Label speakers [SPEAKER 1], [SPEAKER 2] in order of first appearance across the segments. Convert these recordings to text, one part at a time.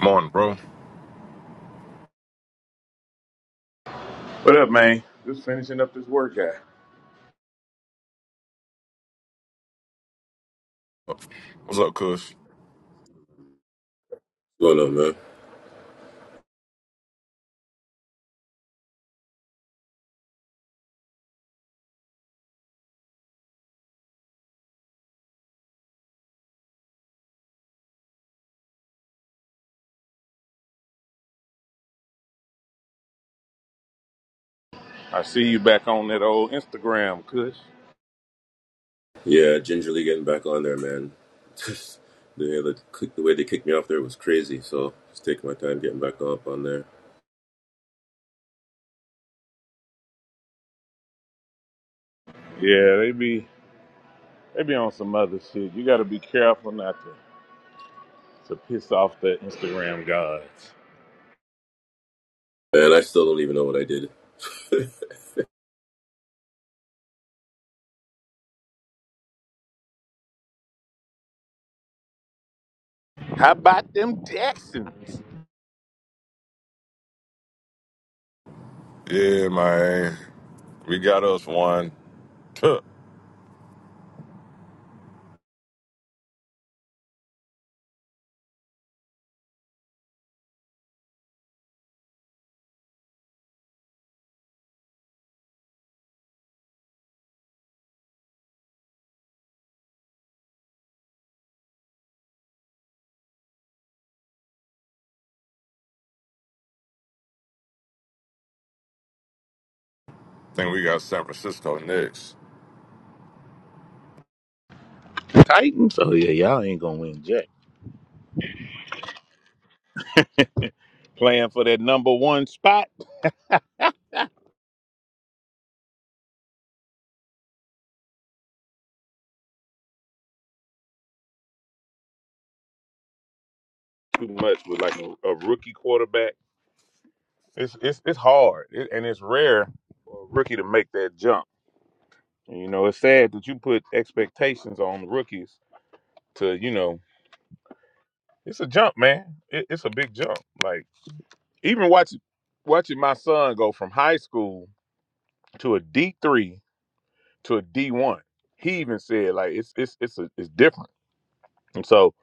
[SPEAKER 1] Morning, bro.
[SPEAKER 2] What up, man? Just finishing up this workout.
[SPEAKER 1] What's up, Kush?
[SPEAKER 3] going on, man?
[SPEAKER 2] I see you back on that old Instagram, Kush.
[SPEAKER 3] Yeah, gingerly getting back on there, man. Just the way the, kick- the way they kicked me off there was crazy. So just taking my time getting back up on there.
[SPEAKER 2] Yeah, they be they be on some other shit. You gotta be careful not to, to piss off the Instagram gods.
[SPEAKER 3] Man, I still don't even know what I did. hey,
[SPEAKER 2] How about them Texans?
[SPEAKER 1] Yeah, man. We got us one. Huh. think we got San Francisco next.
[SPEAKER 2] Titans? Oh yeah, y'all ain't gonna win jack. Playing for that number one spot. Too much with like a, a rookie quarterback. It's it's it's hard it, and it's rare for a rookie to make that jump. And, you know, it's sad that you put expectations on rookies to you know It's a jump, man. It, it's a big jump. Like even watching watching my son go from high school to a D three to a D one. He even said like it's it's it's a, it's different. And so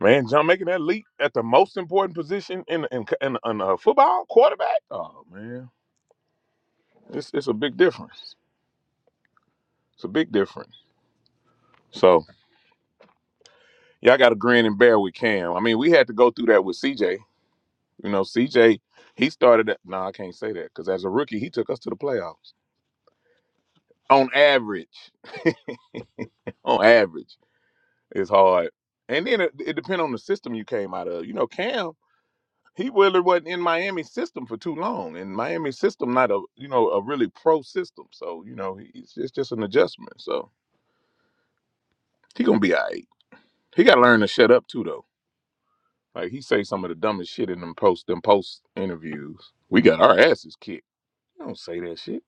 [SPEAKER 2] man, John making that leap at the most important position in in in, in uh, football quarterback. Oh man, it's it's a big difference. It's a big difference. So y'all got to grin and bear with Cam. I mean, we had to go through that with CJ. You know, CJ he started. No, nah, I can't say that because as a rookie, he took us to the playoffs. on average, on average, it's hard. And then it, it depends on the system you came out of. You know, Cam, he really wasn't in Miami system for too long, and Miami system not a you know a really pro system. So you know, he's it's just an adjustment. So he gonna be alright. He gotta learn to shut up too, though. Like he say some of the dumbest shit in them post them post interviews. We got our asses kicked. You don't say that shit.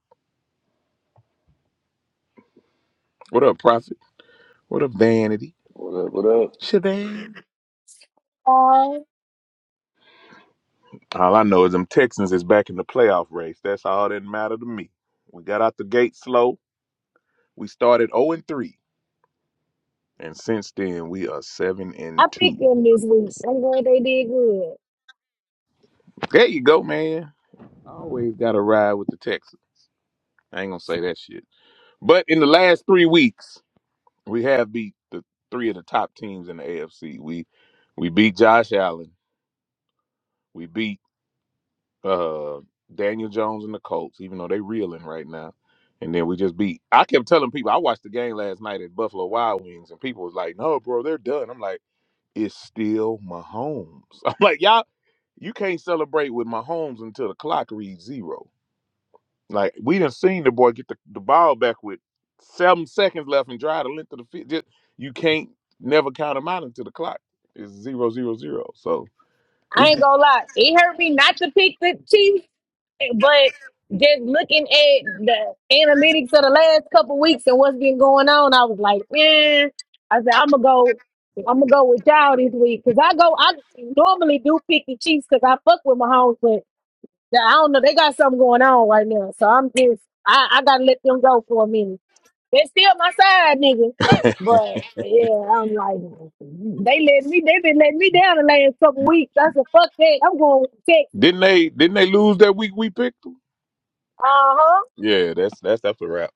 [SPEAKER 2] What up, Prophet? What up, Vanity?
[SPEAKER 4] What up?
[SPEAKER 2] Shabam.
[SPEAKER 5] Uh,
[SPEAKER 2] All I know is them Texans is back in the playoff race. That's all that mattered to me. We got out the gate slow. We started 0 and 3. And since then we are 7
[SPEAKER 5] I
[SPEAKER 2] and 2.
[SPEAKER 5] picked them this week. I'm glad they did good.
[SPEAKER 2] There you go, man. Always gotta ride with the Texans. I ain't gonna say that shit. But in the last three weeks, we have beat the three of the top teams in the AFC. We we beat Josh Allen. We beat uh, Daniel Jones and the Colts, even though they reeling right now. And then we just beat. I kept telling people I watched the game last night at Buffalo Wild Wings, and people was like, "No, bro, they're done." I'm like, "It's still Mahomes." I'm like, "Y'all, you can't celebrate with Mahomes until the clock reads zero. Like we done seen the boy get the, the ball back with seven seconds left and drive the length of the field. Just, you can't never count him out until the clock is zero zero zero. So we
[SPEAKER 5] I ain't
[SPEAKER 2] beat-
[SPEAKER 5] gonna lie, it hurt me not to pick the Chiefs, but just looking at the analytics of the last couple weeks and what's been going on, I was like, man, I said I'm gonna go, I'm gonna go with y'all this week because I go, I normally do pick the Chiefs because I fuck with Mahomes, but I don't know, they got something going on right now, so I'm just, I, I gotta let them go for a minute. They still my side nigga. But yeah, I'm like they let me they been letting me down the last couple weeks. I said, fuck that, I'm going to Texas.
[SPEAKER 2] didn't they didn't they lose that week we picked them?
[SPEAKER 5] Uh-huh.
[SPEAKER 2] Yeah, that's that's that's a wrap.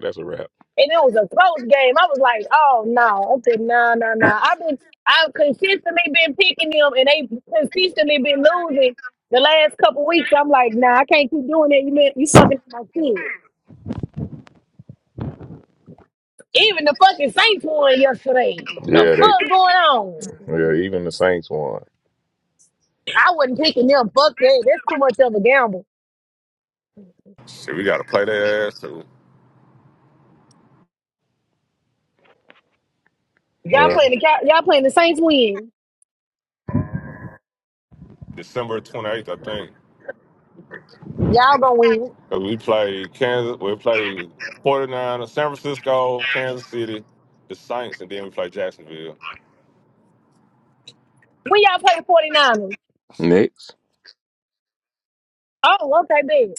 [SPEAKER 2] That's a wrap.
[SPEAKER 5] And it was a close game. I was like, oh no. I said, no, no, no. I've been I've consistently been picking them and they consistently been losing the last couple weeks. I'm like, nah, I can't keep doing that. You mean you fucking my kids. Even the fucking Saints won yesterday. the
[SPEAKER 2] Yeah, they
[SPEAKER 5] fuck going on?
[SPEAKER 2] yeah, even the Saints won.
[SPEAKER 5] I wasn't picking them. Fuck that. That's too much of a gamble.
[SPEAKER 1] See, we got to play their ass too.
[SPEAKER 5] Y'all
[SPEAKER 2] Well,
[SPEAKER 5] playing the y'all playing the Saints win.
[SPEAKER 1] December 28th, I think.
[SPEAKER 5] Y'all gonna win.
[SPEAKER 1] 'Cause we play Kansas. We play 49, San Francisco, Kansas City, the Saints, and then we play Jacksonville.
[SPEAKER 5] When y'all play the 49ers?
[SPEAKER 2] next.
[SPEAKER 5] Oh, okay, big.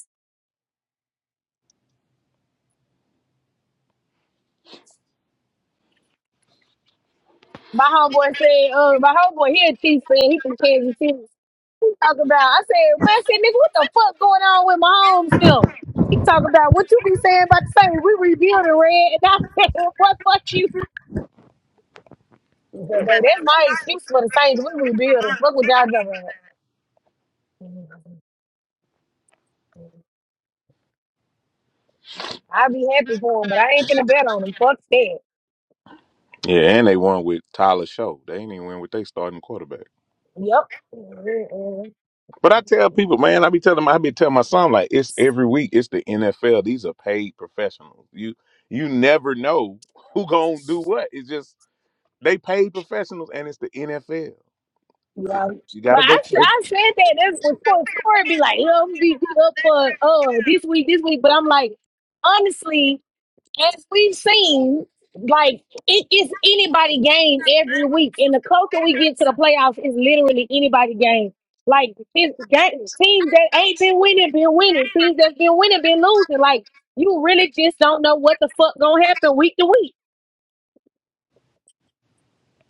[SPEAKER 5] My homeboy said, uh, my homeboy he a Chiefs fan. he from Kansas City. He talk about, I said, man, I said, nigga, what the fuck going on with my home film? He talk about what you be saying about the Saints. We rebuilding red, and I said, what fuck you? But, baby, That's my excuse for the Saints. We rebuilding. Fuck with y'all talking about. I'll be happy for him, but I ain't gonna bet on him. Fuck that.
[SPEAKER 2] Yeah, and they won with Tyler Show. They ain't even win with they starting quarterback.
[SPEAKER 5] Yep.
[SPEAKER 2] But I tell people, man, I be telling my I be telling my son like it's every week, it's the NFL. These are paid professionals. You you never know who gonna do what. It's just they paid professionals and it's the NFL. It,
[SPEAKER 5] Yeah.
[SPEAKER 2] you
[SPEAKER 5] But
[SPEAKER 2] gotta go
[SPEAKER 5] I, s-
[SPEAKER 2] play.
[SPEAKER 5] I said that that's what Corey, Corey be like, you know, we, we up for uh this week, this week. But I'm like, honestly, as we've seen, like it is anybody game every week. And the closer we get to the playoffs, it's literally anybody game. Like this game, teams that ain't been winning, been winning. Teams that's been winning, been losing. Like you really just don't know what the fuck gonna happen week to week.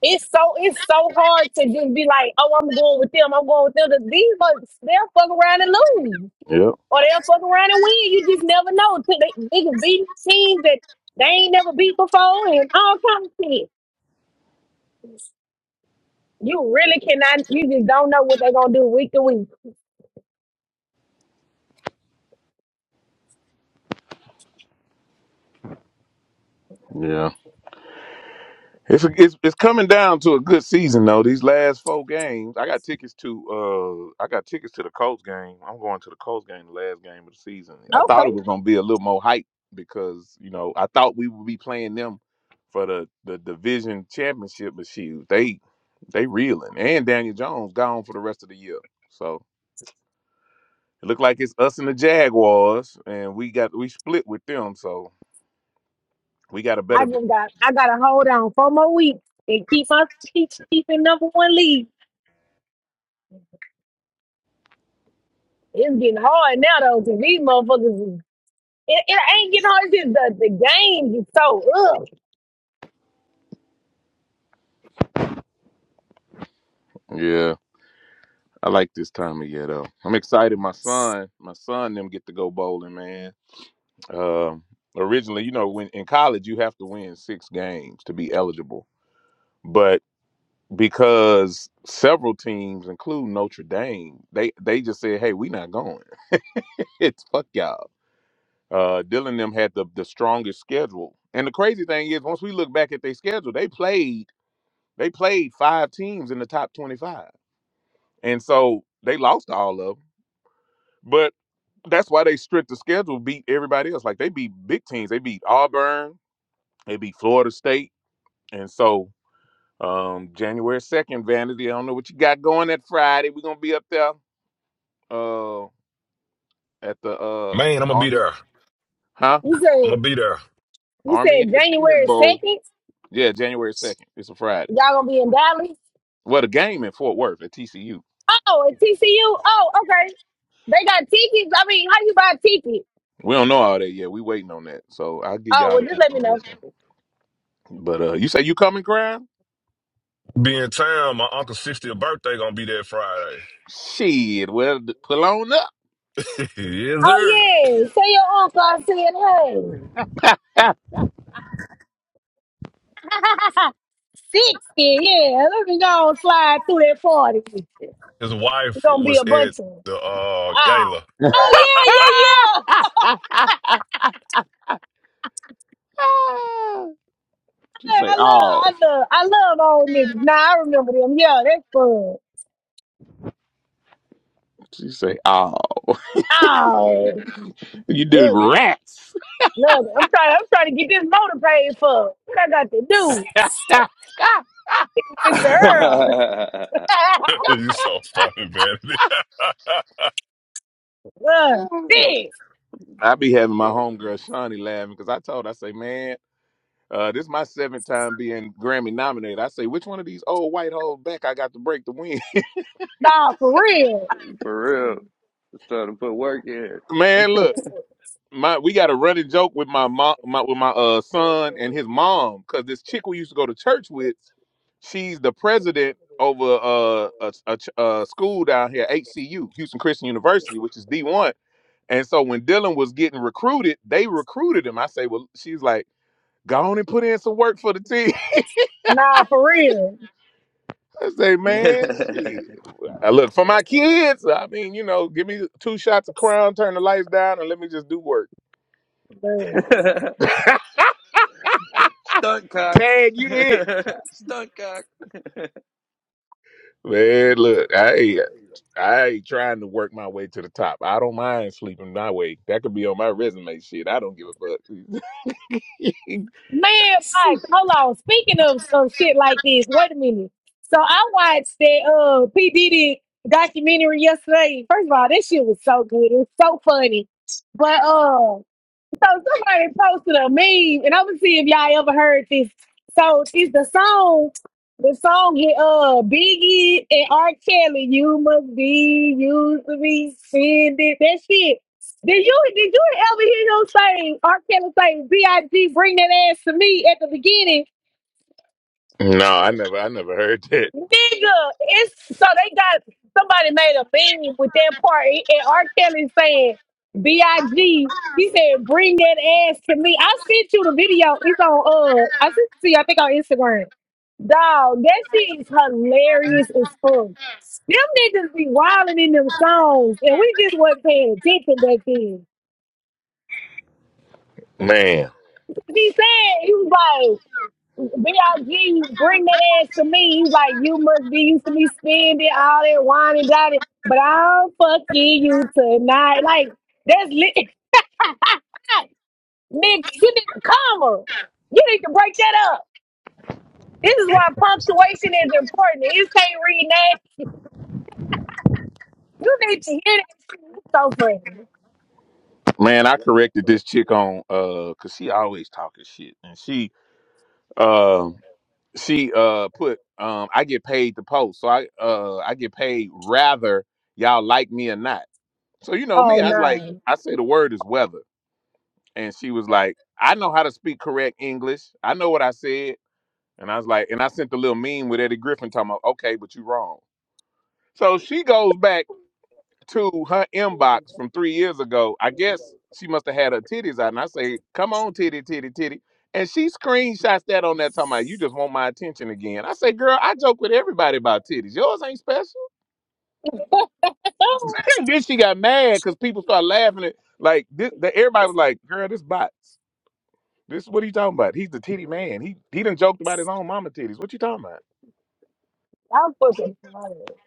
[SPEAKER 5] It's so it's so hard to just be like, oh, I'm going with them. I'm going with them. 'Cause These folks, they'll fuck around and lose,
[SPEAKER 2] Yep.
[SPEAKER 5] or they'll fuck around and win. You just never know. 'Cause They, they can beat teams that they ain't never beat before, and all kinds of shit. You really cannot. You just don't know what they're gonna do week to week.
[SPEAKER 2] Yeah. It's, it's it's coming down to a good season though. These last four games, I got tickets to. Uh, I got tickets to the Colts game. I'm going to the Colts game, the last game of the season. I thought
[SPEAKER 5] Okay,
[SPEAKER 2] it was going to be a little more hype because you know I thought we would be playing them for the the division championship, but shoot, they they reeling and Daniel Jones gone for the rest of the year. So it looked like it's us and the Jaguars, and we got we split with them. So we got a
[SPEAKER 5] I
[SPEAKER 2] better.
[SPEAKER 5] just got I gotta hold on four more weeks and keep my keep keeping number one lead. It's getting hard now though, 'cause these motherfuckers. is- It, it ain't getting hard. It's just the the game is so
[SPEAKER 2] yeah. I like this time of year though. I'm excited. My son, my son, them get to go bowling, man. Um, originally, you know, when in college you have to win six games to be eligible, but because several teams, including Notre Dame, they they just said, "Hey, we not going. it's fuck y'all." Uh, Dylan them had the the strongest schedule, and the crazy thing is, once we look back at their schedule, they played they played five teams in the top twenty five, and so they lost all of them. That's why they stripped the schedule, beat everybody else. Like they beat big teams. They beat Auburn, they beat Florida State. And so um January 2nd, Vanity. I don't know what you got going that Friday. We're gonna be up there uh at the uh
[SPEAKER 1] Man, I'm gonna be
[SPEAKER 2] Army
[SPEAKER 1] there.
[SPEAKER 2] Huh?
[SPEAKER 1] I'm
[SPEAKER 5] ugh.
[SPEAKER 1] gonna be there.
[SPEAKER 5] You
[SPEAKER 2] Army
[SPEAKER 5] said
[SPEAKER 2] Independence
[SPEAKER 5] January
[SPEAKER 2] Bowl.
[SPEAKER 5] 2nd,
[SPEAKER 2] Yeah, January 2nd. It's a Friday.
[SPEAKER 5] y'all gonna be in Dallas?
[SPEAKER 2] Well, the game in Fort Worth at TCU.
[SPEAKER 5] Oh, at TCU? Oh, okay. They got tickets. I mean, how you buy a ticket?
[SPEAKER 2] We don't know all that yet. We waiting on that. So I'll give
[SPEAKER 5] Oh,
[SPEAKER 2] y'all
[SPEAKER 5] well,
[SPEAKER 2] the
[SPEAKER 5] just let me know.
[SPEAKER 2] information. But uh you say you coming, Crown?
[SPEAKER 1] Be in town. My uncle's 60th birthday gonna be there Friday.
[SPEAKER 2] Shit, well d- pull on up.
[SPEAKER 1] yes,
[SPEAKER 5] Oh,
[SPEAKER 1] sir.
[SPEAKER 5] yeah. Say your uncle I said, hey, 60. Yeah, let me go and slide through that 40. It's
[SPEAKER 1] His wife
[SPEAKER 5] gonna be
[SPEAKER 1] was
[SPEAKER 5] a
[SPEAKER 1] at
[SPEAKER 5] bunch of 'em.
[SPEAKER 1] the uh gala.
[SPEAKER 5] Oh. Oh yeah, yeah, yeah.
[SPEAKER 2] she
[SPEAKER 5] Hey,
[SPEAKER 2] say,
[SPEAKER 5] I love
[SPEAKER 2] oh.
[SPEAKER 5] I love I love old niggas. Nah, I remember them. Yeah, that's fun.
[SPEAKER 2] She say, oh.
[SPEAKER 5] Oh,
[SPEAKER 2] You do
[SPEAKER 5] good
[SPEAKER 2] rats.
[SPEAKER 5] Look, I'm trying. I'm trying to get this motor paid for. What I got to do, Hey, Mister
[SPEAKER 4] What
[SPEAKER 5] Earl?
[SPEAKER 4] up?
[SPEAKER 1] you so fucking vanity.
[SPEAKER 5] Look, this.
[SPEAKER 2] I be having my homegirl Shawnee laughing because I told her, I say, man, uh, this my seventh time being Grammy nominated. I say, which one of these old white hoes back I got to break the win?
[SPEAKER 5] Nah, for real.
[SPEAKER 4] For real, it's time to put work in.
[SPEAKER 2] man, look, my we got a running joke with my mom, my, with my uh son and his mom, because this chick we used to go to church with. She's the president over uh, a, a, ch- a school down here, HCU, Houston Christian University, which is D1. And so when Dylan was getting recruited, they recruited him. I say, well, she's like, go on and put in some work for the team.
[SPEAKER 5] Nah, for real.
[SPEAKER 2] I say, man, shit. I look, for my kids, I mean, you know, give me two shots of crown, turn the lights down, and let me just do work.
[SPEAKER 4] Stunt cock,
[SPEAKER 2] Tag, you it.
[SPEAKER 4] stunt cock.
[SPEAKER 2] Man, look, I. I ain't trying to work my way to the top. I don't mind sleeping my way. That could be on my resume shit. I don't give a fuck.
[SPEAKER 5] Man, Mike, hold on. Speaking of some shit like this, wait a minute. So I watched that uh P Diddy documentary yesterday. First of all, that shit was so good. It was so funny. But uh So somebody posted a meme, and I'm gonna see if y'all ever heard this. So it's the song, the song with uh Biggie and R. Kelly. You must be used to be sending that shit. Did you did you ever hear him say R. Kelly say B I G bring that ass to me at the beginning?
[SPEAKER 2] no, I never I never heard that.
[SPEAKER 5] Nigga, it's so they got somebody made a meme with that part and R. Kelly saying B.I.G. He said, bring that ass to me. I sent you the video. It's on uh I sent it to you, I think on Instagram. Dog, that shit is hilarious as fuck. Them niggas be wilding in them songs and we just wasn't paying attention back then.
[SPEAKER 2] Man.
[SPEAKER 5] He said he was like B.I.G. bring that ass to me. He's like, you must be used to me spending all that wine and dining, but I'm fucking you tonight. Like, that's lit. Nigga, you need a comma. You need to break that up. This is why punctuation is important. You can't read that. You need to hear that. It's so funny.
[SPEAKER 2] Man, I corrected this chick on uh cause she always talking shit. And she um she uh put um I get paid to post. So I uh I get paid rather y'all like me or not. So you know me,
[SPEAKER 5] Oh,
[SPEAKER 2] I was like,
[SPEAKER 5] no.
[SPEAKER 2] I say the word is weather. And she was like, I know how to speak correct English. I know what I said. And I was like, and I sent the little meme with Eddie Griffin talking about, okay, but you wrong. So she goes back to her inbox from three years ago. I guess she must have had her titties out. And I say, come on, titty, titty, titty. And she screenshots that on that talking about, you just want my attention again. I say, girl, I joke with everybody about titties. Yours ain't special. And then she got mad because people started laughing at like this, the, everybody was like, girl, this bots. This what he talking about? He's the titty man. He he done joked about his own mama titties. What you talking about?
[SPEAKER 5] I'm fucking tired.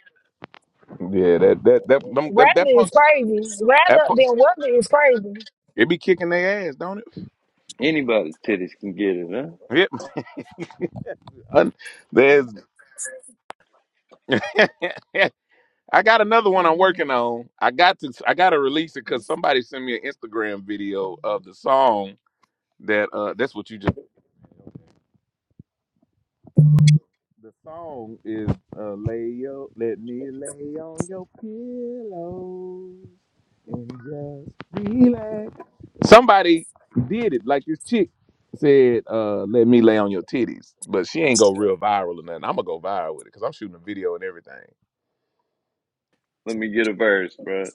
[SPEAKER 2] Yeah, that that that them, that,
[SPEAKER 5] Rather
[SPEAKER 2] that punk
[SPEAKER 5] is crazy.
[SPEAKER 2] That
[SPEAKER 5] Rather
[SPEAKER 2] punk,
[SPEAKER 5] than whether is crazy.
[SPEAKER 2] it be kicking their ass, don't it?
[SPEAKER 4] Anybody's titties can get it, huh?
[SPEAKER 2] Yep. Un- There's, I got another one I'm working on. I got to, I got to release it because somebody sent me an Instagram video of the song that. uh That's what you just. The song is uh, "Lay Your Let Me Lay on Your Pillow and Just Relax." Somebody did it, like this chick said, uh, "Let me lay on your titties," but she ain't go real viral or nothing. I'm gonna go viral with it because I'm shooting a video and everything.
[SPEAKER 4] Let me get a verse, bro.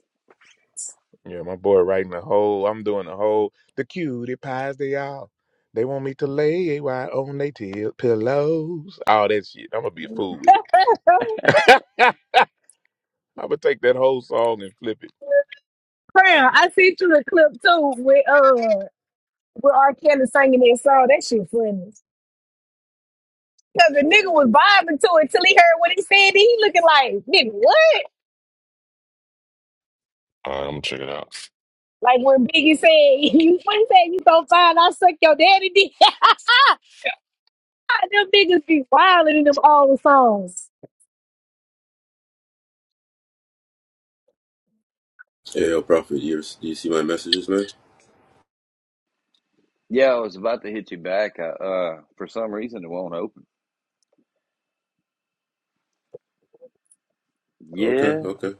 [SPEAKER 2] Yeah, my boy writing the whole. I'm doing the whole. The cutie pies they all. They want me to lay AY on they till pillows. All that shit. I'm gonna be a fool with it. I'm gonna take that whole song and flip it.
[SPEAKER 5] Crown, I sent you a clip too with uh with R. Kelly singing that song. That shit funny. Cause the nigga was vibing to it till he heard what he said. He looking like, nigga, what?
[SPEAKER 1] All right, I'm gonna check it out.
[SPEAKER 5] Like when Biggie said, you funny he said, you so fine, I suck your daddy dick. them niggas be wilding in them all the songs.
[SPEAKER 3] yo, Prophet, you, you see my messages, man?
[SPEAKER 4] Yeah, I was about to hit you back. I, uh, for some reason, it won't open.
[SPEAKER 3] Okay,
[SPEAKER 4] Yeah,
[SPEAKER 3] okay.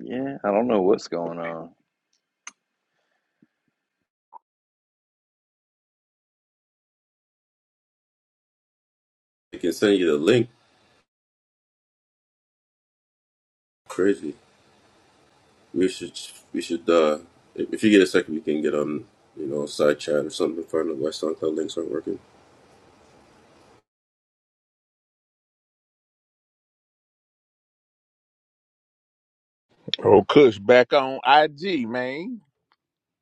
[SPEAKER 4] yeah. I don't know what's going on.
[SPEAKER 3] I can send you the link. Crazy. We should, we should. uh If you get a second, we can get on, you know, side chat or something. Find out why SoundCloud links aren't working.
[SPEAKER 2] Pro Kush back on IG, man.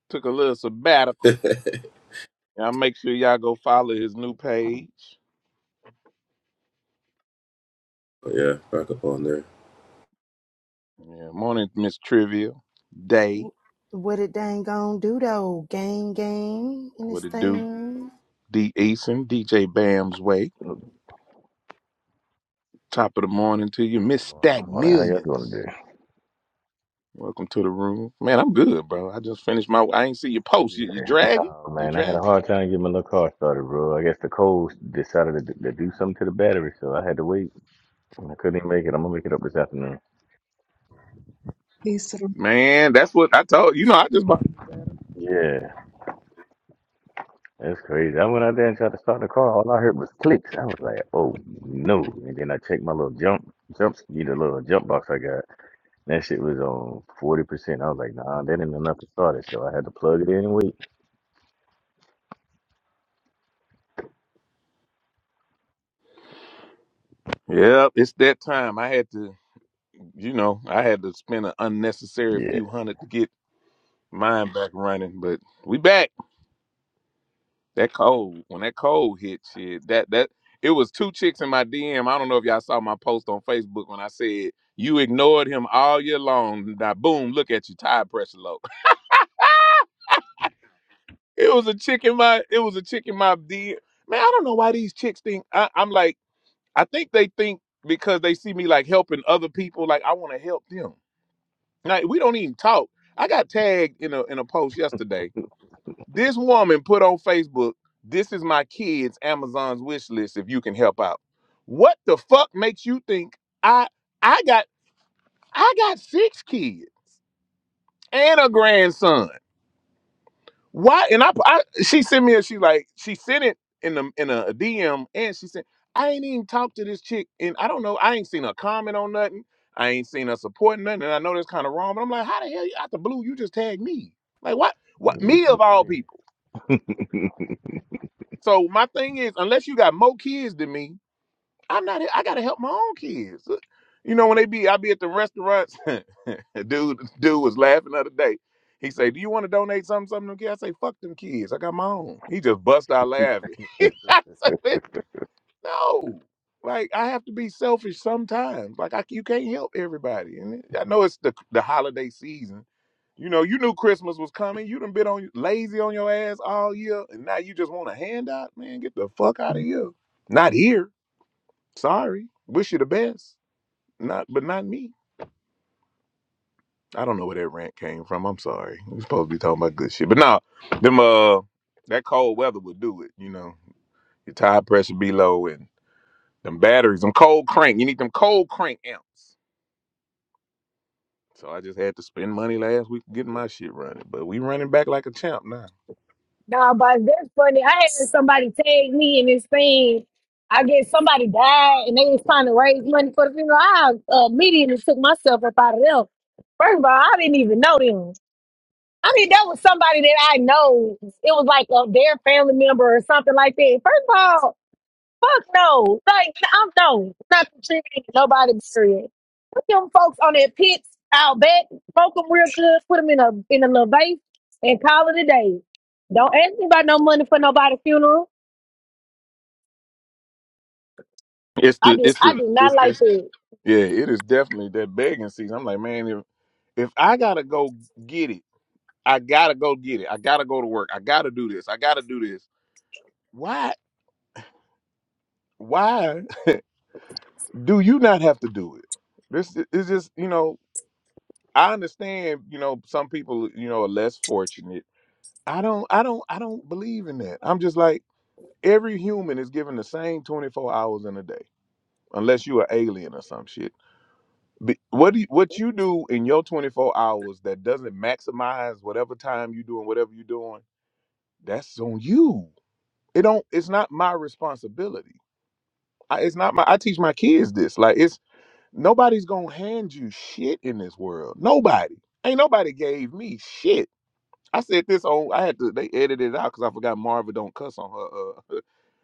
[SPEAKER 2] Took a little sabbatical. Y'all make sure y'all go follow his new page.
[SPEAKER 3] But yeah, back up on there.
[SPEAKER 2] Yeah, morning, Miss Trivia. Day.
[SPEAKER 6] W- What it dang gonna do though? Gang, gang in
[SPEAKER 2] What
[SPEAKER 6] this
[SPEAKER 2] it do?
[SPEAKER 6] thing
[SPEAKER 2] D Eason, DJ Bam's Way.
[SPEAKER 7] What's
[SPEAKER 2] Top of the morning to you, Miss
[SPEAKER 7] going on?
[SPEAKER 2] Stack
[SPEAKER 7] Good morning. How y'all doing
[SPEAKER 2] Millions.
[SPEAKER 7] today?
[SPEAKER 2] Welcome to the room. Man, I'm good, bro. I just finished my I ain't see your post. You you
[SPEAKER 7] Yeah,
[SPEAKER 2] dragging?
[SPEAKER 7] no,
[SPEAKER 2] You
[SPEAKER 7] man. I had a
[SPEAKER 2] dragging?
[SPEAKER 7] hard time getting my little car started, bro. I guess the cold decided to, to do something to the battery, so I had to wait. I couldn't even make it. I'm gonna make it up this afternoon.
[SPEAKER 8] these
[SPEAKER 2] Man, that's what I told you know, I just bought
[SPEAKER 7] Yeah, that's crazy. I went out there and tried to start the car. All I heard was clicks. I was like, oh no. And then I checked my little jump, jump, you know, little jump box I got. That shit was on 40%. I was like, nah, that ain't enough to start it. So I had to plug it in and wait.
[SPEAKER 2] Yep, it's that time. I had to you know, I had to spend an unnecessary few hundred to get mind back running, but we back. That cold. When that cold hit, shit, that that it was two chicks in my DM. I don't know if y'all saw my post on Facebook when I said you ignored him all year long. Now boom, look at you, tire pressure low. It was a chick in my it was a chick in my DM. Man, I don't know why these chicks think I, I'm like, I think they think because they see me like helping other people, like I want to help them. Like we don't even talk. I got tagged in a in a post yesterday This woman put on Facebook, "This is my kids' Amazon's wish list. If you can help out." What the fuck makes you think I I got I got six kids and a grandson? Why? And I, I she sent me a she like she sent it in the in a DM and she said I ain't even talked to this chick and I don't know I ain't seen her comment on nothing. I ain't seen her supporting nothing, and I know that's kind of wrong. But I'm like, how the hell you out the blue? You just tagged me. Like what? What me of all people? So my thing is, unless you got more kids than me, I'm not. I gotta help my own kids. Uh, You know, when they be, I be at the restaurants. dude, dude was laughing the other day. He say, "Do you want to donate something, something to them kids?" I say, "Fuck them kids. I got my own." He just bust out laughing.
[SPEAKER 7] Yeah.
[SPEAKER 2] No. Like I have to be selfish sometimes. Like I, you can't help everybody. And I know it's the the holiday season. You know, you knew Christmas was coming. You done been on lazy on your ass all year, and now you just want a handout, man. Get the fuck out of here. Not here. Sorry. Wish you the best. Not, but not me. I don't know where that rant came from. I'm sorry. We're supposed to be talking about good shit, but nah, them uh, that cold weather would do it. You know, your tire pressure be low, and. Them batteries, them cold crank. You need them cold crank amps. So I just had to spend money last week getting my shit running. But we running back like a champ now.
[SPEAKER 5] Nah, but that's funny. I had somebody tag me in this thing. I guess somebody died and they was trying to raise money for the funeral. I uh, immediately took myself up out of them. First of all, I didn't even know them. I mean, that was somebody that I know. It was like a, their family member or something like that. First of all, fuck no. Like, I'm no, not contributing to nobody. Period. Put them folks on their pits out back, smoke them real good, put them in a in a little vase, and call it a day. Don't ask me about no money for nobody's funeral.
[SPEAKER 2] It's
[SPEAKER 5] I
[SPEAKER 2] the
[SPEAKER 5] do.
[SPEAKER 2] it's
[SPEAKER 5] I
[SPEAKER 2] the
[SPEAKER 5] do not
[SPEAKER 2] it's
[SPEAKER 5] like
[SPEAKER 2] this
[SPEAKER 5] that.
[SPEAKER 2] yeah, it is definitely that begging season. I'm like, man, if if I gotta go get it, I gotta go get it. I gotta go to work. I gotta do this. I gotta do this. Why why do you not have to do it? This is just, you know, I understand, you know, some people, you know, are less fortunate. I don't I don't I don't believe in that. I'm just like every human is given the same 24 hours in a day unless you're an alien or some shit. Be- What do you, what you do in your 24 hours that doesn't maximize whatever time you doing whatever you're doing, that's on you. It don't it's not my responsibility. I, it's not my I teach my kids this. Like it's nobody's going to hand you shit in this world. Nobody. Ain't nobody gave me shit. I said this on. I had to. They edited it out because I forgot Marva don't cuss on her. Uh,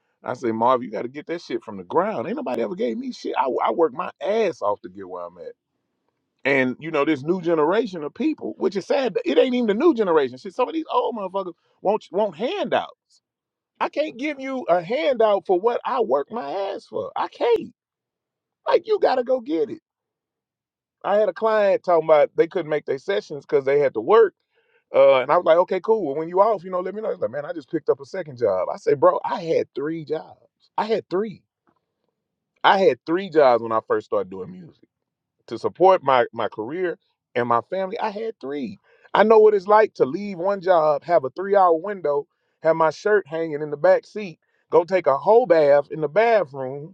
[SPEAKER 2] I said, Marva, you got to get that shit from the ground. Ain't nobody ever gave me shit. I, I work my ass off to get where I'm at. And you know this new generation of people, which is sad. It ain't even the new generation. Shit, some of these old motherfuckers won't won't handout. I can't give you a handout for what I work my ass for. I can't. Like you got to go get it. I had a client talking about they couldn't make their sessions because they had to work Uh, and I was like, okay, cool. Well, when you off, you know, let me know. He's like, man, I just picked up a second job. I say, bro, I had three jobs. I had three. I had three jobs when I first started doing music to support my my career and my family. I had three. I know what it's like to leave one job, have a three hour window, have my shirt hanging in the back seat, go take a whole bath in the bathroom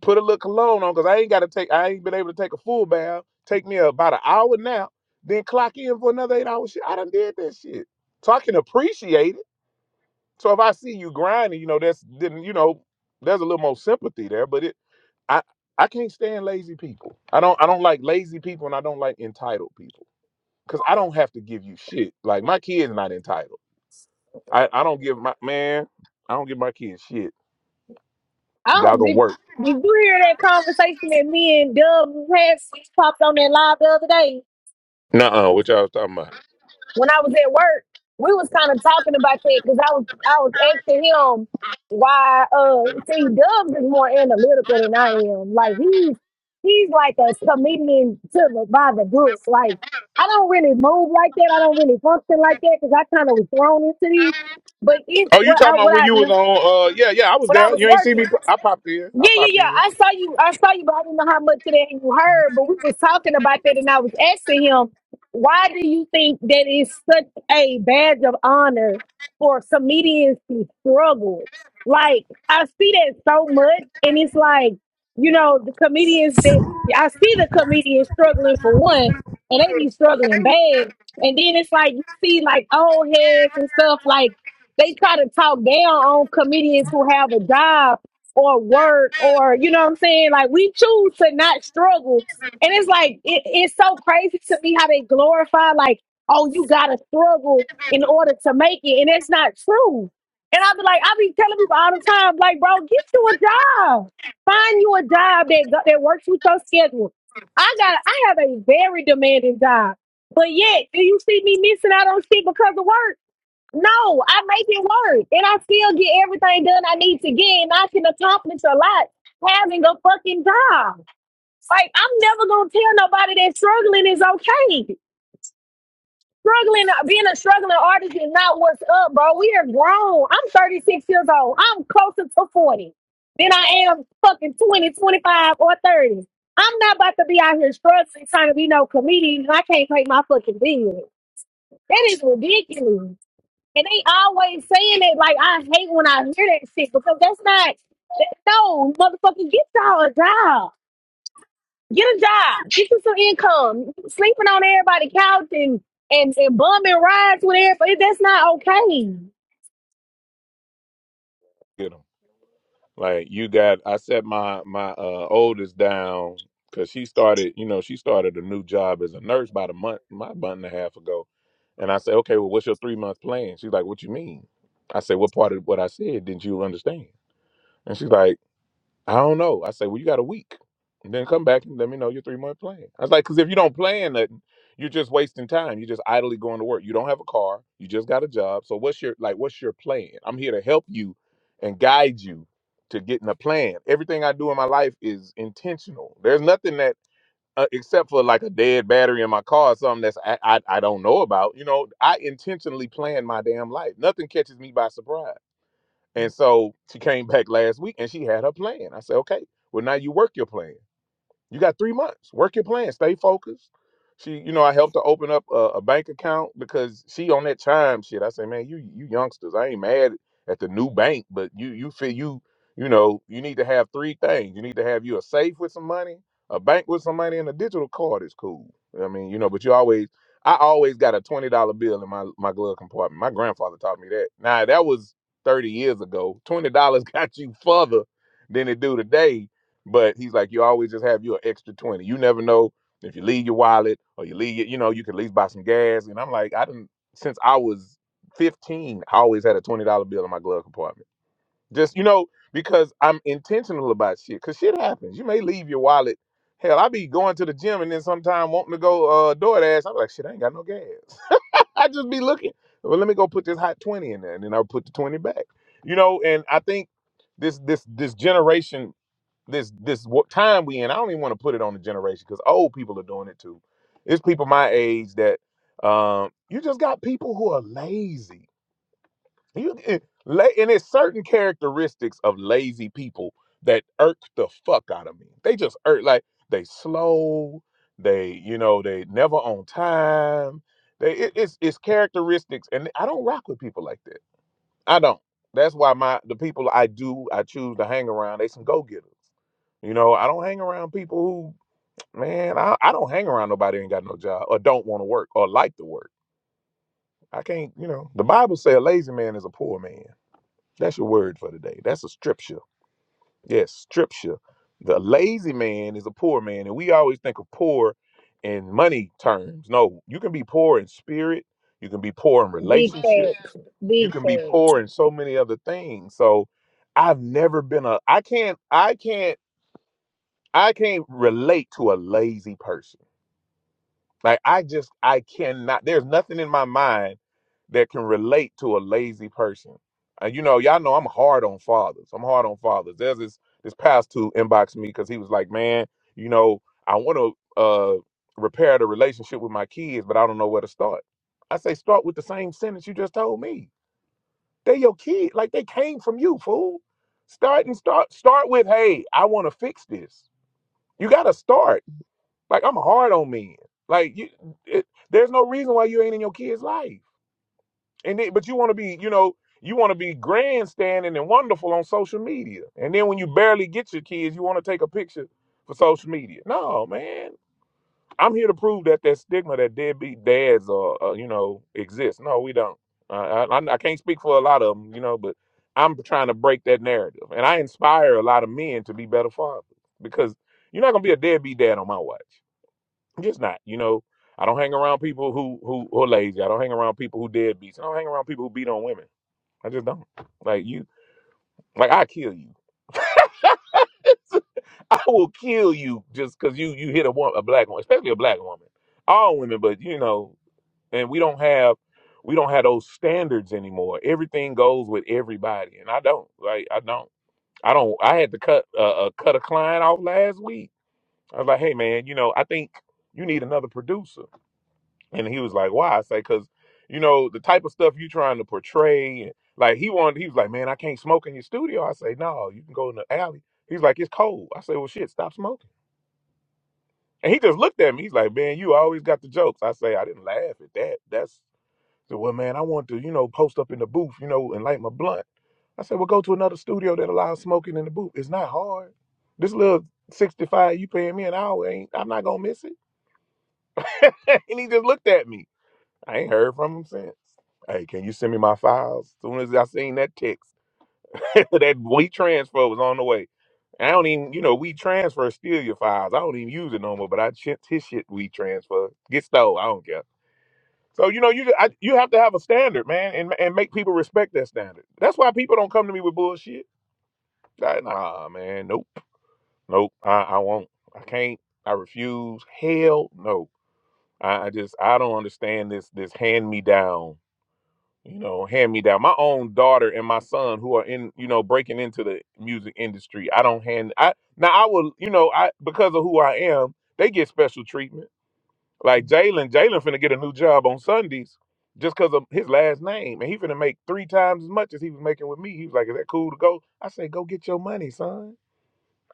[SPEAKER 2] put a little cologne on because I ain't got to take. I ain't been able to take a full bath. Take me about an hour nap, then clock in for another eight hours. Shit, I done did that shit, so I can appreciate it. So if I see you grinding, you know that's then you know there's a little more sympathy there. But it, I I can't stand lazy people. I don't I don't like lazy people and I don't like entitled people because I don't have to give you shit. Like my kids not entitled. I I don't give my man. I don't give my kids shit.
[SPEAKER 5] I
[SPEAKER 2] Y'all
[SPEAKER 5] don't.
[SPEAKER 2] gonna
[SPEAKER 5] Did,
[SPEAKER 2] work.
[SPEAKER 5] did you hear that conversation that me and Dub had? We popped on that live the other day
[SPEAKER 2] Nuh-uh, what y'all was talking about?
[SPEAKER 5] when I was at work, we was kind of talking about that because I was I was asking him why uh see Dubs is more analytical than I am. Like he's he's like a comedian to the by the book. Like I don't really move like that. I don't really function like that because I kind of was thrown into these. But it's
[SPEAKER 2] Oh, you
[SPEAKER 5] what
[SPEAKER 2] talking
[SPEAKER 5] I
[SPEAKER 2] about
[SPEAKER 5] what
[SPEAKER 2] when
[SPEAKER 5] I
[SPEAKER 2] you was on? Uh, yeah, yeah, I was
[SPEAKER 5] what I
[SPEAKER 2] there.
[SPEAKER 5] was
[SPEAKER 2] You ain't see
[SPEAKER 5] working.
[SPEAKER 2] me. I popped in. I
[SPEAKER 5] Yeah, yeah,
[SPEAKER 2] popped
[SPEAKER 5] yeah.
[SPEAKER 2] in.
[SPEAKER 5] I saw you. I saw you, but I didn't know how much of that you heard. But we was talking about that, and I was asking him, why do you think that is such a badge of honor for comedians to struggle? Like I see that so much, and it's like you know the comedians that I see the comedians struggling for one, and they be struggling bad. And then it's like you see like old heads and stuff like they try to talk down on comedians who have a job or work or you know what I'm saying? Like we choose to not struggle. And it's like it, it's so crazy to me how they glorify like, oh, you gotta struggle in order to make it. And it's not true. And i be like, i be telling people all the time, like, bro, get you a job. Find you a job that go- that works with your schedule. I got I have a very demanding job. But yet, do you see me missing out on shit because of work? No, I make it work and I still get everything done I need to get and I can accomplish a lot having a fucking job. Like I'm never gonna tell nobody that struggling is okay. Struggling uh, being a struggling artist is not what's up, bro. We are grown. I'm 36 years old. I'm closer to 40 than I am fucking 20, 25, or 30. I'm not about to be out here struggling trying to be no comedian and I can't pay my fucking bills. That is ridiculous. And they always saying it like I hate when I hear that shit because that's not that, no motherfucking get y'all a job. Get a job. Get you some income. Sleeping on everybody's couch and and, and bumming rides with everybody. That's not okay.
[SPEAKER 2] Get 'em. Like you got. I set my my uh, oldest down because she started. You know, she started a new job as a nurse about a month, my month and a half ago. And I said, okay, well, what's your three month plan? She's like, what you mean? I said, what part of what I said didn't you understand? And she's like. I don't know. I say, well, you got a week. And then come back and let me know your three month plan. I was like, because if you don't plan nothing, you're just wasting time. You're just idly going to work. You don't have a car. You just got a job. So what's your like? What's your plan? I'm here to help you and guide you to getting a plan. Everything I do in my life is intentional. There's nothing that uh, except for like a dead battery in my car or something that's I, I I don't know about. You know, I intentionally plan my damn life. Nothing catches me by surprise. And so she came back last week and she had her plan. I said, okay, well, now you work your plan. You got three months. Work your plan. Stay focused. She, you know, I helped her open up a, a bank account because she on that chime shit. I say, man, you you youngsters, I ain't mad at the new bank, but you you feel you you know you need to have three things. You need to have you a safe with some money, a bank with some money, and a digital card is cool. I mean, you know, but you always. I always got a twenty dollar bill in my my glove compartment. My grandfather taught me that. Now that was thirty years ago. Twenty dollars got you further than it do today but he's like, you always just have you an extra 20. You never know if you leave your wallet or you leave it, you know, you can at least buy some gas. And I'm like, I didn't, since I was 15, I always had a $20 bill in my glove compartment. Just, you know, because I'm intentional about shit. Cause shit happens. You may leave your wallet. Hell, I be going to the gym and then sometime wanting to go uh DoorDash. I'm like, shit, I ain't got no gas. I just be looking. Well, let me go put this hot 20 in there. And then I'll put the 20 back. You know, and I think this this this generation this this what time we in. I don't even want to put it on the generation because old people are doing it too. It's people my age that um, you just got people who are lazy. You it, la- and it's certain characteristics of lazy people that irk the fuck out of me. They just irk like they slow. They you know they never on time. They it, it's it's characteristics, and I don't rock with people like that. I don't. That's why my the people I do I choose to hang around. They some go getters. You know, I don't hang around people who man. I, I don't hang around nobody who ain't got no job or don't want to work or like to work. I can't. You know, the Bible says a lazy man is a poor man. That's your word for today. That's a scripture. Yes, scripture. The lazy man is a poor man, and we always think of poor in money terms. No, you can be poor in spirit. You can be poor in
[SPEAKER 5] Big
[SPEAKER 2] relationships.
[SPEAKER 5] facts.
[SPEAKER 2] You
[SPEAKER 5] Big
[SPEAKER 2] can be
[SPEAKER 5] facts.
[SPEAKER 2] poor in so many other things. So, I've never been a. I can't. I can't. I can't relate to a lazy person. Like I just I cannot. There's nothing in my mind that can relate to a lazy person. And you know, y'all know I'm hard on fathers. I'm hard on fathers. There's this this pastor two inboxed me because he was like, man, you know, I want to uh repair the relationship with my kids, but I don't know where to start. I say start with the same sentence you just told me. They your kid, like they came from you, fool. Start and start start with, hey, I want to fix this. You gotta start. Like I'm hard on men. Like you, it, there's no reason why you ain't in your kid's life. And it, but you want to be, you know, you want to be grandstanding and wonderful on social media. And then when you barely get your kids, you want to take a picture for social media. No, man. I'm here to prove that that stigma that deadbeat dads are, uh, you know, exists. No, we don't. Uh, I, I I can't speak for a lot of them, you know, but I'm trying to break that narrative. And I inspire a lot of men to be better fathers because you're not gonna be a deadbeat dad on my watch. I'm just not. You know, I don't hang around people who who who are lazy. I don't hang around people who deadbeats. I don't hang around people who beat on women. I just don't. Like you, like I kill you. I will kill you just because you you hit a wo- a black woman, especially a black woman. All women, but you know, and we don't have we don't have those standards anymore. Everything goes with everybody, and I don't like I don't I don't. I had to cut uh, uh, cut a client off last week. I was like, hey man, you know, I think you need another producer And he was like, "Why?" I say, "Cause you know the type of stuff you trying to portray." and- Like he wanted, he was like, "Man, I can't smoke in your studio." I say, "No, you can go in the alley." He's like, "It's cold." I say, "Well, shit, stop smoking." And he just looked at me. He's like, "Man, you always got the jokes." I say, "I didn't laugh at that. That's so." Well, man, I want to, you know, post up in the booth, you know, and light my blunt. I said, "Well, go to another studio that allows smoking in the booth. It's not hard. This little sixty-five you paying me an hour ain't. I'm not gonna miss it." and he just looked at me. I ain't heard from him since. Hey, can you send me my files? As soon as I seen that text, that we transfer was on the way. I don't even, you know, we transfer steal your files. I don't even use it no more, but I shit his shit we transfer. Get stole. I don't care. So you know, you just, I, you have to have a standard, man, and and make people respect that standard. That's why people don't come to me with bullshit. Like, nah, man, nope, nope. I, I won't. I can't. I refuse. Hell no. I, I just I don't understand this this hand me down you know, hand me down. My own daughter and my son who are in, you know, breaking into the music industry. I don't hand I now I will, you know, I because of who I am, they get special treatment. Like Jalen, Jalen finna get a new job on Sundays just because of his last name. And he finna make three times as much as he was making with me. He was like, Is that cool to go? I say, Go get your money, son.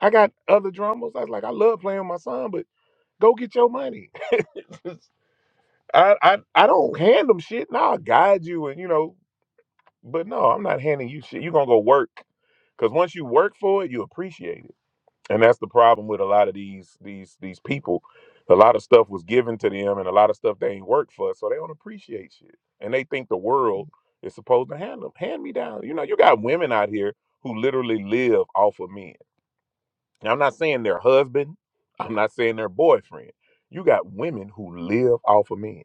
[SPEAKER 2] I got other drummers. I was like, I love playing with my son, but go get your money. I, I I don't hand them shit. Now i guide you and you know But no, I'm not handing you shit. You're gonna go work. Cause once you work for it, you appreciate it. And that's the problem with a lot of these these these people. A lot of stuff was given to them and a lot of stuff they ain't worked for, so they don't appreciate shit. And they think the world is supposed to hand them hand me down. You know, you got women out here who literally live off of men. Now I'm not saying their husband, I'm not saying their boyfriend. You got women who live off of men.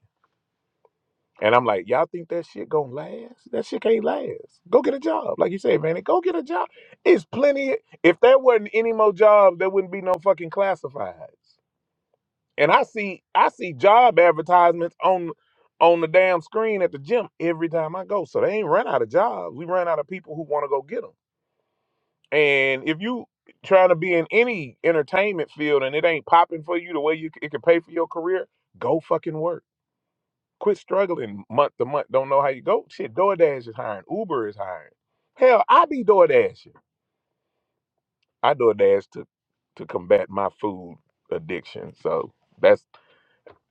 [SPEAKER 2] And I'm like, y'all think that shit gonna last? That shit can't last. Go get a job. Like you said, man, go get a job. It's plenty. If there wasn't any more jobs, there wouldn't be no fucking classifieds. And I see I see job advertisements on on the damn screen at the gym every time I go. So they ain't run out of jobs. We run out of people who want to go get them. And if you trying to be in any entertainment field and it ain't popping for you the way you c- it can pay for your career, go fucking work Quit struggling month to month. Don't know how you go. Shit, DoorDash is hiring. Uber is hiring. Hell, I be DoorDashing. I DoorDash to to combat my food addiction. So that's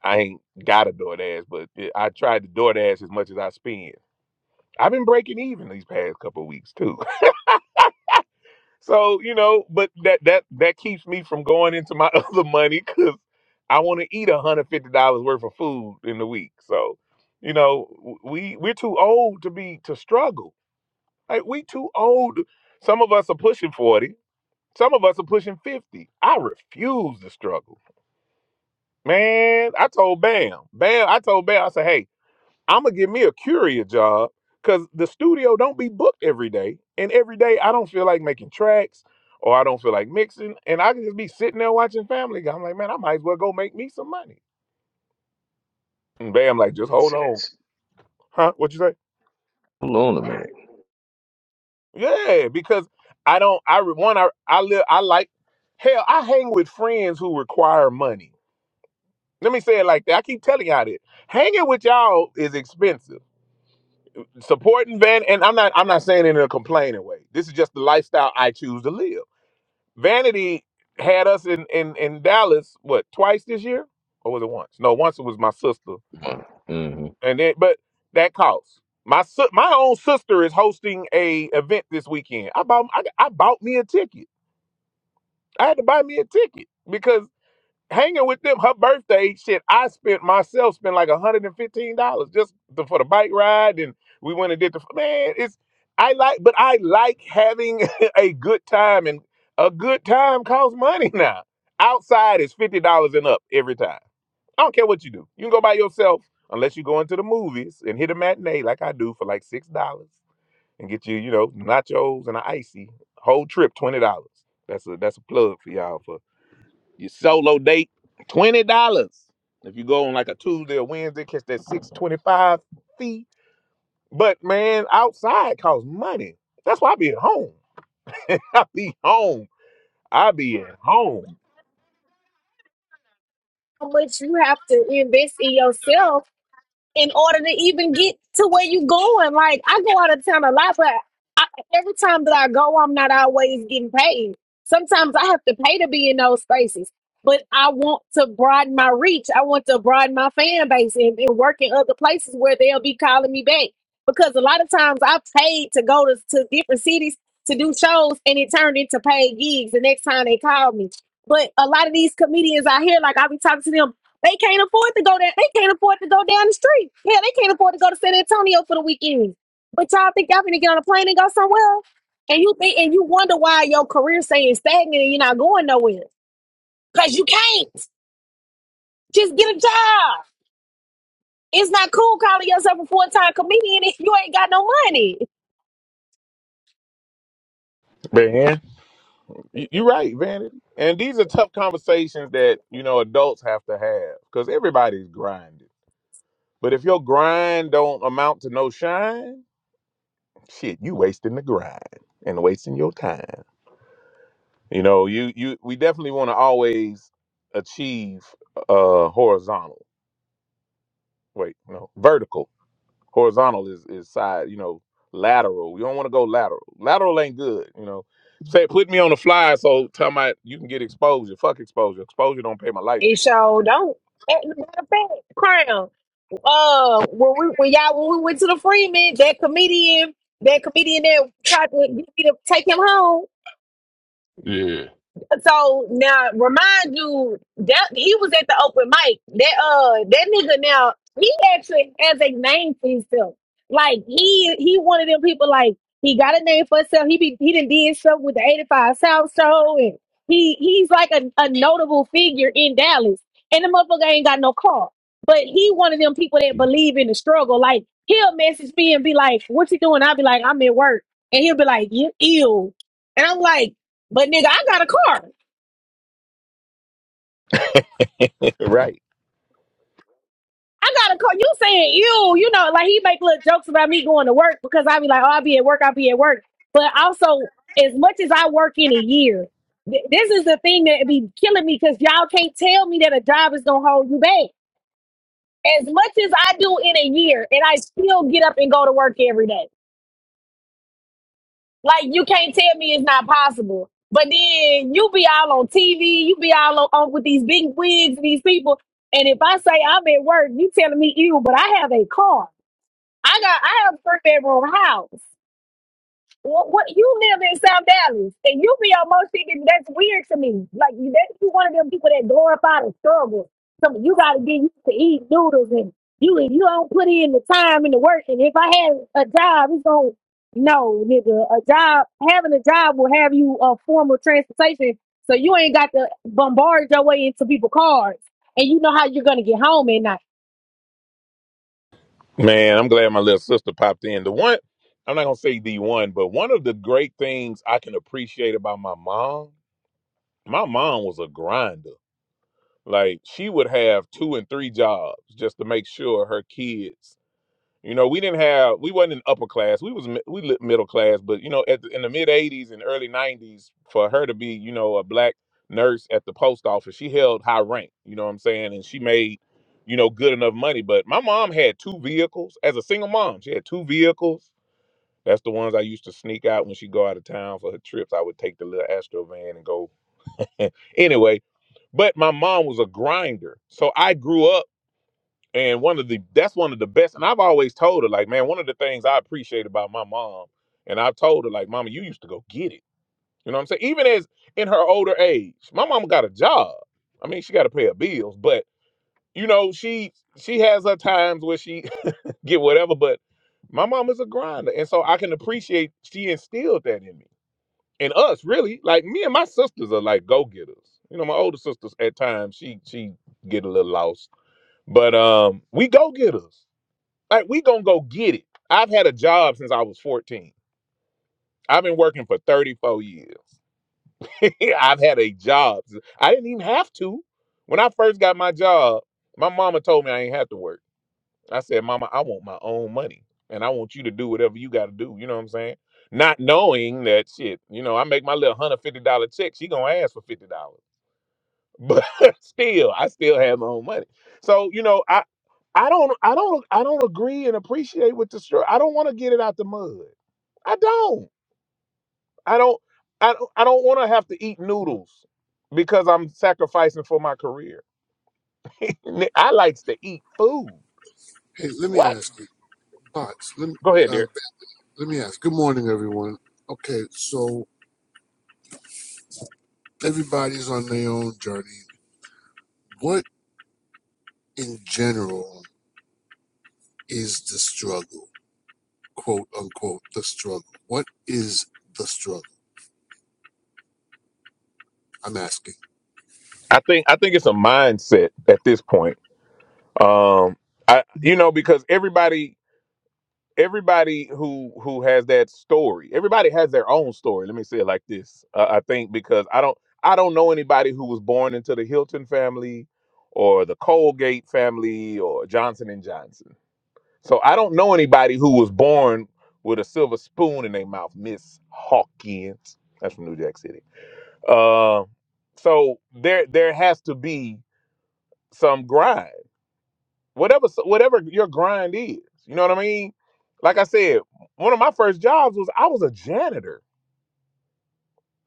[SPEAKER 2] I ain't got a DoorDash, but it, I tried to DoorDash as much as I spend. I've been breaking even these past couple of weeks too. So you know, but that that that keeps me from going into my other money because I want to eat one hundred fifty dollars worth of food in the week. So you know, w- we we're too old to be to struggle Like we too old. Some of us are pushing 40. Some of us are pushing 50. I refuse to struggle. Man, I told Bam. Bam, I told Bam, I said, hey, I'm gonna give me a courier job because the studio don't be booked every day. And every day I don't feel like making tracks or I don't feel like mixing. And I can just be sitting there watching Family Guy. I'm like, man, I might as well go make me some money. And Bam like, just
[SPEAKER 7] Makes
[SPEAKER 2] hold on.
[SPEAKER 7] sense.
[SPEAKER 2] Huh? What you say?
[SPEAKER 7] Hold on a minute.
[SPEAKER 2] Yeah, because I don't. I re- one. I I live. I like. Hell, I hang with friends who require money. Let me say it like that. I keep telling y'all this. Hanging with y'all is expensive. Supporting van, and I'm not. I'm not saying it in a complaining way. This is just the lifestyle I choose to live. Vanity had us in in in Dallas. What twice this year, or was it once? No, once it was my sister,
[SPEAKER 7] Mm-hmm.
[SPEAKER 2] and then but that costs. My si- my own sister is hosting a event this weekend. I bought I, I bought me a ticket. I had to buy me a ticket because hanging with them, her birthday shit, I spent myself spent like one hundred and fifteen dollars just the, for the bike ride, and we went and did the man. It's I like, but I like having a good time, and a good time costs money now. Outside is fifty dollars and up every time. I don't care what you do. You can go by yourself unless you go into the movies and hit a matinee like I do for like six dollars and get you, you know, nachos and an icy. Whole trip twenty dollars. That's a that's a plug for y'all for your solo date, twenty dollars. If you go on like a Tuesday or Wednesday, catch that six twenty-five fee. But man, outside costs money. That's why I be at home. I be home. I be at home.
[SPEAKER 5] How much you have to invest in yourself in order to even get to where you going. Like I go out of town a lot, but I, every time that I go, I'm not always getting paid. Sometimes I have to pay to be in those spaces. But I want to broaden my reach. I want to broaden my fan base and, and work in other places where they'll be calling me back. Because a lot of times I paid to go to, to different cities to do shows and it turned into paid gigs the next time they called me. But a lot of these comedians out here, like I be talking to them, they can't afford to go down. They can't afford to go down the street. Yeah, they can't afford to go to San Antonio for the weekend. But y'all think y'all finna get on a plane and go somewhere? And you think and you wonder why your career staying stagnant and you're not going nowhere. Cause you can't. Just get a job. It's not cool calling yourself a full-time comedian if you ain't got no money.
[SPEAKER 2] Man, you, you right, Vanity. And these are tough conversations that you know adults have to have because everybody's grinding. But if your grind don't amount to no shine, shit, you wasting the grind and wasting your time. You know, you you we definitely want to always achieve uh horizontal. Wait, no, vertical. Horizontal is is side. You know, lateral. We don't want to go lateral. Lateral ain't good. You know, say put me on the fly so tell my you can get exposure. Fuck exposure. Exposure don't pay my light
[SPEAKER 5] It
[SPEAKER 2] bill.
[SPEAKER 5] sure don't. That- Matter of fact, crown. Uh when we when y'all when we went to the Freeman, that comedian, that comedian that tried to get me to take him home
[SPEAKER 1] Yeah,
[SPEAKER 5] So now remind you that he was at the open mic. That uh that nigga now he actually has a name for himself. Like he he one of them people like he got a name for himself. He be he done did stuff with the 85 South Show and he he's like a, a notable figure in Dallas. And the motherfucker ain't got no car. But he one of them people that believe in the struggle. Like he'll message me and be like, What you doing? I'll be like, I'm at work. And he'll be like, You ill. And I'm like, but nigga, I got a car.
[SPEAKER 2] right,
[SPEAKER 5] I gotta call you saying you, you know, like he make little jokes about me going to work because I be like, oh, I'll be at work, I'll be at work. But also, as much as I work in a year, th- this is the thing that be killing me because y'all can't tell me that a job is gonna hold you back. As much as I do in a year, and I still get up and go to work every day. Like you can't tell me it's not possible. But then you be all on TV, you be all on, on with these big wigs, these people. And if I say I'm at work, you telling me you, but I have a car. I got I have a three bedroom house. What, what you live in South Dallas and you be on most thinking that's weird to me. Like you that you one of them people that glorify the struggle. So you gotta get used to eat noodles and you if you don't put in the time and the work and if I had a job it's gonna no nigga a job having a job will have you a formal transportation so you ain't got to bombard your way into people's cars and you know how you're gonna get home at night.
[SPEAKER 2] man. I'm glad my little sister popped in. The one I'm not gonna say the one, but one of the great things I can appreciate about my mom. My mom was a grinder Like she would have two and three jobs just to make sure her kids. You know, we didn't have we wasn't in upper class. We was mi- we li- middle class, but you know, at the, in the mid '80s and early '90s, for her to be you know a black nurse at the post office, she held high rank. You know what I'm saying? And she made you know good enough money. But my mom had two vehicles as a single mom. She had two vehicles. That's the ones I used to sneak out when she go out of town for her trips. I would take the little Astro van and go. Anyway, but my mom was a grinder. So I grew up and one of the that's one of the best. And I've always told her, like, man, one of the things I appreciate about my mom, and I've told her, like, mama, you used to go get it. You know what I'm saying? Even as in her older age, my mama got a job. I mean, she got to pay her bills, but you know, she she has her times where she get whatever. But my mom is a grinder, and so I can appreciate she instilled that in me and us. Really, like me and my sisters are like go getters. You know, my older sisters at times she she get a little lost, but um, we go getters. Like we gonna go get it. I've had a job since I was 14. I've been working for 34 years. I've had a job. I didn't even have to. When I first got my job, my mama told me I ain't have to work. I said, Mama, I want my own money. And I want you to do whatever you gotta do. You know what I'm saying? Not knowing that shit, you know, I make my little hundred fifty dollar check, she gonna ask for fifty dollars. But still, I still have my own money. So, you know, I. I don't I don't I don't agree and appreciate with the story. I don't want to get it out the mud. I don't. I don't I don't I don't want to have to eat noodles because I'm sacrificing for my career. Ni- I likes to eat food.
[SPEAKER 9] Hey, let me
[SPEAKER 2] What?
[SPEAKER 9] ask you, bots. Let me
[SPEAKER 2] Go ahead,
[SPEAKER 9] uh,
[SPEAKER 2] dear.
[SPEAKER 9] let me ask. Good morning, everyone. Okay, so everybody's on their own journey. What in general is the struggle, quote unquote, the struggle? What is the struggle? I'm asking.
[SPEAKER 2] I think I think it's a mindset at this point. Um I you know because everybody everybody who who has that story everybody has their own story let me say it like this uh, i think because i don't i don't know anybody who was born into the hilton family or the colgate family or johnson and johnson so i don't know anybody who was born with a silver spoon in their mouth miss hawkins that's from new jack city uh, so there there has to be some grind whatever whatever your grind is. You know what I mean? Like I said, one of my first jobs was I was a janitor.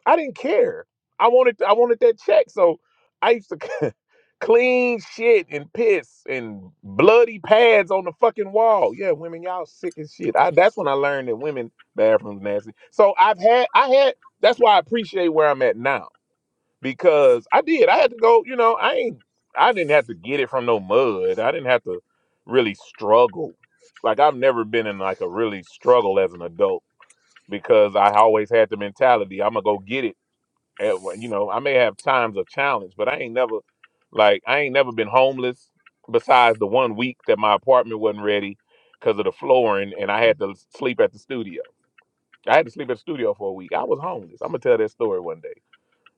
[SPEAKER 2] I didn't care. I wanted I wanted that check, so I used to clean shit and piss and bloody pads on the fucking wall. Yeah, women, y'all sick as shit. I, that's when I learned that women bathrooms nasty. So I've had I had that's why I appreciate where I'm at now because I did. I had to go. You know, I ain't. I didn't have to get it from no mud. I didn't have to really struggle. Like I've never been in like a really struggle as an adult because I always had the mentality I'm gonna go get it. At one- you know, I may have times of challenge, but I ain't never like I ain't never been homeless. Besides the one week that my apartment wasn't ready because of the flooring, and I had to sleep at the studio. I had to sleep at the studio for a week. I was homeless. I'm gonna tell that story one day.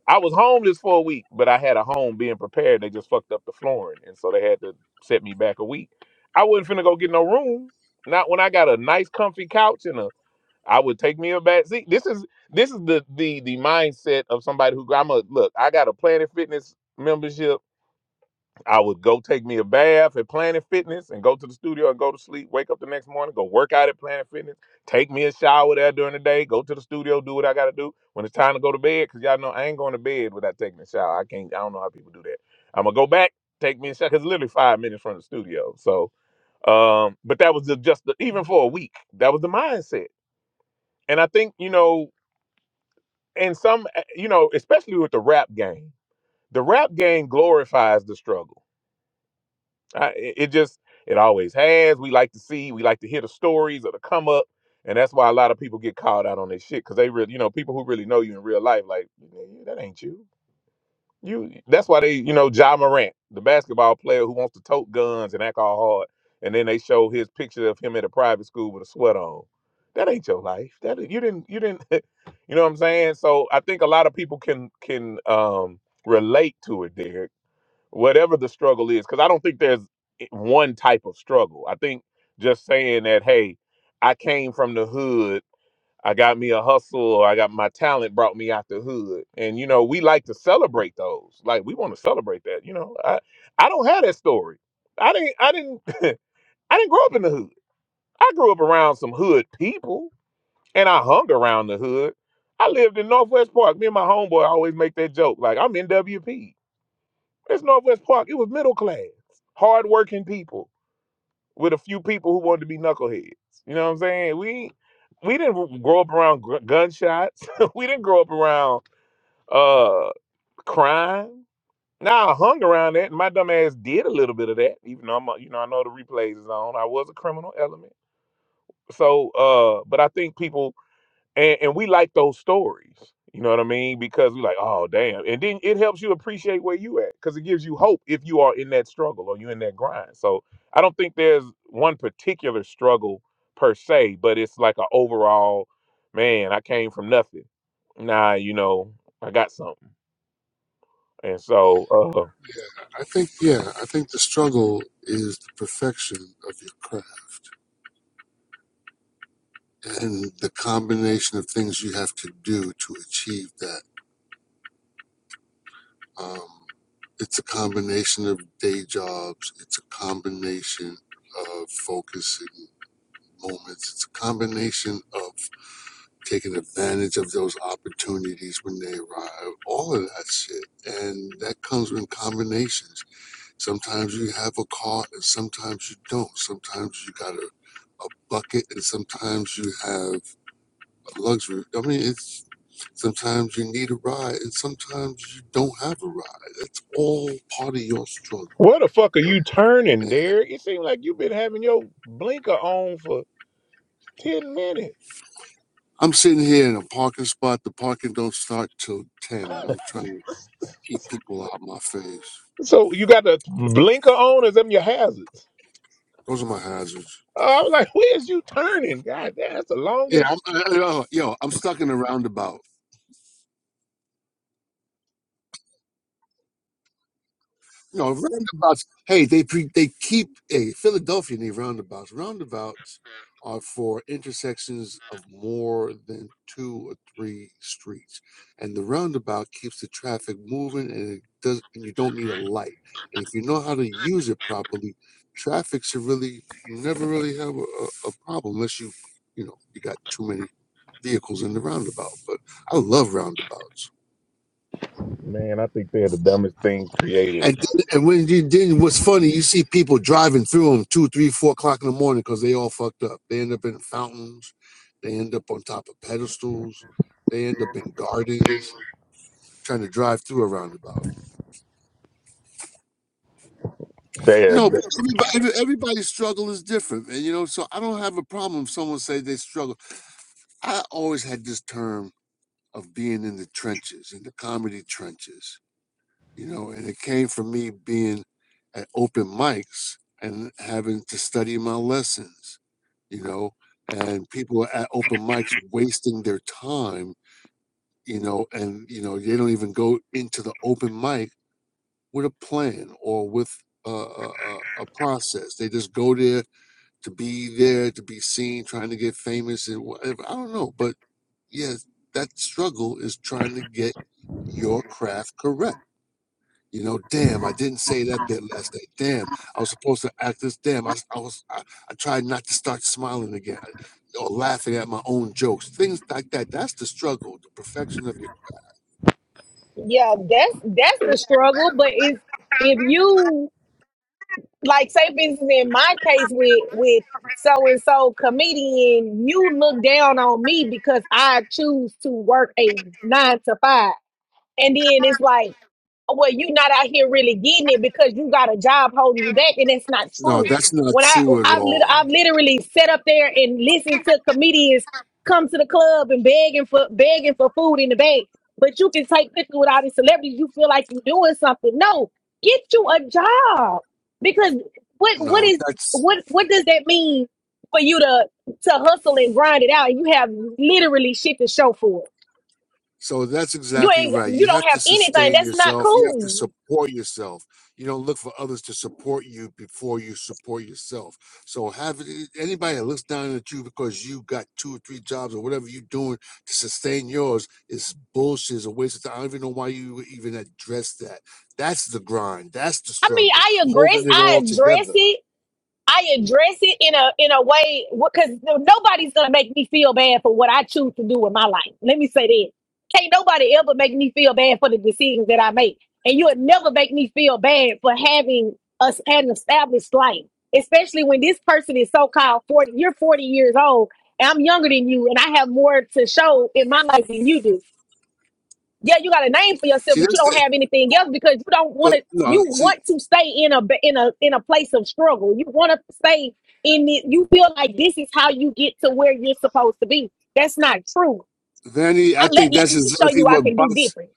[SPEAKER 2] I was homeless for a week, but I had a home being prepared. They just fucked up the flooring, and so they had to set me back a week. I wasn't finna go get no room. Not when I got a nice, comfy couch and a. I would take me a back seat. This is this is the the the mindset of somebody who I'm a look. I got a Planet Fitness membership. I would go take me a bath at Planet Fitness and go to the studio and go to sleep, wake up the next morning, go work out at Planet Fitness, take me a shower there during the day, go to the studio, do what I gotta do when it's time to go to bed, because y'all know I ain't going to bed without taking a shower. I can't I don't know how people do that. I'm gonna go back, take me a shower. Cause literally five minutes from the studio. So um, but that was the, just the, even for a week, that was the mindset. And I think, you know, and some eh, you know, especially with the rap game, the rap game glorifies the struggle I, it it just it always has. We like to see, we like to hear the stories or the come up, and that's why a lot of people get called out on this shit because they really, you know, people who really know you in real life, like "Nigga, that ain't you. You that's why they, you know, Ja Morant, the basketball player who wants to tote guns and act all hard, and then they show his picture of him at a private school with a sweat on. That ain't your life. That you didn't, you didn't, you know what I'm saying? So I think a lot of people can can um relate to it, Derek whatever the struggle is because i don't think there's one type of struggle i think just saying that hey i came from the hood i got me a hustle or i got my talent brought me out the hood and you know we like to celebrate those like we want to celebrate that you know i i don't have that story i didn't i didn't i didn't grow up in the hood i grew up around some hood people and i hung around the hood i lived in northwest park me and my homeboy always make that joke like i'm nwp it's Northwest Park. It was middle class, hardworking people with a few people who wanted to be knuckleheads. You know what I'm saying? We we didn't grow up around gr- gunshots. we didn't grow up around uh crime. Now I hung around that, and my dumb ass did a little bit of that. Even though I'm, a, you know, I know the replays is on. I was a criminal element. So, uh, but I think people and and we like those stories. You know what I mean? Because we like, oh damn, and then it helps you appreciate where you at because it gives you hope if you are in that struggle or you in that grind. So I don't think there's one particular struggle per se, but it's like an overall, man, I came from nothing. Nah, you know, I got something, and so uh,
[SPEAKER 9] Yeah, I think yeah, I think the struggle is the perfection of your craft and the combination of things you have to do to achieve that Um, it's a combination of day jobs. It's a combination of focusing moments. It's a combination of taking advantage of those opportunities when they arrive. All of that shit, and that comes in combinations. Sometimes you have a car, and sometimes you don't. Sometimes you got a, a bucket, and sometimes you have luxury. I mean, it's sometimes you need a ride, and sometimes you don't have a ride. It's all part of your struggle.
[SPEAKER 2] where the fuck are you turning,
[SPEAKER 9] And
[SPEAKER 2] Derek? It seems like you've been having your blinker on for ten minutes.
[SPEAKER 9] I'm sitting here in a parking spot. The parking don't start till ten. I'm trying to keep people out my face.
[SPEAKER 2] So you got the blinker on as them your hazards.
[SPEAKER 9] Those are my hazards.
[SPEAKER 2] I was like, where's you turning? God damn, that's the
[SPEAKER 9] Yeah,
[SPEAKER 2] longest.
[SPEAKER 9] I'm, I, I- yo, yo, I'm stuck in a roundabout. No, roundabouts. Hey, they pre, they keep a hey, Philadelphia need roundabouts. Roundabouts are for intersections of more than two or three streets, and the roundabout keeps the traffic moving, and it does. And you don't need a light. And if you know how to use it properly, traffic should really never really have a, a a problem unless you you know you got too many vehicles in the roundabout. But I love roundabouts.
[SPEAKER 2] Man, I think they're the dumbest things created.
[SPEAKER 9] And, then- and when you then what's funny, you see people driving through them two, three, four o'clock in the morning because they all fucked up. They end up in fountains, they end up on top of pedestals, they end up in gardens trying to drive through a roundabout.
[SPEAKER 2] They're,
[SPEAKER 9] No, but everybody, every- everybody's struggle is different, and you know, so I don't have a problem if someone say they struggle. I always had this term of being in the trenches, in the comedy trenches you know, and it came from me being at open mics and having to study my lessons, you know, and people at open mics wasting their time, you know, and you know they don't even go into the open mic with a plan or with a, a, a a process. They just go there to be there, to be seen, trying to get famous and whatever. I don't know, but yeah, that struggle is trying to get your craft correct you know, damn, I didn't say that bit last night. Damn, I was supposed to act this. Damn, I I was, I, I tried not to start smiling again uh, or laughing at my own jokes. Things like that. That's the struggle, the perfection of your.
[SPEAKER 5] Yeah, that's that's the struggle. But if if you like say business in my case with with so and so comedian, you look down on me because I choose to work a nine to five. And then it's like well, you not out here really getting it because you got a job holding you back, and that's not
[SPEAKER 9] No,
[SPEAKER 5] true.
[SPEAKER 9] that's not
[SPEAKER 5] When I
[SPEAKER 9] true at
[SPEAKER 5] I've, lit- I've
[SPEAKER 9] all.
[SPEAKER 5] literally sat up there and listened to comedians come to the club and begging for begging for food in the bag, but you can take pictures with all these celebrities. You feel like you're doing something. No, get you a job because what what
[SPEAKER 9] No,
[SPEAKER 5] is
[SPEAKER 9] that's
[SPEAKER 5] what what does that mean for you to to hustle and grind it out? You have literally shit to show for it.
[SPEAKER 9] So that's
[SPEAKER 5] You
[SPEAKER 9] exactly
[SPEAKER 5] ain't
[SPEAKER 9] right. You
[SPEAKER 5] you don't
[SPEAKER 9] have to
[SPEAKER 5] have anything.
[SPEAKER 9] sustain
[SPEAKER 5] That's not
[SPEAKER 9] yourself. You have to
[SPEAKER 5] cool.
[SPEAKER 9] support yourself. You don't look for others to support you before you support yourself. So have it- anybody that looks down at you because you got two or three jobs or whatever you're doing to sustain yours is bullshit. It's a waste of time. I don't even know why you would even address that. That's the grind. That's the
[SPEAKER 5] I mean,
[SPEAKER 9] struggle.
[SPEAKER 5] I address,
[SPEAKER 9] Holding it
[SPEAKER 5] I
[SPEAKER 9] all
[SPEAKER 5] address
[SPEAKER 9] together.
[SPEAKER 5] it, I address it in a in a way because nobody's gonna make me feel bad for what I choose to do with my life. Let me say that. Can't nobody ever make me feel bad for the decisions that I make, and you'll never make me feel bad for having us an established life, especially when this person is so called forty. You're forty years old, and I'm younger than you, and I have more to show in my life than you do yeah, you got a name for yourself,
[SPEAKER 9] See,
[SPEAKER 5] but you
[SPEAKER 9] that's
[SPEAKER 5] don't
[SPEAKER 9] the
[SPEAKER 5] have anything else because you don't want
[SPEAKER 9] But
[SPEAKER 5] to.
[SPEAKER 9] no,
[SPEAKER 5] You
[SPEAKER 9] see,
[SPEAKER 5] want to stay in a in a in a place of struggle. You want to stay in it. You feel like this is how you get to where you're supposed to be. That's not true.
[SPEAKER 9] Vanny, I
[SPEAKER 5] I, let
[SPEAKER 9] think that's
[SPEAKER 5] let me show
[SPEAKER 9] exactly
[SPEAKER 5] you I
[SPEAKER 9] what
[SPEAKER 5] can do
[SPEAKER 9] bots
[SPEAKER 5] different.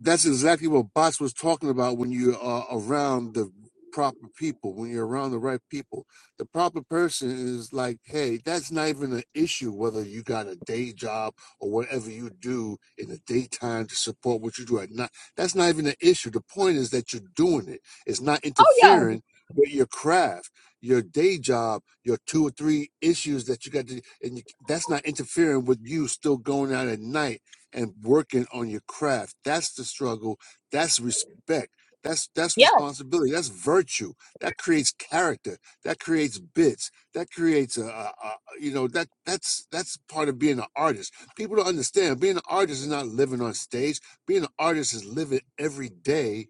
[SPEAKER 9] that's exactly what Bots was talking about when you are around the proper people, when you're around the right people. The proper person is like, hey, that's not even an issue whether you got a day job or whatever you do in the daytime to support what you do at night. That's not even an issue. The point is that you're doing it. It's not
[SPEAKER 5] Oh yeah,
[SPEAKER 9] interfering with your craft, your day job, your two or three issues that you got to, and you, that's not interfering with you still going out at night and working on your craft. That's the struggle. That's respect. That's that's
[SPEAKER 5] yeah,
[SPEAKER 9] responsibility. That's virtue. That creates character. That creates bits. That creates a, a, a you know that that's that's part of being an artist. People don't understand. Being an artist is not living on stage. Being an artist is living every day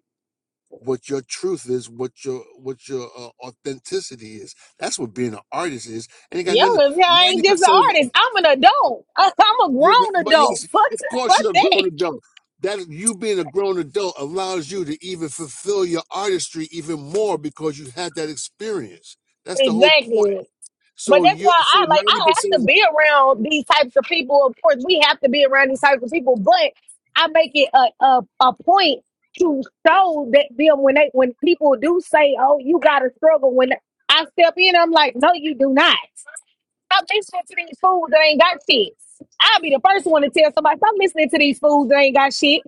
[SPEAKER 9] what your truth is, what your what your uh, authenticity is. That's what being an artist is. And you got
[SPEAKER 5] yeah.
[SPEAKER 9] nothing.
[SPEAKER 5] If I
[SPEAKER 9] Ninety
[SPEAKER 5] ain't just an
[SPEAKER 9] percent of
[SPEAKER 5] artist, I'm an adult. I, am a
[SPEAKER 9] you're,
[SPEAKER 5] grown
[SPEAKER 9] but yes,
[SPEAKER 5] adult. Fuck,
[SPEAKER 9] of course,
[SPEAKER 5] fuck
[SPEAKER 9] you're a
[SPEAKER 5] that.
[SPEAKER 9] grown adult. That you being a grown adult allows you to even fulfill your artistry even more because you had that experience. That's the whole point.
[SPEAKER 5] Exactly. But
[SPEAKER 9] So
[SPEAKER 5] that's
[SPEAKER 9] you,
[SPEAKER 5] why
[SPEAKER 9] so
[SPEAKER 5] I like
[SPEAKER 9] ninety
[SPEAKER 5] I
[SPEAKER 9] percent
[SPEAKER 5] have to
[SPEAKER 9] of
[SPEAKER 5] be around these types of people. Of course, we have to be around these types of people, but I make it a a, a point to show that them when they when people do say, "Oh, you got to struggle," when I step in, I'm like, "No, you do not." Stop listening to these fools that ain't got shit. I'll be the first one to tell somebody, stop listening to these fools that ain't got shit.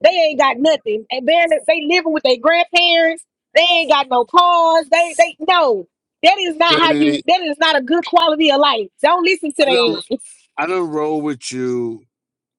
[SPEAKER 5] They ain't got nothing. And then if they living with their grandparents. They ain't got no cars. They they no. That is not
[SPEAKER 9] the
[SPEAKER 5] how you
[SPEAKER 9] vanity.
[SPEAKER 5] that is not a good quality of life. Don't listen to
[SPEAKER 9] I don't,
[SPEAKER 5] them.
[SPEAKER 9] I don't roll with you.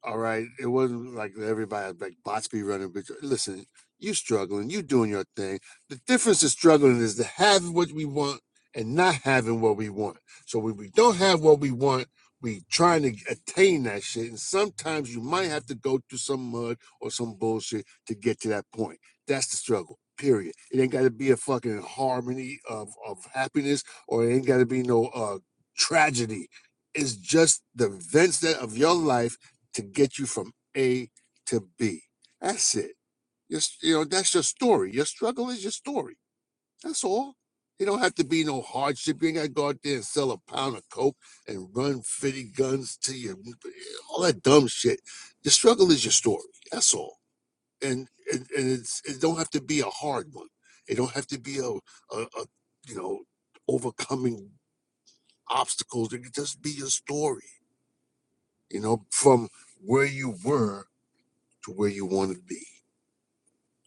[SPEAKER 9] All right. It wasn't like everybody had, like bots be running, but listen, you struggling, you doing your thing. The difference is struggling is to have what we want and not having what we want. So when we don't have what we want, we trying to attain that shit. And sometimes you might have to go through some mud or some bullshit to get to that point. That's the struggle. Period. It ain't gotta be a fucking harmony of, of happiness or it ain't gotta be no uh tragedy. It's just the events that of your life to get you from A to B. That's it. Just you know, that's your story. Your struggle is your story. That's all. You don't have to be no hardship. You ain't gotta go out there and sell a pound of coke and run fifty guns to you. All that dumb shit. The struggle is your story. That's all. And and, and it's it don't have to be a hard one. It don't have to be a, a, a you know overcoming obstacles. It can just be your story. You know, from where you were to where you want to be.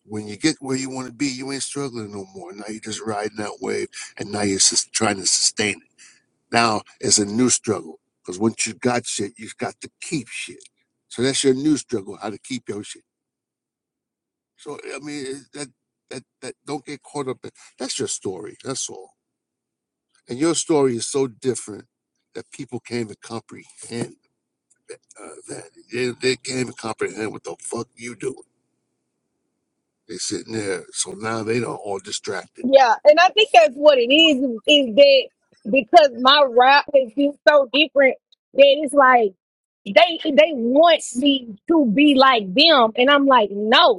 [SPEAKER 9] When you get where you want to be, you ain't struggling no more. Now you're just riding that wave, and now you're just trying to sustain it. Now it's a new struggle because once you got shit, you've got to keep shit. So that's your new struggle, how to keep your shit. So I mean, that that that don't get caught up. in That's your story. That's all. And your story is so different that people can't even comprehend uh, that. They, they can't even comprehend what the fuck you doing. They sitting there, so now they don't all distracted
[SPEAKER 5] Yeah. And I think that's what it is, is that because my rap has been so different that it's like they they want me to be like them. And I'm like, no.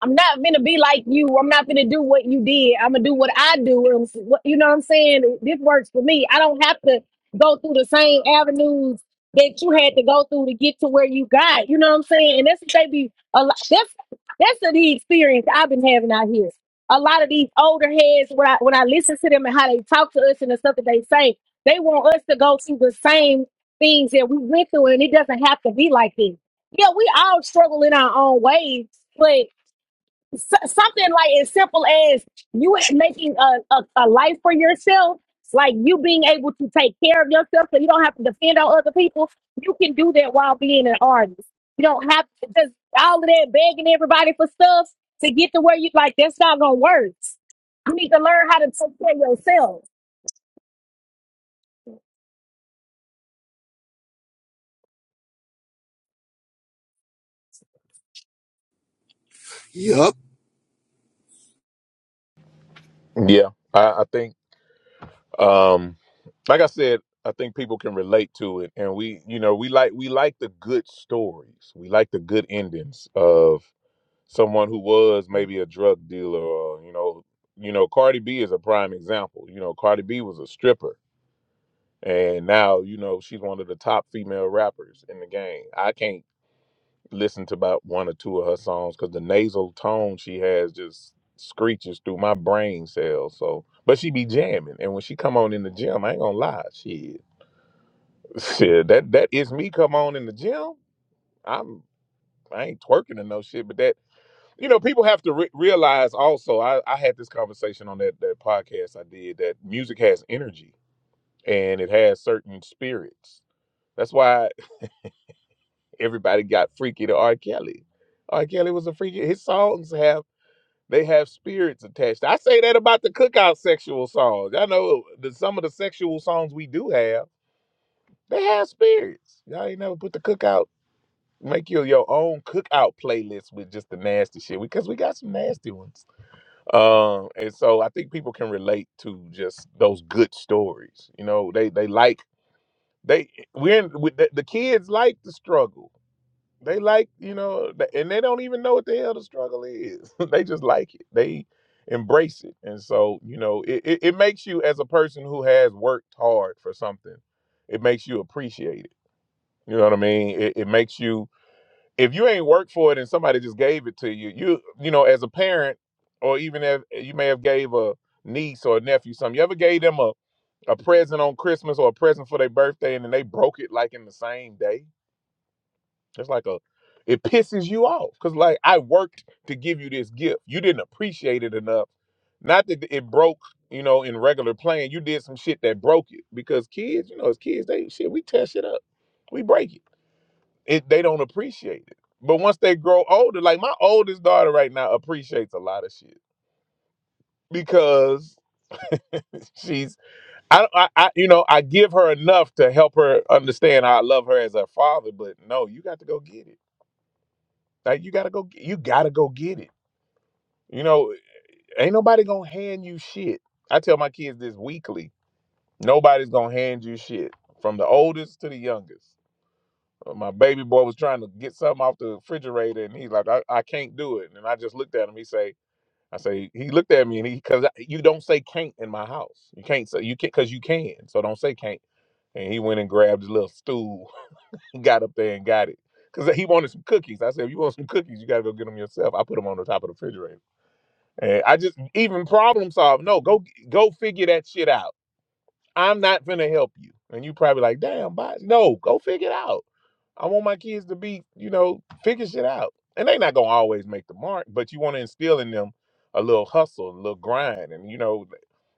[SPEAKER 5] I'm not gonna be like you. I'm not gonna do what you did. I'm gonna do what I do. And what- you know what I'm saying? This works for me. I don't have to go through the same avenues that you had to go through to get to where you got. You know what I'm saying? And that's what they be a lot. That's that's the experience I've been having out here. A lot of these older heads, when I when I listen to them and how they talk to us and the stuff that they say, they want us to go through the same things that we went through, and it doesn't have to be like this. Yeah, we all struggle in our own ways, but S- something like as simple as you making a, a, a life for yourself, like you being able to take care of yourself so you don't have to depend on other people. You can do that while being an artist. You don't have to just all of that begging everybody for stuff to get to where you like that's not gonna work. You need to learn how to take care of yourself.
[SPEAKER 9] yeah
[SPEAKER 2] yeah, I, I think, um, like I said, I think people can relate to it, and we, you know, we like we like the good stories. We like the good endings of someone who was maybe a drug dealer, or you know, you know, Cardi B is a prime example. You know, Cardi B was a stripper, and now you know she's one of the top female rappers in the game. I can't listen to about one or two of her songs because the nasal tone she has just screeches through my brain cells. So, but she be jamming, and when she come on in the gym, I ain't gonna lie, shit, shit, that that is me. Come on in the gym, I'm I ain't twerking or no shit, but that you know people have to re- realize also. I I had this conversation on that that podcast I did that music has energy and it has certain spirits. That's why everybody got freaky to R. Kelly. R. Kelly was a freaky. His songs have They have spirits attached. I say that about the cookout sexual songs. I know that some of the sexual songs we do have, they have spirits. Y'all ain't never put the cookout, make your your own cookout playlist with just the nasty shit because we got some nasty ones. Um, and so I think people can relate to just those good stories. You know, they they like they we're in, with the, the kids like the struggle they like, you know, th- and they don't even know what the hell the struggle is. they just like it. They embrace it. And so, you know, it, it, it makes you as a person who has worked hard for something, it makes you appreciate it. You know what I mean? It, it makes you if you ain't worked for it and somebody just gave it to you, you you know, as a parent, or even if eh, you may have gave a niece or a nephew something, you ever gave them a, a present on Christmas or a present for their birthday and then they broke it like in the same day? It's like a it pisses you off because like I worked to give you this gift. You didn't appreciate it enough. Not that it broke, you know, in regular playing. You did some shit that broke it because kids, you know, as kids, they shit we test it up, we break it. It they don't appreciate it. But once they grow older, like my oldest daughter right now appreciates a lot of shit because she's I, I I you know I give her enough to help her understand how I love her as her father. But no, you got to go get it. Like you gotta go, g- you gotta go get it. You know, ain't nobody gonna hand you shit. I tell my kids this weekly. Nobody's gonna hand you shit, from the oldest to the youngest. Uh, My baby boy was trying to get something off the refrigerator, and he's like, I, "I can't do it." And I just looked at him. He say, "I say." He looked at me, and he because you don't say can't in my house. You can't say you can because you can. So don't say can't. And he went and grabbed his little stool, got up there and got it. Cause he wanted some cookies. I said, if you want some cookies, you gotta go get them yourself. I put them on the top of the refrigerator. Eh, I just even problem solve. No, go go figure that shit out. I'm not gonna help you. And you probably like, damn, boss. No, go figure it out. I want my kids to be, you know, figure shit out. And they not gonna always make the mark, but you want to instill in them a little hustle, a little grind, and you know,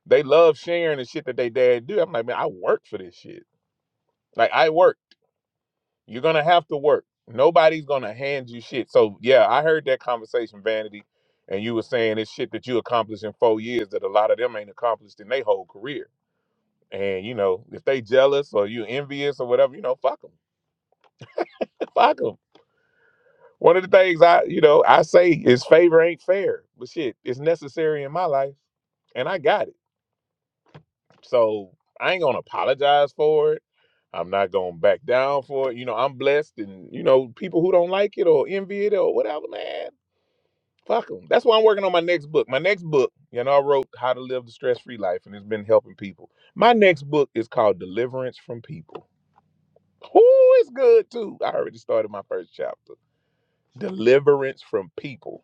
[SPEAKER 2] they love sharing the shit that they dad do. I'm like, man, I work for this shit. Like I work. You're gonna have to work. Nobody's gonna hand you shit. So yeah, I heard that conversation, Vanity, and you were saying it's shit that you accomplished in four years that a lot of them ain't accomplished in their whole career. And you know, if they jealous or you envious or whatever, you know, fuck them, fuck them. One of the things I, you know, I say is favor ain't fair, but shit, it's necessary in my life, and I got it. So I ain't gonna apologize for it. I'm not gonna back down for it. You know, I'm blessed, and you know, people who don't like it or envy it or whatever, man Fuck them. That's why I'm working on my next book. My next book, you know, I wrote How to Live the Stress Free Life, and it's been helping people. My next book is called Deliverance from People. Oh, it's good too. I already started my first chapter. Deliverance from people.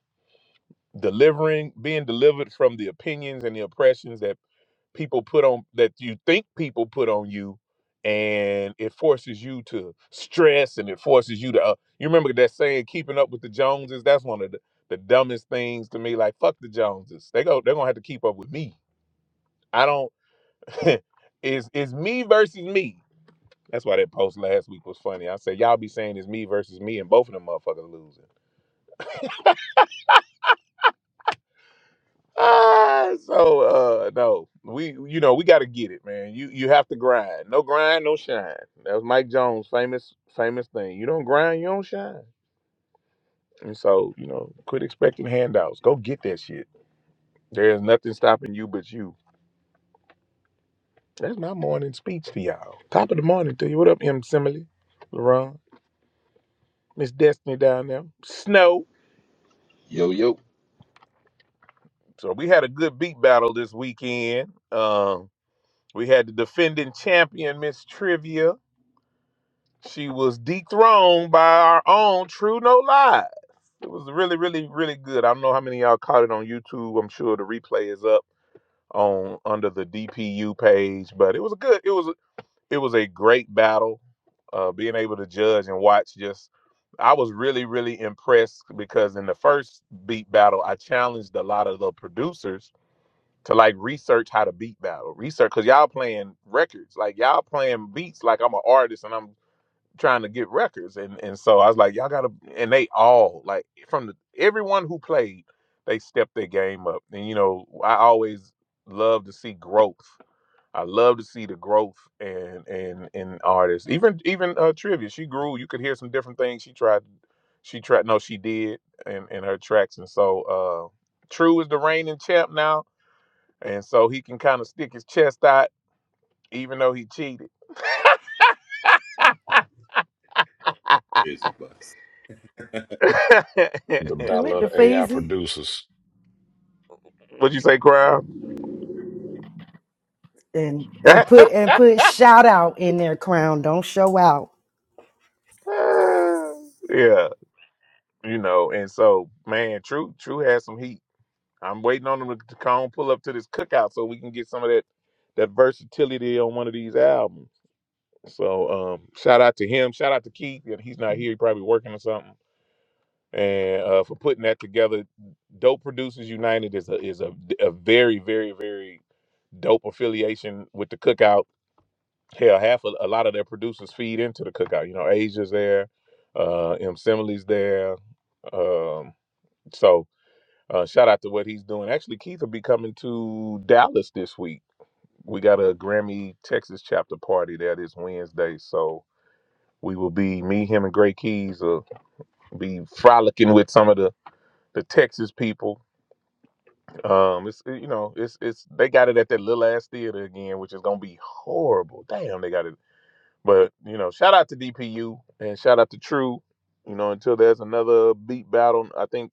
[SPEAKER 2] Delivering, being delivered from the opinions and the oppressions that people put on that you think people put on you and it forces you to stress and it forces you to uh, you remember that saying keeping up with the joneses that's one of the, the dumbest things to me like fuck the joneses they go they're gonna have to keep up with me i don't it's, it's me versus me that's why that post last week was funny i said y'all be saying it's me versus me and both of them motherfuckers losing Ah, so uh no we you know we got to get it man you you have to grind no grind no shine that was mike jones famous famous thing you don't grind you don't shine and so you know quit expecting handouts go get that shit there is nothing stopping you but you that's my morning speech to y'all top of the morning to you what up m simile LaRon, miss destiny down there snow
[SPEAKER 10] Yo, yo.
[SPEAKER 2] so we had a good beat battle this weekend um we had the defending champion miss trivia She was dethroned by our own True No Lie. It was really, really, really good. I don't know how many of y'all caught it on YouTube. I'm sure the replay is up on under the DPU page, but it was a good. It was it was a great battle. Uh, being able to judge and watch just, I was really, really impressed because in the first beat battle, I challenged a lot of the producers to like research how to beat battle, research because y'all playing records, like y'all playing beats, like I'm an artist and I'm trying to get records and and so I was like y'all gotta and they all like from the, everyone who played they stepped their game up and you know I always love to see growth I love to see the growth and and in artists even even uh trivia she grew you could hear some different things she tried she tried no she did in in her tracks and so uh True is the reigning champ now and so he can kind of stick his chest out even though he cheated
[SPEAKER 3] Crazy bots.
[SPEAKER 1] the battle
[SPEAKER 6] with
[SPEAKER 1] of
[SPEAKER 6] the
[SPEAKER 1] the AI
[SPEAKER 6] feezy
[SPEAKER 1] producers,
[SPEAKER 2] What'd you say, Crown?
[SPEAKER 6] and and put and put shout out in their crown. Don't show out.
[SPEAKER 2] yeah, you know, and so man, True True has some heat. I'm waiting on him to, to come pull up to this cookout so we can get some of that that versatility on one of these albums. So um, shout out to him. Shout out to Keith. Yeah, He's not here. He probably working or something. And uh, for putting that together, Dope Producers United is a is a, a very very very dope affiliation with the cookout. Hell, half a, a lot of their producers feed into the cookout. You know, Asia's there, uh, M. Simile's there. Um, So uh, shout out to what he's doing. Actually, Keith will be coming to Dallas this week. We got a Grammy Texas chapter party there this Wednesday. So we will be me, him, and Gray Keys will be frolicking with some of the the Texas people. Um, it's you know, it's it's they got it at that little ass theater again, which is gonna be horrible. Damn, they got it. But you know, shout out to DPU and shout out to True. You know, until there's another beat battle, I think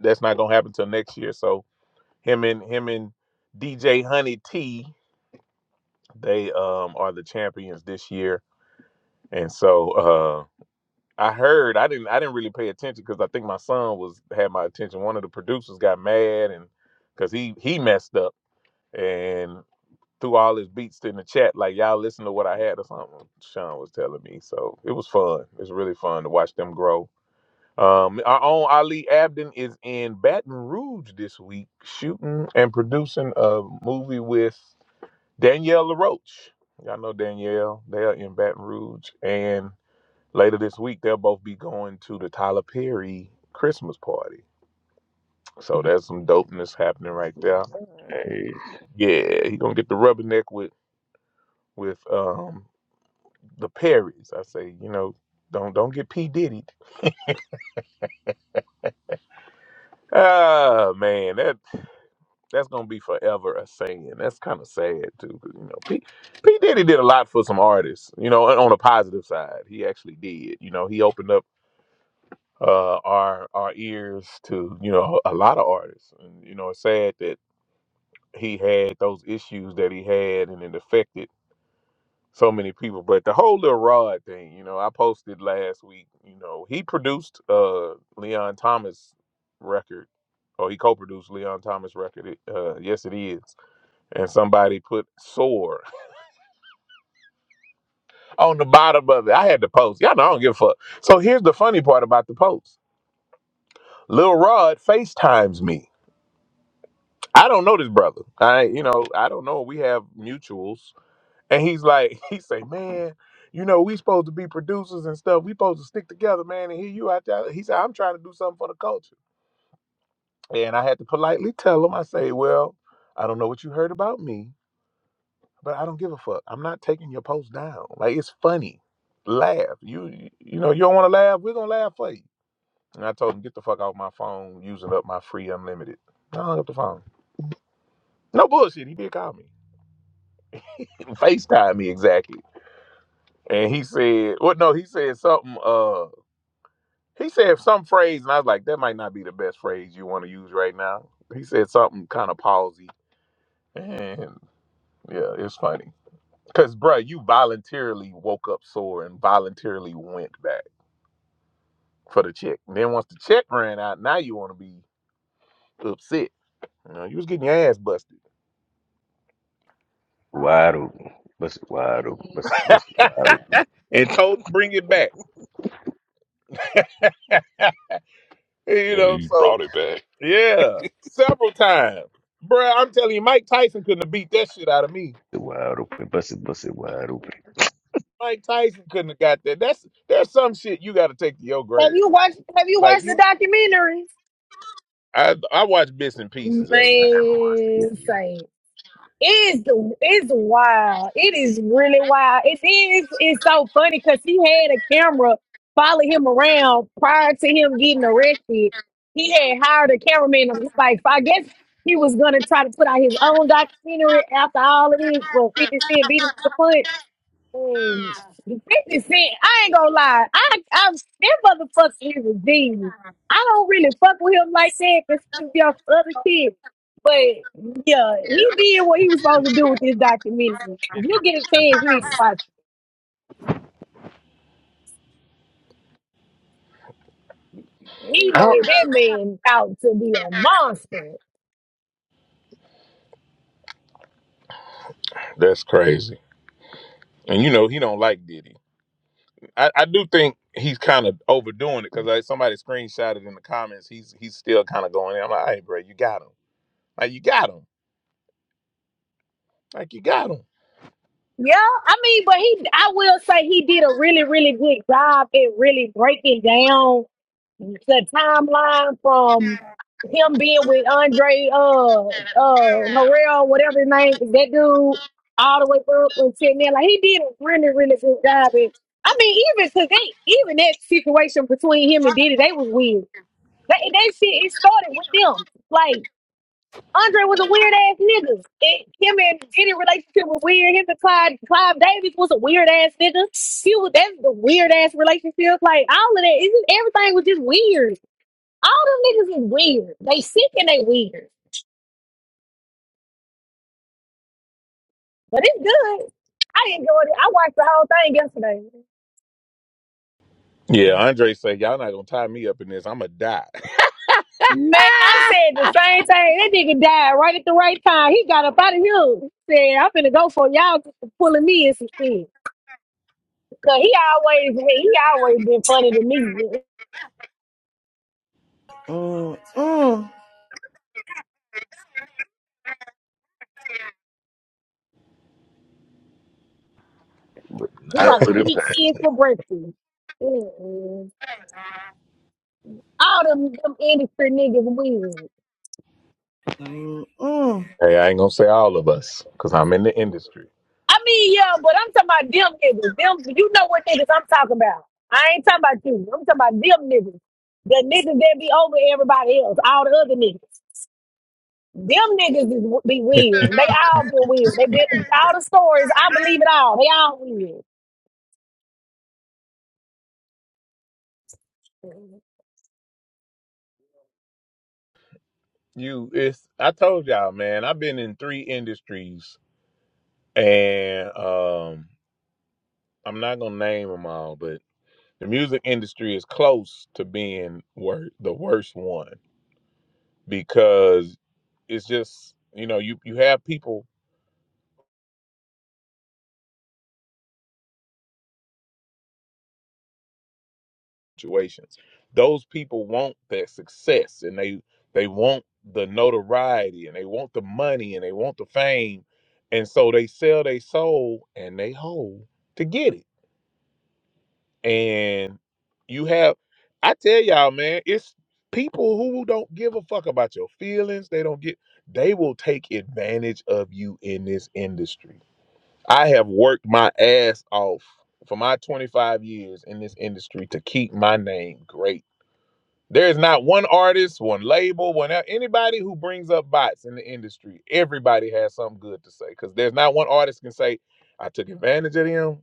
[SPEAKER 2] that's not gonna happen till next year. So him and him and DJ Honey T, they um are the champions this year. And so uh I heard I didn't I didn't really pay attention because I think my son was had my attention. One of the producers got mad and because he he messed up and threw all his beats in the chat like y'all listen to what I had or something. Sean was telling me. So it was fun. It's really fun to watch them grow. Um, our own Ali Abden is in Baton Rouge this week, shooting and producing a movie with Danielle LaRoche. Y'all know Danielle. They are in Baton Rouge. And later this week, they'll both be going to the Tyler Perry Christmas party. So that's some dopeness happening right there.
[SPEAKER 7] Hey,
[SPEAKER 2] Yeah, he gonna get the rubberneck with with um the Perrys. I say, you know, don't don't get P Diddy. Ah man, that that's gonna be forever a saying. That's kind of sad too, 'cause, you know, P, P Diddy did a lot for some artists. You know, on a positive side, he actually did. You know, he opened up uh, our our ears to you know a lot of artists. And you know, it's sad that he had those issues that he had, and it affected so many people. But the whole little Rod thing, you know, I posted last week. You know, he produced uh Leon Thomas record. or he co-produced Leon Thomas record. Uh, yes, it is. And somebody put "sore" on the bottom of it. I had to post. Y'all know I don't give a fuck. So here's the funny part about the post. Lil Rod FaceTimes me. I don't know this brother. I, you know, I don't know. We have mutuals, and he's like, he say, man, you know, we supposed to be producers and stuff. We supposed to stick together, man. And here you out there. He said, I'm trying to do something for the culture, and I had to politely tell him. I say, well, I don't know what you heard about me, but I don't give a fuck. I'm not taking your post down. Like it's funny. Laugh. You, you know, you don't want to laugh. We're gonna laugh for you. And I told him, get the fuck off my phone, using up my free unlimited. I hung up the phone. No bullshit. He did call me. FaceTime me exactly. And he said, well, no, he said something, uh, he said some phrase, and I was like, that might not be the best phrase you want to use right now. He said something kind of palsy. And yeah, it's funny. Cause bruh, you voluntarily woke up sore and voluntarily went back for the check. And then once the check ran out, now you want to be upset. You know, you was getting your ass busted
[SPEAKER 7] wide open. Bust it wide open. Bust it, bust it wide open.
[SPEAKER 2] and told to bring it back. you
[SPEAKER 1] and
[SPEAKER 2] know,
[SPEAKER 1] he
[SPEAKER 2] so
[SPEAKER 1] brought it back.
[SPEAKER 2] Yeah, several times. Bruh, I'm telling you, Mike Tyson couldn't have beat that shit out of me.
[SPEAKER 7] Bust it wide open. Bust it, bust it wide open.
[SPEAKER 2] Mike Tyson couldn't have got that. That's there's some shit you gotta take to your
[SPEAKER 5] Have
[SPEAKER 2] grave.
[SPEAKER 5] you watched have you
[SPEAKER 2] Like
[SPEAKER 5] watched the
[SPEAKER 2] you
[SPEAKER 5] documentary?
[SPEAKER 2] I I watch bits and pieces of it.
[SPEAKER 7] I haven't watched it yet
[SPEAKER 5] Man,
[SPEAKER 7] either.
[SPEAKER 5] same. It's it's wild. It is really wild. It is it's so funny because he had a camera follow him around prior to him getting arrested. He had hired a cameraman. and It's like I guess he was gonna try to put out his own documentary after all of this. But Fifty Cent beat him to the punch. Mm. The 50 Cent, I ain't gonna lie. I, I, that motherfucker is a genius. I don't really fuck with him like that because he's just other kids. But yeah, he did what he was
[SPEAKER 7] 50
[SPEAKER 5] supposed to
[SPEAKER 7] Petty.
[SPEAKER 5] do with this documentary. If
[SPEAKER 7] 50
[SPEAKER 5] you get
[SPEAKER 7] for
[SPEAKER 5] a
[SPEAKER 7] straight up
[SPEAKER 5] chance, you need to
[SPEAKER 7] Petty.
[SPEAKER 5] watch it. He
[SPEAKER 2] I
[SPEAKER 5] made
[SPEAKER 2] don't-
[SPEAKER 5] that man out to be a monster.
[SPEAKER 2] that's crazy. And you know he don't like Diddy. I, I do think he's kind of overdoing it because like somebody screenshotted in the comments. He's he's still kind of going. In. I'm like, hey, bro, you got him. Like you got him. Like you got him.
[SPEAKER 5] Yeah, I mean, but he, I will say he did a really, really good job at really breaking down. the timeline from him being with Andre uh uh Harrell, whatever his name is, that dude, all the way up until now. Like he did a really, really good job. And I mean, even cause they even that situation between him and Diddy, they was weird. They they shit it started with them. Like Andre was a weird ass nigga. It, him and Diddy relationship was weird. Him and Clive Clive Davis was a weird ass nigga. He was that's the weird ass relationship. Like all of that, it's just, everything was just weird. All them niggas is weird. They sick and they weird. But it's good. I enjoyed it. I watched the whole thing yesterday.
[SPEAKER 2] Yeah, Andre say y'all not gonna tie me up in this. I'ma die.
[SPEAKER 5] Man, I said the same thing. That nigga died right at the right time. He got up out of here. He Said, I'm finna go for y'all just for pulling me in some shit. Cause he always hey, he always been funny to me.
[SPEAKER 6] Mm mm
[SPEAKER 7] Would
[SPEAKER 5] He
[SPEAKER 7] not
[SPEAKER 5] probably
[SPEAKER 7] put it
[SPEAKER 5] eat
[SPEAKER 7] past
[SPEAKER 5] shit for breakfast. Mm-mm. All them, them industry niggas weird.
[SPEAKER 6] mm mm.
[SPEAKER 2] Hey, I ain't gonna say all of us, cause I'm in the industry.
[SPEAKER 5] I mean, yeah, but I'm talking about them niggas. Them, you know what niggas I'm talking about. I ain't talking about you. I'm talking about them niggas. The niggas that be over everybody else, all the other niggas. Them niggas is, be weird. They all been weird. They been all the stories. I believe it all. They all weird.
[SPEAKER 2] You, it's I told y'all, man. I've been in three industries, and um, I'm not gonna name them all, but the music industry is close to being wor- the worst one because it's just you know you you have people situations. Those people want that success and they they want the notoriety and they want the money and they want the fame. And so they sell their soul and they hold to get it. And you have I tell y'all, man, it's people who don't give a fuck about your feelings. They don't get they will take advantage of you in this industry. I have worked my ass off for my 25 years in this industry to keep my name great there is not one artist, one label, one anybody who brings up bots in the industry. Everybody has something good to say because there's not one artist can say, "I took advantage of them.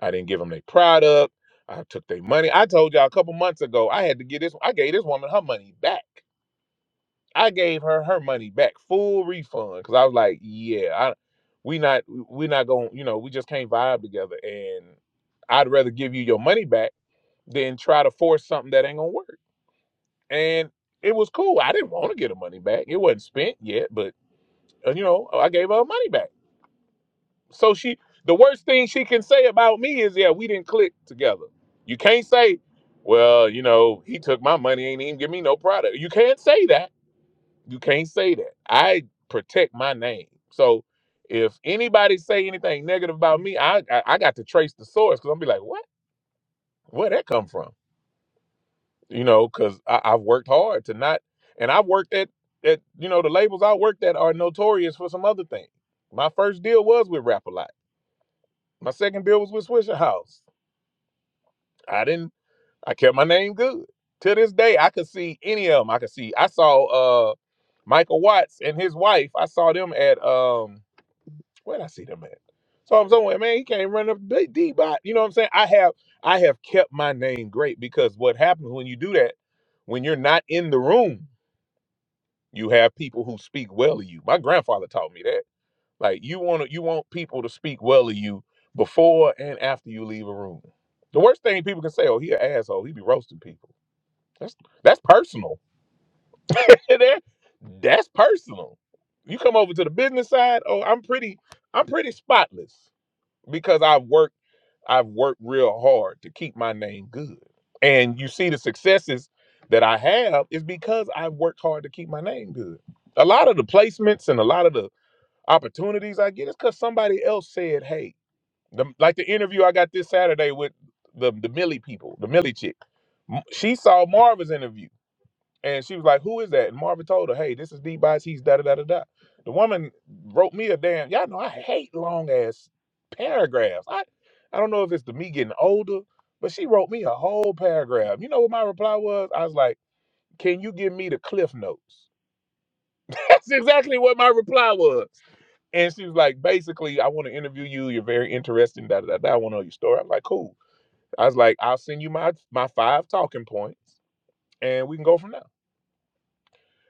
[SPEAKER 2] I didn't give them their product. I took their money." I told y'all a couple months ago, I had to get this. I gave this woman her money back. I gave her her money back, full refund, because I was like, "Yeah, I, we not we not going. You know, we just can't vibe together." And I'd rather give you your money back than try to force something that ain't gonna work and it was cool. I didn't want to get her money back. It wasn't spent yet, but uh, you know, I gave her money back. So she, the worst thing she can say about me is, yeah, we didn't click together. You can't say, well, you know, he took my money, ain't even give me no product. You can't say that. You can't say that. I protect my name. So if anybody say anything negative about me, I I, I got to trace the source because I'm be like, what? Where would that come from? you know, because I've worked hard to not, and I've worked at, at, you know, the labels I worked at are notorious for some other things. My first deal was with Rap a Lot. My second deal was with Swisher House. I didn't, I kept my name good. To this day, I could see any of them. I could see, I saw uh Michael Watts and his wife. I saw them at, um where did I see them at? So I'm somewhere, man, he can't run up D D bot. You know what I'm saying? I have, I have kept my name great because what happens when you do that, when you're not in the room, You have people who speak well of you. My grandfather taught me that. Like you want to, you want people to speak well of you before and after you leave a room. The worst thing people can say, "Oh, he an asshole. He be roasting people." That's that's personal. That- that's personal. You come over to the business side. Oh, I'm pretty. I'm pretty spotless because I work. I've worked real hard to keep my name good. And you see the successes that I have is because I've worked hard to keep my name good. A lot of the placements and a lot of the opportunities I get is because somebody else said, hey, the, like the interview I got this Saturday with the, the Millie people, the Millie chick. M- She saw Marva's interview and she was like, "Who is that?" And Marvin told her, "Hey, this is D. Bites. He's da da da da da." The woman wrote me a damn. Y'all know I hate long ass paragraphs. I I don't know if it's the me getting older, but she wrote me a whole paragraph. You know what my reply was? I was like, "Can you give me the cliff notes?" That's exactly what my reply was. And she was like, "Basically, I want to interview you. You're very interesting. Da da da. da. I want to know your story." I am like, "Cool." I was like, "I'll send you my my five talking points, and we can go from there."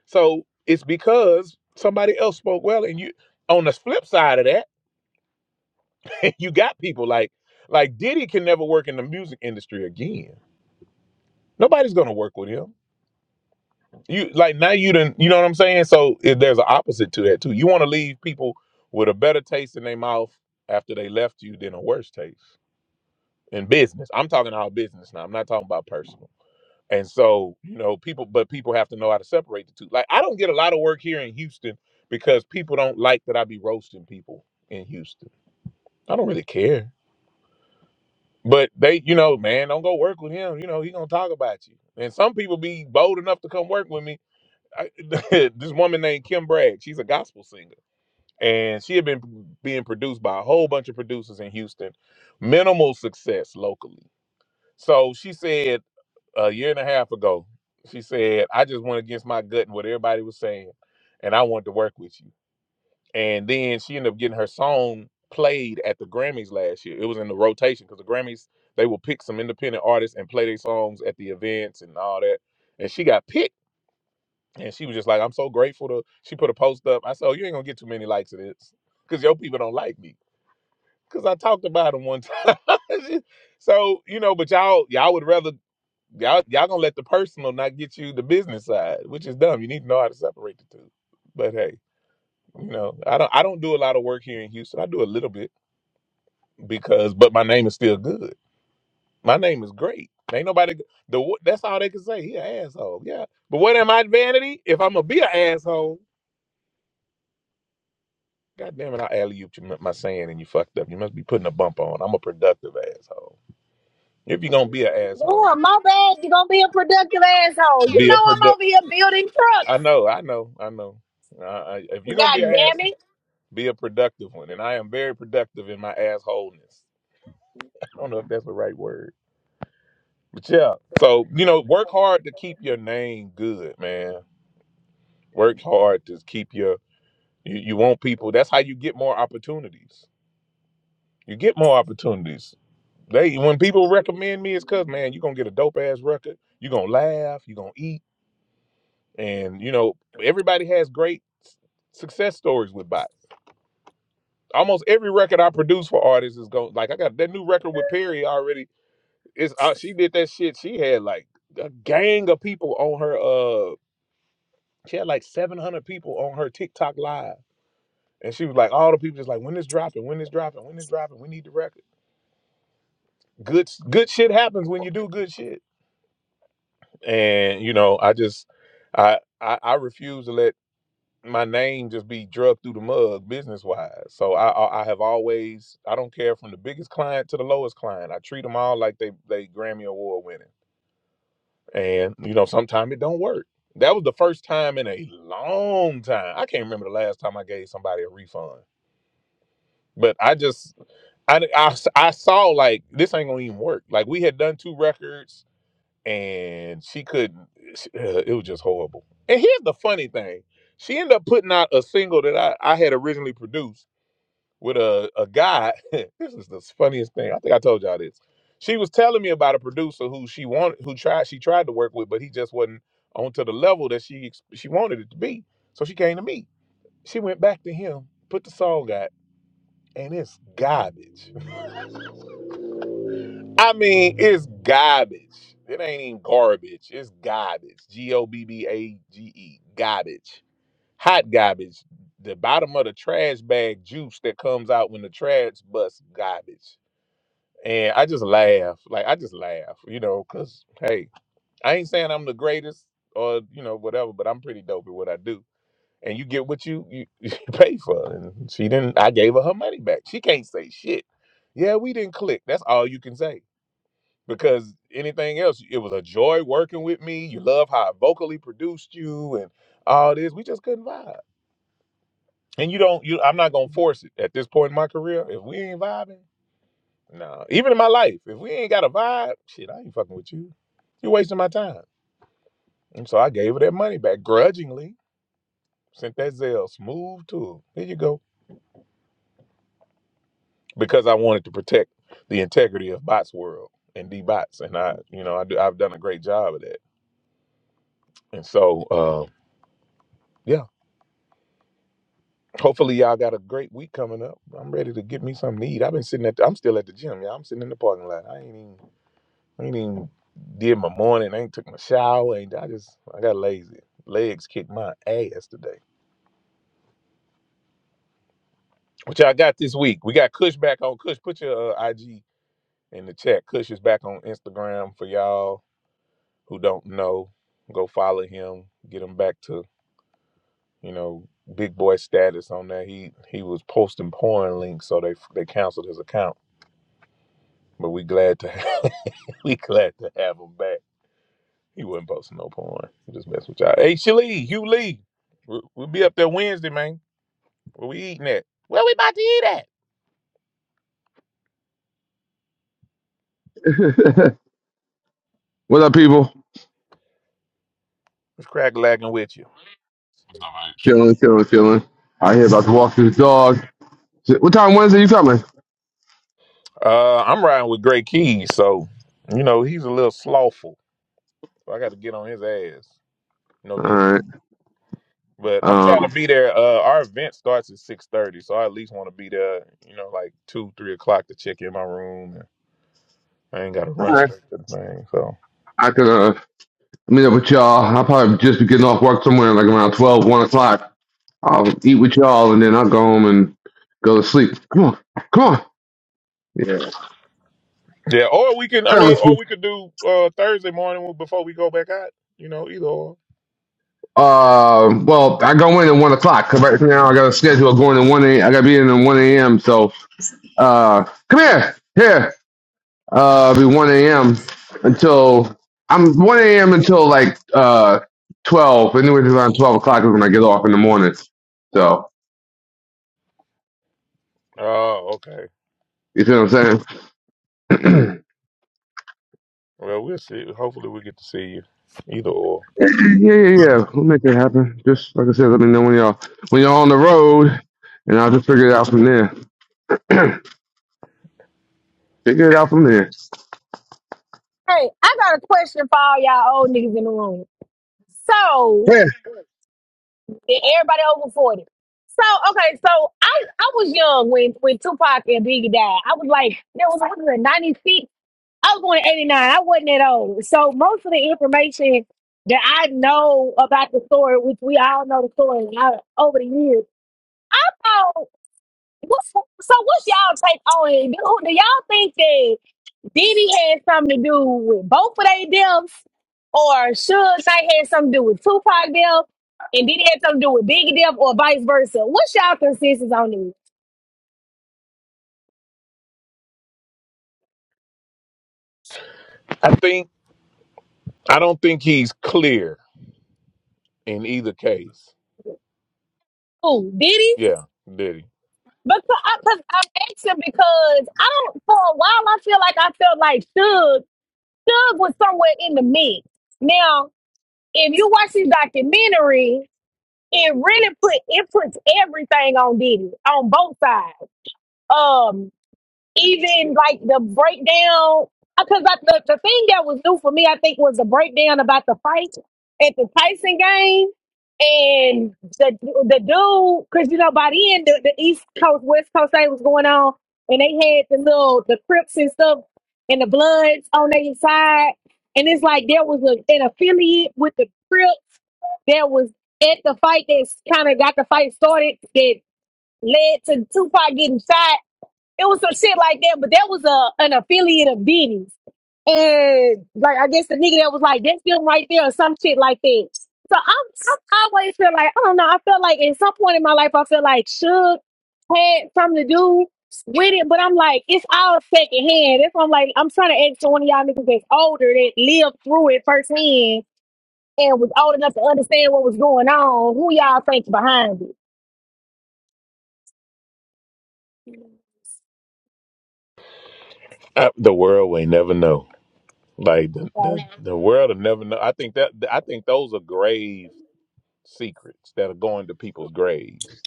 [SPEAKER 2] So it's because somebody else spoke well, and you. On the flip side of that, you got people like like Diddy can never work in the music industry again. Nobody's gonna work with him. You like now you didn't. You know what I'm saying? So it, there's an opposite to that too. You want to leave people with a better taste in their mouth after they left you than a worse taste in business. I'm talking about business now. I'm not talking about personal. And so, you know, people, but people have to know how to separate the two. Like, I don't get a lot of work here in Houston because people don't like that I be roasting people in Houston. I don't really care. But they, you know, man, don't go work with him. You know, he gonna talk about you. And some people be bold enough to come work with me. I, this woman named Kim Bragg, she's a gospel singer, and she had been being produced by a whole bunch of producers in Houston, minimal success locally. So she said. a year and a half ago. She said, I just went against my gut and what everybody was saying, and I wanted to work with you. And then she ended up getting her song played at the Grammys last year. It was in the rotation because the Grammys, they will pick some independent artists and play their songs at the events and all that. And she got picked. And she was just like, I'm so grateful to. She put a post up. I said, oh, You ain't gonna get too many likes of this because your people don't like me. Because I talked about them one time. so, you know, but y'all, y'all would rather Y'all, y'all gonna let the personal not get you the business side, which is dumb. You need to know how to separate the two. But hey, you know, I don't, I don't do a lot of work here in Houston. I do a little bit because, but my name is still good. My name is great. Ain't nobody. The wo- that's all they can say. He an asshole. Yeah. But what am I vanity? If I'm gonna be an asshole, god damn it, I alley ooped you my saying and you fucked up. You must be putting a bump on. I'm a productive asshole. If you're gonna be an asshole,
[SPEAKER 5] Oh, my bad. You gonna be a productive asshole. You
[SPEAKER 2] be a
[SPEAKER 5] know I'm over
[SPEAKER 2] product.
[SPEAKER 5] here building
[SPEAKER 2] I
[SPEAKER 5] trucks.
[SPEAKER 2] know. I know. I know. Uh, I- if you're gonna
[SPEAKER 5] God
[SPEAKER 2] be an
[SPEAKER 5] damn
[SPEAKER 2] asshole.
[SPEAKER 5] it.
[SPEAKER 2] Be a productive one. And I am very productive in my assholeness. I don't know if that's the right word. But yeah. So, you know, work hard to keep your name good, man. Work hard to keep your you, you want people. That's how you get more opportunities. You get more opportunities. They when people recommend me, it's cause man, you're gonna get a dope ass record, you're gonna laugh, you're gonna eat. And you know, everybody has great s- success stories with bots. Almost every record I produce for artists is going like I got that new record with Perry already it's uh, she did that shit. She had like a gang of people on her. Uh, she had like seven hundred people on her TikTok live, and she was like, all the people just like, when it's dropping, when it's dropping, when it's dropping, we need the record. Good, good shit happens when you do good shit, and you know, I just, I, I, I refuse to let my name just be drugged through the mud business wise. So I, I, I have always, I don't care from the biggest client to the lowest client. I treat them all like they, they Grammy award winning. and you know sometimes it don't work that was the first time in a long time i can't remember the last time i gave somebody a refund but i just i i, I saw like this ain't gonna even work like we had done two records and she couldn't she- uh, it was just horrible and here's the funny thing she ended up putting out a single that i, I had originally produced with a, a guy. this is the funniest thing. I think I told y'all this. She was telling me about a producer who she wanted, who tried, she tried to work with, but he just wasn't on to the level that she ex- she wanted it to be. So she came to me. She went back to him, put the song out, and it's garbage. I mean, it's garbage. It ain't even garbage. It's garbage. G O B B A G E. Garbage. Hot garbage. The bottom of the trash bag juice that comes out when the trash bus garbage and I just laugh, like I just laugh, you know, because hey, I ain't saying I'm the greatest or you know whatever, but I'm pretty dope at what I do, and you get what you you, you pay for. And she didn't. I gave her her money back. She can't say shit. Yeah, we didn't click. That's all you can say because anything else, it was a joy working with me. You love how I vocally produced you and all this. We just couldn't vibe, and you don't. You, I'm not gonna force it at this point in my career. If we ain't vibing. No, even in my life, if we ain't got a vibe, shit, I ain't fucking with you. You're wasting my time. And so I gave her that money back grudgingly. Sent that Zelle smooth to her. Here you go. Because I wanted to protect the integrity of Bots World and D Bots, and I, you know, I do. I've done a great job of that. And so, uh, yeah. Hopefully, y'all got a great week coming up. I'm ready to get me something to eat. I've been sitting at. The, I'm still at the gym. Yeah, I'm sitting in the parking lot. I ain't even. I ain't even did my morning. I ain't took my shower. Ain't I just I got lazy. Legs kicked my ass today. Which I got this week. We got Kush back on Kush. Put your uh, IG in the chat. Kush is back on Instagram for y'all who don't know. Go follow him. Get him back to you know big boy status on there. He he was posting porn links, so they they canceled his account. But we glad to we glad to have him back. He wasn't posting no porn. He just messed with y'all. Hey, Shalee, Hugh Lee. we- We'll be up there Wednesday, man. Where we eating at? Where we about to eat at?
[SPEAKER 11] what up, people?
[SPEAKER 2] It's crack lagging with you.
[SPEAKER 11] Chilling, chilling, chilling. Out here about to walk this dog. What time Wednesday you coming?
[SPEAKER 2] Uh, I'm riding with Gray Keys, so you know he's a little slothful. So I got to get on his ass. No
[SPEAKER 11] All
[SPEAKER 2] dick.
[SPEAKER 11] right.
[SPEAKER 2] But I'm
[SPEAKER 11] Um,
[SPEAKER 2] trying to be there. Uh, our event starts at six thirty, so I at least want to be there. You know, like two, three o'clock to check in my room. I ain't got to
[SPEAKER 11] all
[SPEAKER 2] run
[SPEAKER 11] right.
[SPEAKER 2] straight to the thing, so.
[SPEAKER 11] I could uh, meet up with y'all. I'll probably just be getting off work somewhere like around twelve, one o'clock. I'll eat with y'all and then I'll go home and go to sleep. Come on. Come on. Yeah.
[SPEAKER 2] Yeah, or we can. I mean, or
[SPEAKER 11] Fellowship.
[SPEAKER 2] we could do uh, Thursday morning before we go back out. You know, either or.
[SPEAKER 11] Uh, well, I go in at 1 o'clock because right now I got a schedule going at 1 a. I got to be in at 1 a.m. So uh, come here. Here. Uh, it'll be 1 a.m. until I'm 1 a.m. until like uh 12. Anyway, then around 12 o'clock is when I get off in the morning. So
[SPEAKER 2] Oh, okay.
[SPEAKER 11] you see what I'm saying?
[SPEAKER 2] Well, we'll see. Hopefully, we get to see you. Either or.
[SPEAKER 11] yeah, yeah, yeah. We'll make that happen. Just like I said, let me know when y'all when y'all on the road, and I'll just figure it out from there. figure it out from there.
[SPEAKER 5] Hey, I got a question for all y'all old niggas in the room. So.
[SPEAKER 11] Yeah,
[SPEAKER 5] and everybody over 40. So, okay, so I, I was young when, when Tupac and Biggie died. I was like, there was 196. I was going 89. I wasn't that old. So, most of the information that I know about the story, which we all know the story uh, over the years. So, what's, so what's y'all take on it? Do, do y'all think that? Diddy had something to do with both of their deaths, or Suge Knight had something to do with Tupac death, and Diddy had something to do with Biggie death, or vice versa. What's y'all consensus on this?
[SPEAKER 2] I think I don't think he's clear in either case.
[SPEAKER 5] Who Diddy?
[SPEAKER 2] Yeah, did he?
[SPEAKER 5] Because I, i I'm asking because I don't. For a while, I feel like I felt like Suge Suge was somewhere in the mix. Now, if you watch this documentary, it really put it puts everything on Diddy on both sides. Um. even like the breakdown because the, the thing that was new for me i think was the breakdown about the fight at the tyson game and the the dude because you know by the end the, the east coast west coast thing was going on and they had the little the crips and stuff and the bloods on their side and it's like there was a, an affiliate with the crips that was at the fight that's kind of got the fight started that led to tupac getting shot it was some shit like that, but that was a an affiliate of Diddy's. And like I guess the nigga that was like, that's them right there or some shit like that. So I'm, I always feel like, I don't know, I felt like at some point in my life I feel like Suge had something to do with it, but I'm like, it's all second hand. That's why I'm like, I'm trying to ask one of y'all niggas that's older that lived through it firsthand and was old enough to understand what was going on, who y'all think behind
[SPEAKER 2] Uh, the world will never know. Like the,
[SPEAKER 5] it.
[SPEAKER 2] the the world will never know. I think that I think those are grave secrets that are going to people's graves,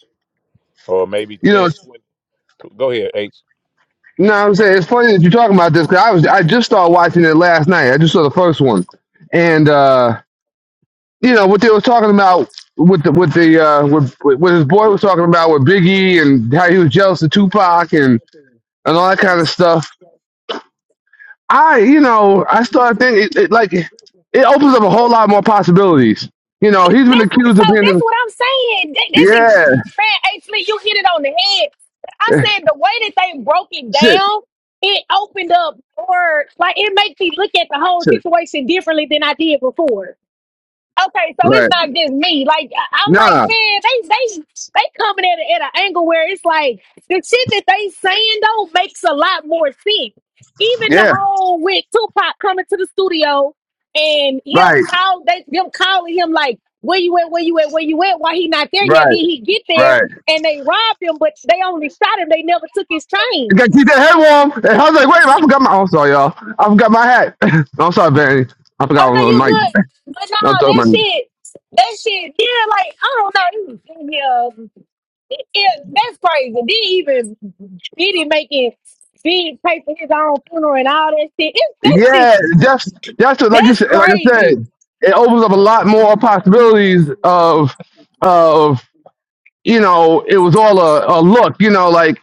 [SPEAKER 2] or maybe
[SPEAKER 11] you know.
[SPEAKER 2] ten, 20. Go ahead, H.
[SPEAKER 11] You know what I'm saying? It's funny that you're talking about this because I was I just started watching it last night. I just saw the first one, and. uh you know what they were talking about with the with the uh with, with what his boy was talking about with Biggie and how he was jealous of Tupac and and all that kind of stuff. I you know I started thinking it, it, like it opens up a whole lot more possibilities. You know he's been
[SPEAKER 5] That's what,
[SPEAKER 11] accused
[SPEAKER 5] so
[SPEAKER 11] of being
[SPEAKER 5] that's
[SPEAKER 11] the-
[SPEAKER 5] what I'm saying. That, that's it.
[SPEAKER 11] yeah
[SPEAKER 5] Man, actually, you hit it on the head. I said the way that they broke it
[SPEAKER 11] shit
[SPEAKER 5] down, it opened up doors. Like it makes me look at the whole
[SPEAKER 11] shit
[SPEAKER 5] situation differently than I did before. Okay, so it's
[SPEAKER 11] right
[SPEAKER 5] not just me. Like I- I'm like,
[SPEAKER 11] nah
[SPEAKER 5] man, they they they coming at it at an angle where it's like the shit that they saying though makes a lot more sense. Even the
[SPEAKER 11] yeah
[SPEAKER 5] whole with Tupac coming to the studio and him
[SPEAKER 11] right
[SPEAKER 5] call they them calling him like, where you at, where you at, where you at? Why he not there yet? Did
[SPEAKER 11] right
[SPEAKER 5] he get there?
[SPEAKER 11] right.
[SPEAKER 5] And they robbed him, but they only shot him. They never took his
[SPEAKER 11] You
[SPEAKER 5] chain.
[SPEAKER 11] gotta keep that head warm. And I was like wait a minute, I forgot my I'm sorry y'all I forgot my hat. I'm sorry Benny I
[SPEAKER 5] Oh
[SPEAKER 11] forgot
[SPEAKER 5] no, you
[SPEAKER 11] my mic.
[SPEAKER 5] good? But no,
[SPEAKER 11] I'm talking
[SPEAKER 5] that
[SPEAKER 11] about.
[SPEAKER 5] shit, that shit, yeah, like I don't know. Yeah, Yeah, that's crazy. Didn't even didn't make it. Didn't pay for his own funeral and all that shit. It, that's
[SPEAKER 11] Yeah,
[SPEAKER 5] just
[SPEAKER 11] that's that's what, like you
[SPEAKER 5] that's
[SPEAKER 11] said, like I said,
[SPEAKER 5] crazy.
[SPEAKER 11] it opens up a lot more possibilities of of you know it was all a, a look, you know, like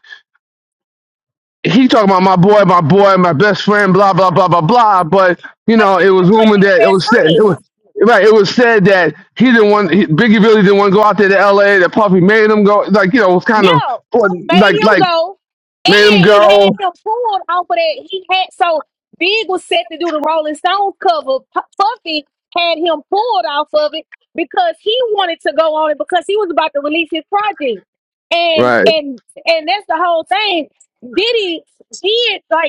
[SPEAKER 11] he talking about my boy, my boy, my best friend, blah blah blah blah blah, but you
[SPEAKER 5] I
[SPEAKER 11] know
[SPEAKER 5] took
[SPEAKER 11] it
[SPEAKER 5] him
[SPEAKER 11] was
[SPEAKER 5] with
[SPEAKER 11] rumored
[SPEAKER 5] his
[SPEAKER 11] that it
[SPEAKER 5] best
[SPEAKER 11] was said it
[SPEAKER 5] friend.
[SPEAKER 11] was. Right, it was said that he didn't want he, Biggie really didn't want to go out there to L.A. That Puffy made him go, like you know, it was kind of
[SPEAKER 5] Yeah, I made
[SPEAKER 11] like
[SPEAKER 5] him
[SPEAKER 11] like
[SPEAKER 5] go,
[SPEAKER 11] made him
[SPEAKER 5] and he
[SPEAKER 11] go.
[SPEAKER 5] had him pulled off of that. He had so Big was set to do the Rolling Stone cover. P- Puffy had him pulled off of it because he wanted to go on it because he was about to release his project. And
[SPEAKER 11] Right,
[SPEAKER 5] and and that's the whole thing. Diddy did like.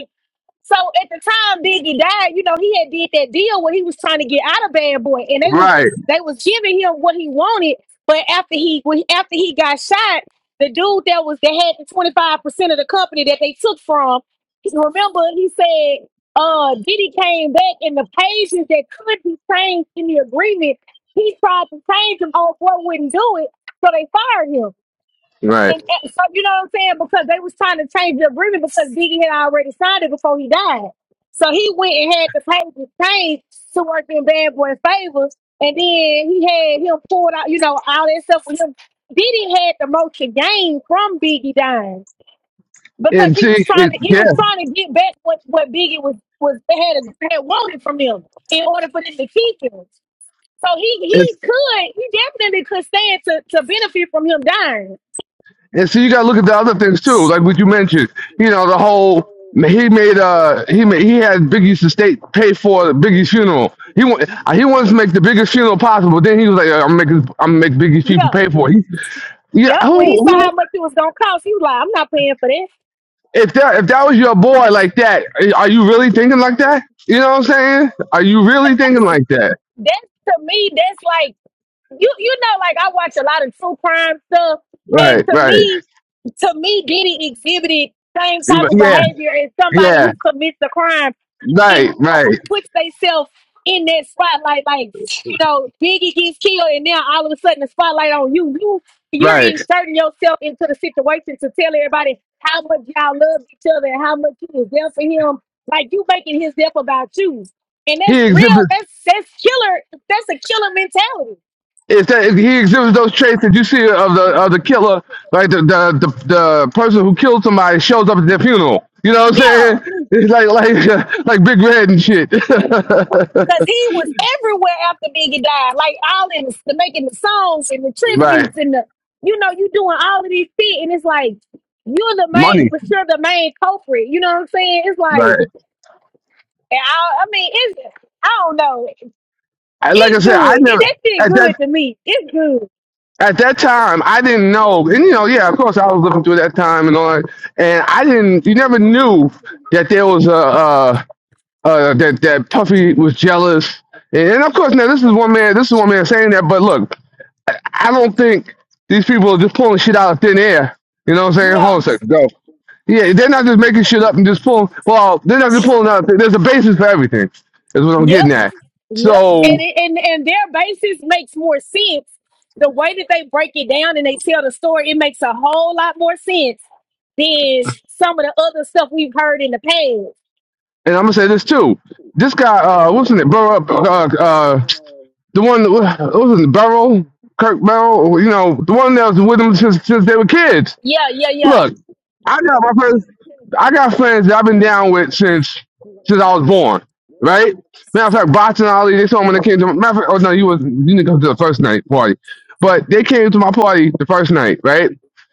[SPEAKER 5] So at the time Biggie died, you know, he had did that deal where he was trying to get out of Bad Boy, and they was
[SPEAKER 11] right,
[SPEAKER 5] they was giving him what he wanted. But after he when, after he got shot, the dude that was that had the twenty five percent of the company that they took from, he- remember he said, uh, Diddy came back and the pages that could be changed in the agreement, he tried to change them. Oh boy, wouldn't do it, so they fired him.
[SPEAKER 11] right.
[SPEAKER 5] And, and so you know what I'm saying? Because they was trying to change the agreement because Biggie had already signed it before he died. So he went and had the papers changed to work in Bad Boy's favor. And then he had him pulled out, you know, all that stuff with him. Diddy had the most to gain from Biggie dying because
[SPEAKER 11] And
[SPEAKER 5] he
[SPEAKER 11] see,
[SPEAKER 5] was trying
[SPEAKER 11] it,
[SPEAKER 5] to he was
[SPEAKER 11] yeah,
[SPEAKER 5] trying to get back what, what Biggie was was had had wanted from him in order for them to keep him. So he he could he definitely could stand to to benefit from him dying.
[SPEAKER 11] And so you got to look at the other things too, like what you mentioned. You know, the whole he made uh he made he had Biggie's estate pay for Biggie's funeral. He wa- he wanted to make the biggest funeral possible, but then he was like, "I'm making I'm gonna make Biggie's people
[SPEAKER 5] Yeah.
[SPEAKER 11] pay for it." He, yeah,
[SPEAKER 5] Yep, when he
[SPEAKER 11] who
[SPEAKER 5] saw
[SPEAKER 11] who
[SPEAKER 5] how much it was gonna cost, he was like, "I'm not paying for that."
[SPEAKER 11] if that if that was your boy like that, are you really thinking like that? You know what I'm saying? Are you
[SPEAKER 5] But
[SPEAKER 11] really thinking
[SPEAKER 5] that's
[SPEAKER 11] like that?
[SPEAKER 5] that's to me, that's like you you know, like I watch a lot of true crime stuff, and
[SPEAKER 11] Right,
[SPEAKER 5] to
[SPEAKER 11] right.
[SPEAKER 5] me, to me, Diddy exhibited same type of
[SPEAKER 11] Yeah,
[SPEAKER 5] behavior as somebody
[SPEAKER 11] yeah.
[SPEAKER 5] who commits a crime
[SPEAKER 11] Right,
[SPEAKER 5] and
[SPEAKER 11] right,
[SPEAKER 5] puts themselves in that spotlight. Like, you know, Biggie gets killed and now all of a sudden the spotlight on you. You you're
[SPEAKER 11] right.
[SPEAKER 5] inserting yourself into the situation to tell everybody how much y'all love each other and how much you was there for him. Like you making his death about you. And that's
[SPEAKER 11] He
[SPEAKER 5] real,
[SPEAKER 11] exhibits.
[SPEAKER 5] that's that's killer, that's a killer mentality.
[SPEAKER 11] is that he exhibits those traits that you see of the of the killer, like the the the, the person who killed somebody shows up at their funeral. You know what I'm
[SPEAKER 5] Yeah.
[SPEAKER 11] saying? It's like like uh, like big red and shit.
[SPEAKER 5] Cause he was everywhere after Biggie died, like all in the, the making the songs and the
[SPEAKER 11] right.
[SPEAKER 5] tributes and the, you know, you doing all of these shit, and it's like you're the main, you
[SPEAKER 11] Money.
[SPEAKER 5] were sure the main culprit. You know what I'm saying? It's like,
[SPEAKER 11] Right.
[SPEAKER 5] and I, I mean, it's, I don't know,
[SPEAKER 11] I, like I
[SPEAKER 5] it's
[SPEAKER 11] said,
[SPEAKER 5] good.
[SPEAKER 11] I
[SPEAKER 5] It,
[SPEAKER 11] never
[SPEAKER 5] that shit
[SPEAKER 11] at that
[SPEAKER 5] good to me. It's good.
[SPEAKER 11] at that time I didn't know, and you know, yeah, of course I was looking through that time and all, that, and I didn't. You never knew that there was a uh, uh, that that Puffy was jealous, and, and of course now this is one man. This is one man saying that, but look. I don't think these people are just pulling shit out of thin air. You know what I'm saying? Hold
[SPEAKER 5] Yeah.
[SPEAKER 11] on a second. Go. Yeah, they're not just making shit up and just pulling. Well, they're not just pulling out. Of thin- There's a basis for everything. Is what I'm
[SPEAKER 5] Yep.
[SPEAKER 11] getting at.
[SPEAKER 5] Yep.
[SPEAKER 11] So,
[SPEAKER 5] And it, and and their basis makes more sense. The way that they break it down and they tell the story, it makes a whole lot more sense than some of the other stuff we've heard in the past.
[SPEAKER 11] and I'm gonna say this too. This guy, uh, what's in it? Burrow, uh, uh, the one, that was- what was it? Burrow, Kirk Burrow. You know, the one that was with him since since they were kids.
[SPEAKER 5] Yeah, yeah, yeah.
[SPEAKER 11] Look, I got my first. I got friends that I've been down with since since I was born. Right? Matter of fact, Bots and Ali, they saw me when they came to matter of fact, oh no, you was you didn't come to the first night party. But they came to my party the first night, right?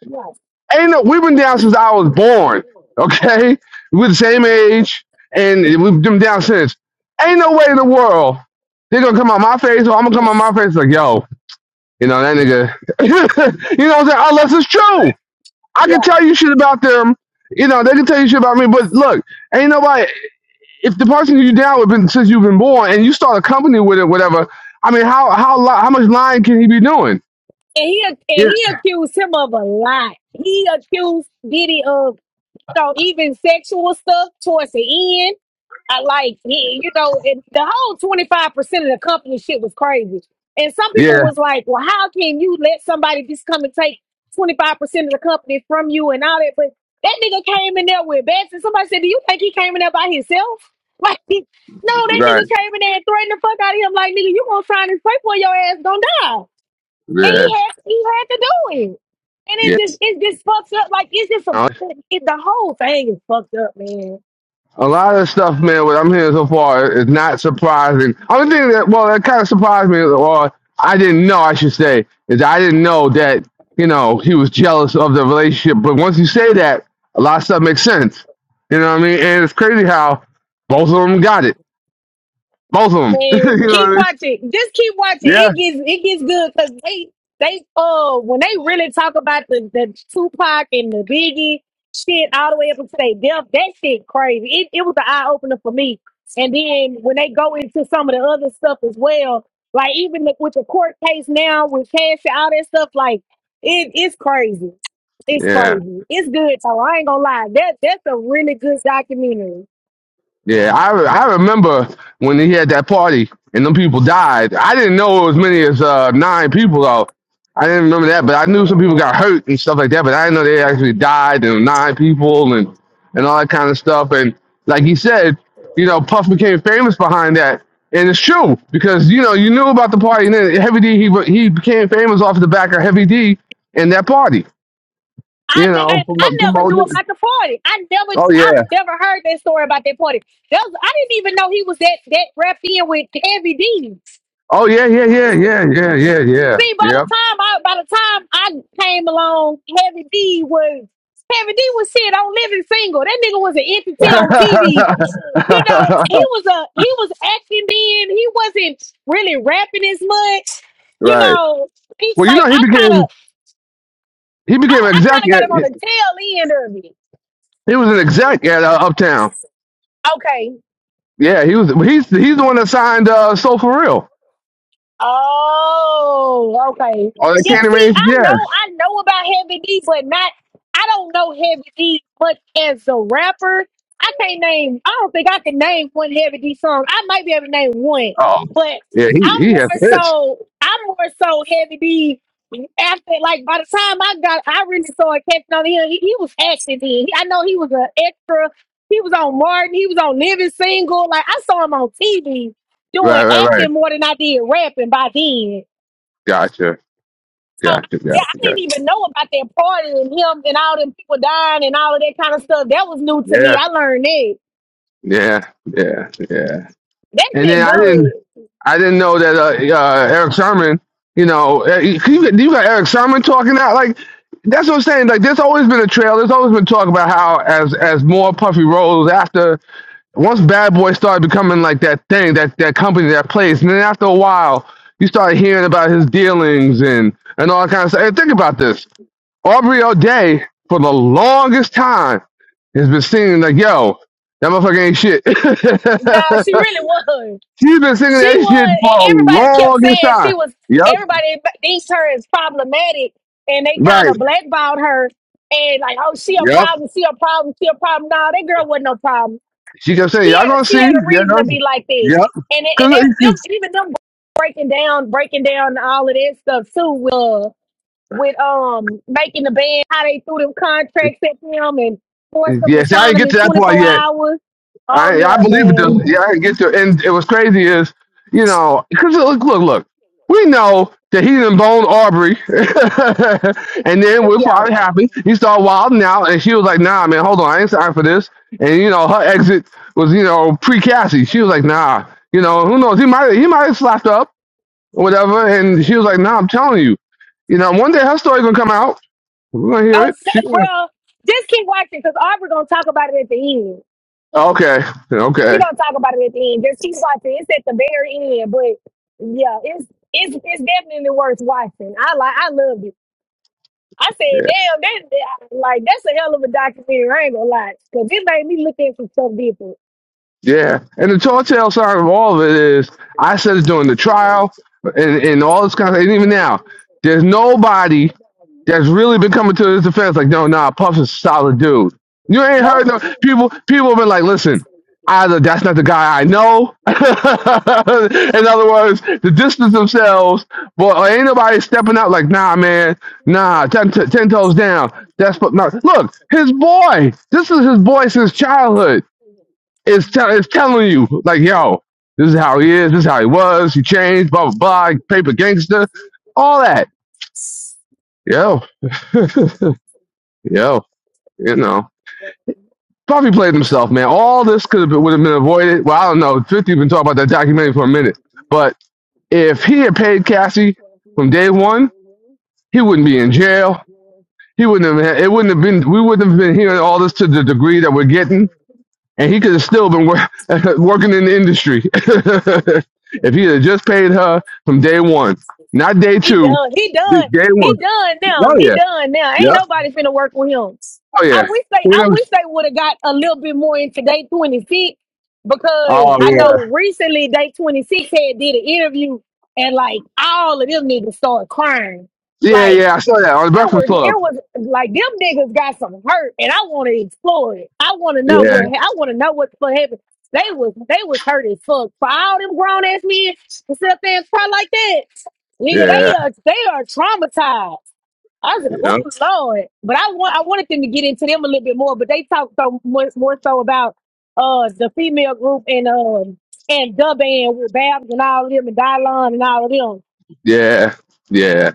[SPEAKER 5] Yeah,
[SPEAKER 11] Ain't no we've been down since I was born. Okay? We're the same age and we've been down since. Ain't no way in the world they're gonna come on my face or I'm gonna come on my face like, yo, you know, that nigga you know what I'm saying? Unless it's true. I can
[SPEAKER 5] yeah.
[SPEAKER 11] tell you shit about them. You know, they can tell you shit about me. But look, ain't nobody. If the person you down with been since you've been born, and you start a company with it, whatever. I mean, how how li- how much lying can he be doing?
[SPEAKER 5] And he ac-
[SPEAKER 11] Yeah.
[SPEAKER 5] and he accused him of a lot. He accused Diddy of So even sexual stuff towards the end, I like he- you know, and the whole twenty five percent of the company shit was crazy. And some people
[SPEAKER 11] Yeah.
[SPEAKER 5] was like, "Well, how can you let somebody just come and take twenty five percent of the company from you and all that?" But that nigga came in there with bets, and somebody said, "Do you think he came in there by himself?" Like, no, that
[SPEAKER 11] Right.
[SPEAKER 5] nigga came in there and threatened the fuck out of him. Like, nigga, you gonna sign this paper or your ass gonna die? And
[SPEAKER 11] Yeah.
[SPEAKER 5] he had he had to do it. And it's just it's just fucked up. Like it's just a
[SPEAKER 11] Yeah.
[SPEAKER 5] it, the whole thing is fucked up, man.
[SPEAKER 11] A lot of the stuff, man, what I'm hearing so far is not surprising. Only thing that, well, that kind of surprised me, or I didn't know, I should say, is I didn't know that, you know, he was jealous of the relationship. But once you say that, a lot of stuff makes sense. You know what I mean? And it's crazy how both of them got it. Both of them.
[SPEAKER 5] Man,
[SPEAKER 11] you know what
[SPEAKER 5] keep
[SPEAKER 11] I mean?
[SPEAKER 5] watching. Just keep watching.
[SPEAKER 11] Yeah.
[SPEAKER 5] It gets it gets good because they they uh when they really talk about the the Tupac and the Biggie shit all the way up until they death, that shit crazy. It it was an eye opener for me. And then when they go into some of the other stuff as well, like even the, with the court case now with cash and all that stuff, like it it's crazy. It's
[SPEAKER 11] Yeah.
[SPEAKER 5] crazy. It's good, so I ain't gonna lie. That that's a really good documentary.
[SPEAKER 11] Yeah, I re- I remember when he had that party and them people died. I didn't know as many as uh, nine people though. I didn't remember that, but I knew some people got hurt and stuff like that. But I didn't know they actually died and nine people and and all that kind of stuff. And like he said, you know, Puff became famous behind that, and it's true because you know you knew about the party and then Heavy D he be- he became famous off the back of Heavy D and that party.
[SPEAKER 5] I,
[SPEAKER 11] You
[SPEAKER 5] ne- I
[SPEAKER 11] know,
[SPEAKER 5] I
[SPEAKER 11] promo-
[SPEAKER 5] never knew
[SPEAKER 11] promoting.
[SPEAKER 5] about the party. I never
[SPEAKER 11] Oh
[SPEAKER 5] I've
[SPEAKER 11] yeah.
[SPEAKER 5] never heard that story about that party. That was, I didn't even know he was that that wrapped in with Heavy D.
[SPEAKER 11] Oh yeah. Yeah. Yeah. Yeah. Yeah. Yeah.
[SPEAKER 5] See, by
[SPEAKER 11] Yeah.
[SPEAKER 5] the time I by the time I came along, Heavy D was Heavy D was shit on Living Single. That nigga was an entity on TV.
[SPEAKER 11] right.
[SPEAKER 5] You know, he was a he was acting then. He wasn't really rapping as much. You know, he's
[SPEAKER 11] Well, you
[SPEAKER 5] like
[SPEAKER 11] know, he
[SPEAKER 5] I kind
[SPEAKER 11] became
[SPEAKER 5] of
[SPEAKER 11] he
[SPEAKER 5] I,
[SPEAKER 11] became an
[SPEAKER 5] I
[SPEAKER 11] exec.
[SPEAKER 5] kind of got
[SPEAKER 11] At,
[SPEAKER 5] him on the tail end of it.
[SPEAKER 11] he was an exec at uh, Uptown.
[SPEAKER 5] Okay,
[SPEAKER 11] Yeah, he was. He's he's the one that signed uh, Soul for Real.
[SPEAKER 5] Oh, okay.
[SPEAKER 11] Oh, that
[SPEAKER 5] Yeah,
[SPEAKER 11] Candy
[SPEAKER 5] see,
[SPEAKER 11] Range.
[SPEAKER 5] I
[SPEAKER 11] Yeah.
[SPEAKER 5] know I know about Heavy D, but not I don't know Heavy D much as a rapper. I can't name I don't think I can name one Heavy D song. I might be able to name one,
[SPEAKER 11] Oh,
[SPEAKER 5] but
[SPEAKER 11] yeah. He
[SPEAKER 5] I'm
[SPEAKER 11] he
[SPEAKER 5] more
[SPEAKER 11] has hits.
[SPEAKER 5] so I'm more so Heavy D after like by the time I got I really started catching on him, he, he was acting then. He- I know he was an extra. He was on Martin, he was on Living Single. Like I saw him on TV doing
[SPEAKER 11] Right, right, right.
[SPEAKER 5] acting more than I did rapping by then.
[SPEAKER 11] Gotcha,
[SPEAKER 5] So
[SPEAKER 11] gotcha,
[SPEAKER 5] yeah, I
[SPEAKER 11] gotcha,
[SPEAKER 5] didn't
[SPEAKER 11] gotcha.
[SPEAKER 5] even know about that party and him and all them people dying and all of that kind of stuff. That was new to me.
[SPEAKER 11] Yeah,
[SPEAKER 5] I learned that.
[SPEAKER 11] yeah, yeah, yeah.
[SPEAKER 5] That
[SPEAKER 11] And then
[SPEAKER 5] shit
[SPEAKER 11] I didn't.
[SPEAKER 5] good.
[SPEAKER 11] I didn't know that uh, uh, Eric Sermon, you know, eh, you you got Eric Sermon talking out like that's what I'm saying. Like there's always been a trail. There's always been talk about how as as more Puffy rolls after once Bad Boy started becoming like that thing, that that company, that place, and then after a while you started hearing about his dealings and and all that kind of stuff. And think about this, Aubrey O'Day for the longest time has been singing like, yo, that motherfucker ain't
[SPEAKER 5] Nah,
[SPEAKER 11] shit.
[SPEAKER 5] she really was.
[SPEAKER 11] She's been singing
[SPEAKER 5] She
[SPEAKER 11] that shit
[SPEAKER 5] was,
[SPEAKER 11] for a
[SPEAKER 5] and everybody kept
[SPEAKER 11] longest
[SPEAKER 5] saying
[SPEAKER 11] time.
[SPEAKER 5] she was.
[SPEAKER 11] Yep.
[SPEAKER 5] Everybody thinks her is problematic, and they kind
[SPEAKER 11] Right.
[SPEAKER 5] of blackballed her and like, oh, she a
[SPEAKER 11] Yep.
[SPEAKER 5] problem, she a problem, she a problem. Nah, that girl wasn't no problem
[SPEAKER 11] She kept saying,
[SPEAKER 5] she
[SPEAKER 11] Y'all gonna
[SPEAKER 5] had she
[SPEAKER 11] see.
[SPEAKER 5] had a
[SPEAKER 11] Yeah,
[SPEAKER 5] reason
[SPEAKER 11] gonna
[SPEAKER 5] to
[SPEAKER 11] see.
[SPEAKER 5] be like that,
[SPEAKER 11] Yep.
[SPEAKER 5] and it- and
[SPEAKER 11] Cause
[SPEAKER 5] that, them
[SPEAKER 11] it-
[SPEAKER 5] even them breaking down breaking down all of that stuff too with uh, with um making the band how they threw them contracts at them and forced
[SPEAKER 11] it-
[SPEAKER 5] them
[SPEAKER 11] yeah,
[SPEAKER 5] to
[SPEAKER 11] see, I
[SPEAKER 5] sign
[SPEAKER 11] didn't
[SPEAKER 5] them
[SPEAKER 11] get to
[SPEAKER 5] in
[SPEAKER 11] that
[SPEAKER 5] twenty
[SPEAKER 11] part
[SPEAKER 5] four
[SPEAKER 11] yet.
[SPEAKER 5] hours. Oh
[SPEAKER 11] I I
[SPEAKER 5] yeah,
[SPEAKER 11] believe it does.
[SPEAKER 5] man.
[SPEAKER 11] Yeah, I didn't get to it. And it was crazy is, you know, because look, look, look. We know that he done boned Aubrey. and then we're
[SPEAKER 5] Yeah.
[SPEAKER 11] probably happy. he started wilding out and she was like, nah, man, hold on, I ain't signed for this. And you know, her exit was, you know, pre Cassie. She was like, nah, you know, who knows? He might he might have slapped her up or whatever. And she was like, "Nah, I'm telling you, you know, one day her story gonna come out. We're gonna hear
[SPEAKER 5] Oh
[SPEAKER 11] it.
[SPEAKER 5] th-
[SPEAKER 11] She gonna
[SPEAKER 5] well, just keep watching because Aubrey gonna talk about it at the end.
[SPEAKER 11] okay,
[SPEAKER 5] We're
[SPEAKER 11] okay,
[SPEAKER 5] gonna talk about it at the end. Just keep watching. It's at the very end, but yeah, it's it's it's definitely worth watching. I like I loved it. I said,
[SPEAKER 11] yeah,
[SPEAKER 5] damn, that, that- like that's a hell of a documentary. I ain't gonna lie, cause it made me look into stuff different.
[SPEAKER 11] yeah." And the tall tale sign of all of it is, I said it during the trial and and all this kind of, and even now, there's nobody that's really been coming to his defense. Like, no, nah, Puff's a solid dude. You ain't heard
[SPEAKER 5] Nope,
[SPEAKER 11] no people. People have been like, listen, either that's not the guy I know. In other words, the distance themselves. But ain't nobody stepping out like, nah, man, nah, ten, t- ten toes down. That's but no. Look, his boy. This is his boy since childhood. Is tell is telling you like, yo, this is how he is. This is how he was. He changed. Blah blah blah. Paper gangster. All that. Yo. Yo. You know, Puffy played himself, man. All this could have been, would have been avoided. Well, I don't know. 50 been talking about that documentary for a minute. But if he had paid Cassie from day one, he wouldn't be in jail. He wouldn't have, had- it wouldn't have been, we wouldn't have been hearing all this to the degree that we're getting. And he could have still been wor- working in the industry if he had just paid her from day one, not day
[SPEAKER 5] he
[SPEAKER 11] two,
[SPEAKER 5] done. He
[SPEAKER 11] d-
[SPEAKER 5] done.
[SPEAKER 11] day
[SPEAKER 5] He
[SPEAKER 11] one.
[SPEAKER 5] done now.
[SPEAKER 11] Oh,
[SPEAKER 5] He
[SPEAKER 11] yeah.
[SPEAKER 5] done now. Ain't
[SPEAKER 11] Yeah.
[SPEAKER 5] nobody finna work with him.
[SPEAKER 11] Oh,
[SPEAKER 5] I
[SPEAKER 11] yeah.
[SPEAKER 5] wish they
[SPEAKER 11] You
[SPEAKER 5] I
[SPEAKER 11] know,
[SPEAKER 5] wish they would have got a little bit more into day 26 because
[SPEAKER 11] oh,
[SPEAKER 5] I
[SPEAKER 11] yeah.
[SPEAKER 5] know recently day 26 had did an interview and like all of them niggas started crying.
[SPEAKER 11] Yeah,
[SPEAKER 5] Like
[SPEAKER 11] yeah. I saw that on the
[SPEAKER 5] it
[SPEAKER 11] Breakfast
[SPEAKER 5] was
[SPEAKER 11] Club.
[SPEAKER 5] it was like them niggas got some hurt and I want to explore it. I want to know
[SPEAKER 11] Yeah.
[SPEAKER 5] what ha- I want to know what the fuck happened. They was they was hurt as fuck for all them grown ass men to sit up there and cry like that. Nigga,
[SPEAKER 11] Yeah,
[SPEAKER 5] they are they are traumatized. I was
[SPEAKER 11] you know,
[SPEAKER 5] like, oh Lord. But I want I wanted them to get into them a little bit more, but they talked so much more so about uh the female group and um and the band with Babs and all of them and Dylon and all of them.
[SPEAKER 11] yeah, yeah,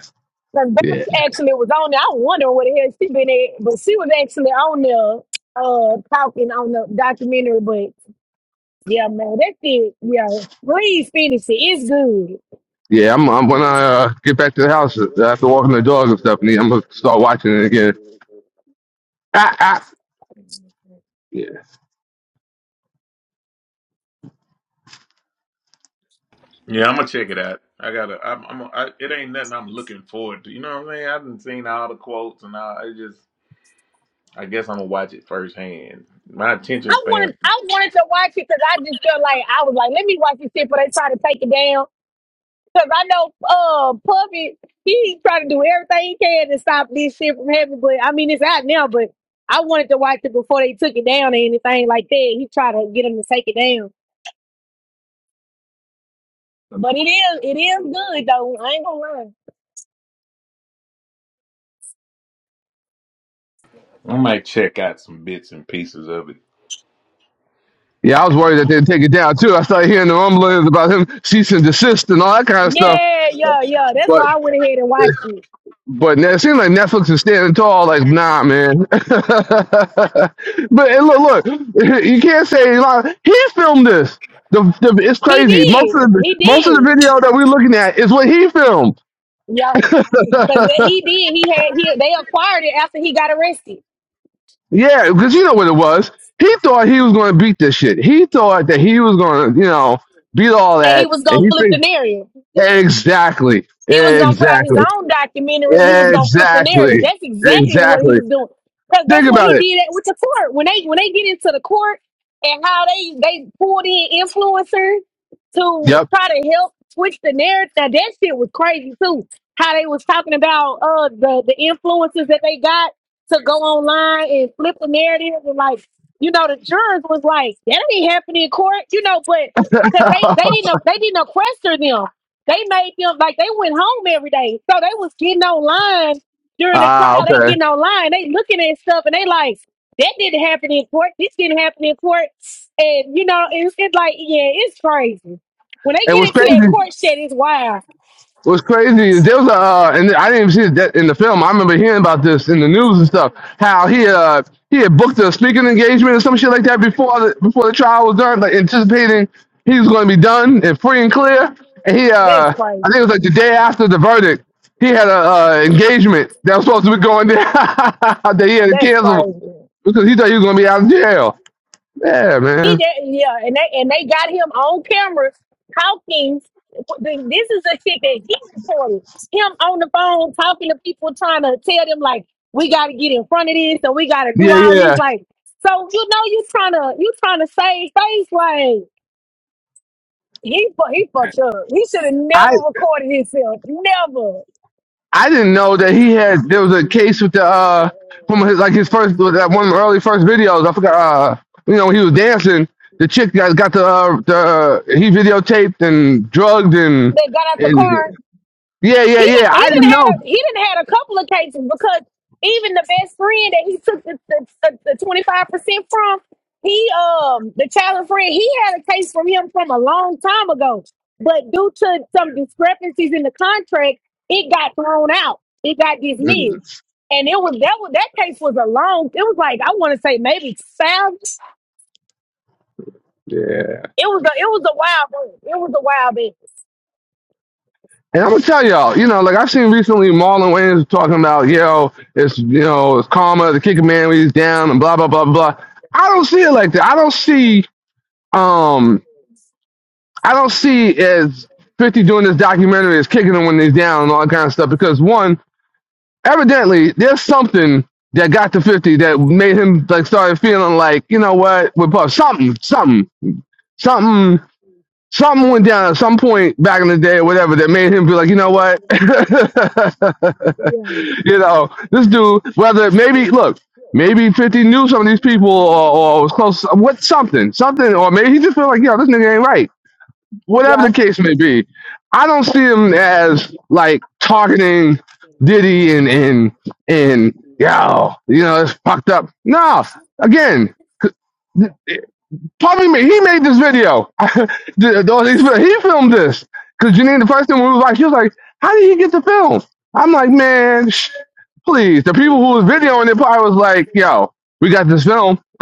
[SPEAKER 5] Because
[SPEAKER 11] yeah,
[SPEAKER 5] Babs actually was on there. I wonder where the hell she been at, but she was actually on there uh talking on the documentary. But yeah, man, that's it. yeah. Please finish it. It's good.
[SPEAKER 11] yeah. I'm, I'm when I uh, get back to the house uh, after walking the dogs and stuff, and I'm gonna start watching it again. Ah, ah. Yeah,
[SPEAKER 2] Yeah, I'm gonna check it out. I gotta. I'm. I'm I, it ain't nothing I'm looking forward to. You know what I mean? I didn't seen all the quotes and all. I just. I guess I'm gonna watch it firsthand. My
[SPEAKER 5] I
[SPEAKER 2] attention span.
[SPEAKER 5] wanted I wanted to watch it because I just felt like I was like, let me watch this shit before they try to take it down Cause I know uh Puppy, he's trying to do everything he can to stop this shit from happening. But I mean, it's out now. But I wanted to watch it before they took it down or anything like that. He tried to get him to take it down, but it is it is good though. I ain't gonna lie.
[SPEAKER 2] I might check out some bits and pieces of
[SPEAKER 11] yeah. I was worried that they'd take it down too. I started hearing the rumblings about him cease and desist and all that kind of stuff.
[SPEAKER 5] Yeah, yeah, yeah. That's
[SPEAKER 11] But
[SPEAKER 5] why I went ahead and watched it.
[SPEAKER 11] but it seems like Netflix is standing tall. Like nah, man. but hey, look, look, you can't say like, he filmed this. The, the, it's
[SPEAKER 5] He
[SPEAKER 11] crazy. Most
[SPEAKER 5] did.
[SPEAKER 11] of the
[SPEAKER 5] He
[SPEAKER 11] most of the
[SPEAKER 5] did.
[SPEAKER 11] video that we're looking at is what he filmed.
[SPEAKER 5] Yeah, cause he did. He had he they acquired it after he got arrested,
[SPEAKER 11] Yeah, because you know what it was. He thought he was going to beat this shit. He thought that he was going to, you know, beat all
[SPEAKER 5] and he
[SPEAKER 11] that,
[SPEAKER 5] was
[SPEAKER 11] and
[SPEAKER 5] gonna
[SPEAKER 11] he
[SPEAKER 5] flip the
[SPEAKER 11] figured
[SPEAKER 5] narrative.
[SPEAKER 11] exactly,
[SPEAKER 5] He was gonna put out his
[SPEAKER 11] exactly,
[SPEAKER 5] own documentary and he was gonna flip the narrative.
[SPEAKER 11] exactly,
[SPEAKER 5] That's exactly what he
[SPEAKER 11] exactly.
[SPEAKER 5] was doing. Because that's
[SPEAKER 11] Think
[SPEAKER 5] what
[SPEAKER 11] about
[SPEAKER 5] he
[SPEAKER 11] it.
[SPEAKER 5] did at, with the court. When they when they get into the court and how they they pulled in influencers to
[SPEAKER 11] Yep.
[SPEAKER 5] try to help switch the narrative. Now that shit was crazy too. How they was talking about uh the, the influences that they got to go online and flip the narrative and like you know the jurors was like that ain't happening in court you know but because they they didn't they didn't question them they made them like they went home every day. So they was getting online during the
[SPEAKER 11] ah,
[SPEAKER 5] trial. They
[SPEAKER 11] okay.
[SPEAKER 5] getting online. They looking at stuff and they like, that didn't happen in court. This didn't happen in court. And you know, it's, it's like, yeah, it's crazy. When they
[SPEAKER 11] It
[SPEAKER 5] get
[SPEAKER 11] was
[SPEAKER 5] into that
[SPEAKER 11] crazy.
[SPEAKER 5] court shit, it's wild.
[SPEAKER 11] What's crazy is there was a, uh, and I didn't even see that in the film. I remember hearing about this in the news and stuff. How he uh he had booked a speaking engagement or some shit like that before the before the trial was done, like anticipating he was going to be done and free and clear. And he
[SPEAKER 5] That's
[SPEAKER 11] uh I think it was
[SPEAKER 5] crazy.
[SPEAKER 11] like the day after the verdict, he had a uh, engagement that was supposed to be going there that he had to
[SPEAKER 5] That's
[SPEAKER 11] cancel
[SPEAKER 5] crazy.
[SPEAKER 11] because he thought he was going to be out of jail. Yeah,
[SPEAKER 5] He
[SPEAKER 11] man.
[SPEAKER 5] did, yeah, and they and they got him on camera talking. This is a shit that he recorded. Him on the phone talking to people, trying to tell them like, we got to get in front of this, and we got to do
[SPEAKER 11] Yeah,
[SPEAKER 5] all these
[SPEAKER 11] yeah.
[SPEAKER 5] like. So you know you trying to you trying to save face like he fu- he fucked up. He should have never recorded himself. Never.
[SPEAKER 11] I didn't know that he had there was a case with the uh from his like his first with that one of the early first videos. I forgot uh you know when he was dancing, the chick got got the uh, the uh, he videotaped and drugged and
[SPEAKER 5] They got out the
[SPEAKER 11] and
[SPEAKER 5] car.
[SPEAKER 11] yeah yeah
[SPEAKER 5] he
[SPEAKER 11] yeah.
[SPEAKER 5] didn't he
[SPEAKER 11] I didn't
[SPEAKER 5] didn't had
[SPEAKER 11] know.
[SPEAKER 5] a he didn't had a couple of cases because even the best friend that he took the the twenty five percent from, he um the childhood friend he had a case from him from a long time ago, but due to some discrepancies in the contract, it got thrown out. It got dismissed. And it was that was that case was a long. It was like I want to say maybe five.
[SPEAKER 11] Yeah,
[SPEAKER 5] It was a it was a wild. one. It was a wild. bit.
[SPEAKER 11] and I'm gonna tell y'all, you know, like I've seen recently Marlon Wayans talking about, yo, it's you know, it's karma, the kicker man when he's down and blah blah blah blah. I don't see it like that. I don't see. um I don't see as 50 doing this documentary as kicking them when they're down and all that kind of stuff because one, evidently there's something that got to 50 that made him like started feeling like, you know what, with Puff, something, something, something, something went down at some point back in the day or whatever that made him be like, you know what, you know, this dude, whether maybe, look, Maybe 50 knew some of these people or, or was close, what something, something, or maybe he just felt like, yo, this nigga ain't right whatever
[SPEAKER 5] Yeah,
[SPEAKER 11] the case may be, I don't see him as like targeting Diddy and and and yo, you know, it's fucked up. No, again, Tommy ma- he made this video. The- the- all these- he filmed this because Janine the first thing we was like, he was like, how did he get the film? I'm like, man, sh- please. The people who was videoing it probably was like, yo, we got this film.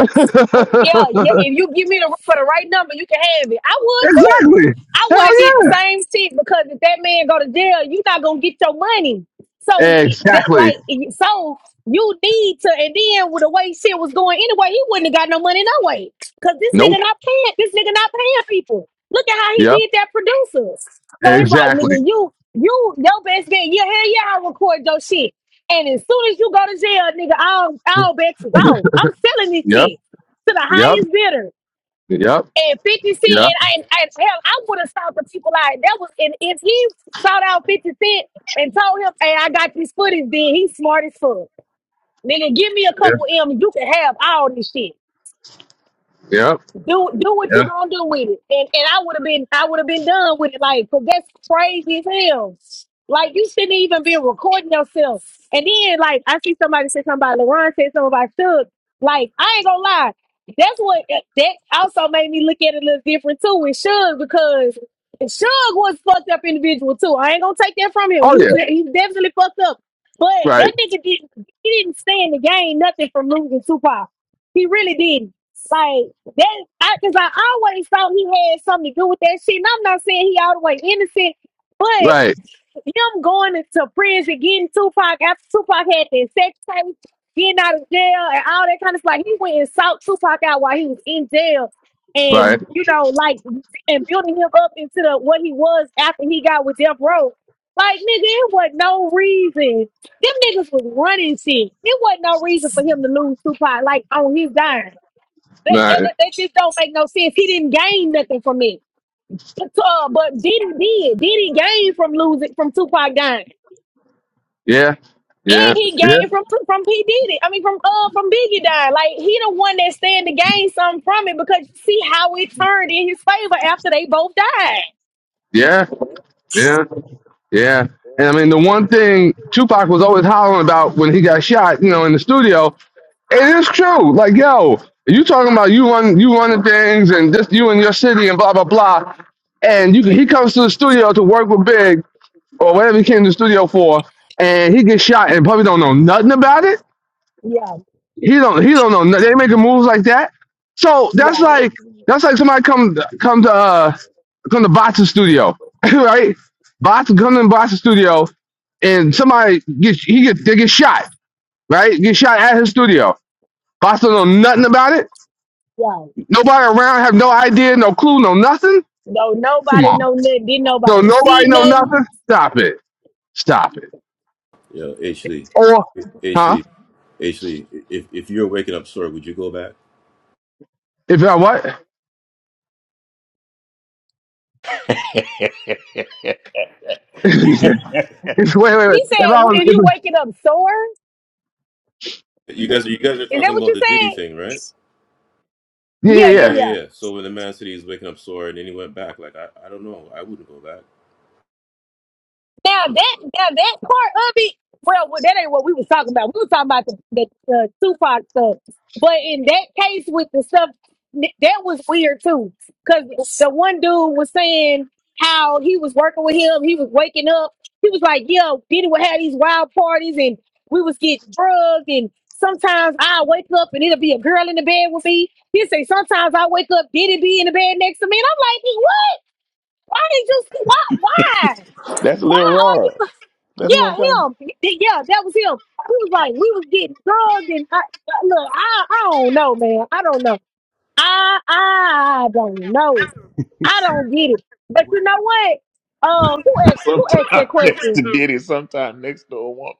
[SPEAKER 5] Well, Yeah, yeah.
[SPEAKER 11] exactly.
[SPEAKER 5] If you give me the for the right number, you can have it. I would too. I would
[SPEAKER 11] Hell
[SPEAKER 5] have did the
[SPEAKER 11] yeah.
[SPEAKER 5] same shit because if that man go to jail, you not gonna get your money. So it- that
[SPEAKER 11] Exactly.
[SPEAKER 5] like it- so you need to and then with the way shit was going anyway, he wouldn't have got no money no way. Cause this
[SPEAKER 11] Nope.
[SPEAKER 5] nigga not paying this nigga not paying people. Look at how he
[SPEAKER 11] Yep.
[SPEAKER 5] did that producers. So it's like
[SPEAKER 11] Exactly.
[SPEAKER 5] nigga, you you your best bet, yeah, hell yeah, I record your shit. And as soon as you go to jail, nigga, I'll I'll bet you gone. I'm selling this
[SPEAKER 11] Yep.
[SPEAKER 5] shit to the
[SPEAKER 11] Yep.
[SPEAKER 5] highest bidder.
[SPEAKER 11] Yep.
[SPEAKER 5] And 50 Cent,
[SPEAKER 11] Yep.
[SPEAKER 5] and, I, and, i hell, I would have stopped the people out. That was, and if he shout out 50 Cent and told him, hey, I got these footies, then he's smart as fuck. Nigga, give me a couple
[SPEAKER 11] Yep.
[SPEAKER 5] M's. You can have all this shit.
[SPEAKER 11] Yep.
[SPEAKER 5] do do what
[SPEAKER 11] Yeah.
[SPEAKER 5] you gonna do with it. And and I would have been I would have been done with it. Like, cause that's crazy as hell. Like you shouldn't even be recording yourself. And then like I see somebody say something about LaRon said something about Suge. Like, I ain't gonna lie. That's what that also made me look at it a little different too with Suge because Suge was a fucked up individual too. I ain't gonna take that from him.
[SPEAKER 11] Oh
[SPEAKER 5] He was
[SPEAKER 11] yeah.
[SPEAKER 5] he was definitely fucked up. But
[SPEAKER 11] Right.
[SPEAKER 5] that nigga didn't he didn't stand to gain nothing from losing Tupac. He really didn't. like. That I because I always thought he had something to do with that shit. And I'm not saying he all the way innocent, but
[SPEAKER 11] Right.
[SPEAKER 5] him going into prison, getting Tupac after Tupac had that sex tape, getting out of jail and all that kind of stuff. He went and sought Tupac out while he was in jail
[SPEAKER 11] Right.
[SPEAKER 5] and you know, like and building him up into the what he was after he got with Death Row. Like nigga, it was no reason. Them niggas was running shit. It wasn't no reason for him to lose Tupac like on his dime. That, that,
[SPEAKER 11] Right.
[SPEAKER 5] that, just don't make no sense. He didn't gain nothing from it. But, uh, but Diddy did. Diddy gained from losing from Tupac dying,
[SPEAKER 11] Yeah.
[SPEAKER 5] and
[SPEAKER 11] Yeah.
[SPEAKER 5] he
[SPEAKER 11] Yeah.
[SPEAKER 5] gained from Tu- from P Diddy. I mean, from uh from Biggie dying. Like he the one that stand to gain something from it because you see how it turned in his favor after they both died.
[SPEAKER 11] Yeah. Yeah. Yeah. And I mean the one thing Tupac was always hollering about when he got shot, you know, in the studio, it is true. Like, yo, you talking about you run you running things and just you and your city and blah blah blah. And you he comes to the studio to work with Big or whatever he came to the studio for, and he gets shot and probably don't know nothing about it.
[SPEAKER 5] Yeah,
[SPEAKER 11] He don't he don't know no- they making moves like that. So that's
[SPEAKER 5] yeah,
[SPEAKER 11] like that's like somebody come come to uh come to Bot's studio, right? Bots come to Bot's studio and somebody gets he get they get shot, right? Get shot at his studio. Bots don't know nothing about it.
[SPEAKER 5] yeah.
[SPEAKER 11] Nobody around have no idea, no clue, no nothing.
[SPEAKER 5] No,
[SPEAKER 11] Come
[SPEAKER 5] nobody,
[SPEAKER 11] on.
[SPEAKER 5] no nothing. Did
[SPEAKER 11] So
[SPEAKER 5] nobody
[SPEAKER 11] nobody
[SPEAKER 5] see
[SPEAKER 11] know
[SPEAKER 5] nothing?
[SPEAKER 11] nothing? Stop it. Stop it.
[SPEAKER 3] Yeah, Ashley.
[SPEAKER 11] Or huh?
[SPEAKER 3] Ashley, Actually, if if you're waking up story, would you go back?
[SPEAKER 11] If I what?
[SPEAKER 2] it.
[SPEAKER 11] wait, wait, wait.
[SPEAKER 5] He
[SPEAKER 11] If
[SPEAKER 5] said,
[SPEAKER 11] I was,
[SPEAKER 5] "If
[SPEAKER 11] if,
[SPEAKER 5] you waking up sore,
[SPEAKER 3] You guys, you guys are
[SPEAKER 5] is that
[SPEAKER 3] talking
[SPEAKER 5] what
[SPEAKER 3] about
[SPEAKER 5] you
[SPEAKER 3] the Diddy
[SPEAKER 5] said?"
[SPEAKER 3] thing, right?
[SPEAKER 11] yeah,
[SPEAKER 5] Yeah,
[SPEAKER 3] Yeah,
[SPEAKER 5] yeah,
[SPEAKER 11] yeah, yeah.
[SPEAKER 5] yeah.
[SPEAKER 3] yeah, yeah. So when the man city is waking up sore, and then he went back. Like I, I don't know. I wouldn't go back.
[SPEAKER 5] Now that now that part of it, well, well, that ain't what we was talking about. We were talking about the the, the Tupac stuff, but in that case with the stuff th- that was weird too, because the one dude was saying how he was working with him, he was waking up, he was like, "Yo, Diddy would have these wild parties, and we was getting drugged, and sometimes I wake up and it'll be a girl in the bed with me." He say, "Sometimes I wake up, Diddy be in the bed next to me," and I'm like, "What? Why did you? Why? Why?
[SPEAKER 2] That's
[SPEAKER 5] Why
[SPEAKER 2] Lil
[SPEAKER 5] are
[SPEAKER 2] Rod.
[SPEAKER 5] you?"
[SPEAKER 2] That's what I'm talking
[SPEAKER 5] Yeah,
[SPEAKER 2] about.
[SPEAKER 5] him. Yeah, that was him. He was like, we was getting drugged, and I, I- look, I, I don't know, man. I don't know. I, I don't know.
[SPEAKER 2] He
[SPEAKER 5] I
[SPEAKER 2] said,
[SPEAKER 5] don't get it. But you know what? Um, who asked who asked
[SPEAKER 2] Sometime
[SPEAKER 5] that
[SPEAKER 2] next to
[SPEAKER 5] question?
[SPEAKER 2] Diddy, sometime next to a woman.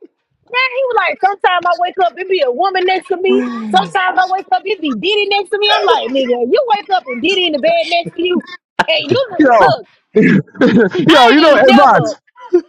[SPEAKER 5] He was like, sometimes I wake up, it be a woman next to me. Sometimes I wake up, it be Diddy next to me. I'm like, nigga, you wake up and Diddy in the bed next to you, and you
[SPEAKER 11] Yo,
[SPEAKER 5] look.
[SPEAKER 11] yo,
[SPEAKER 5] I
[SPEAKER 11] you know,
[SPEAKER 5] ain't
[SPEAKER 11] hey,
[SPEAKER 5] never.
[SPEAKER 11] bots,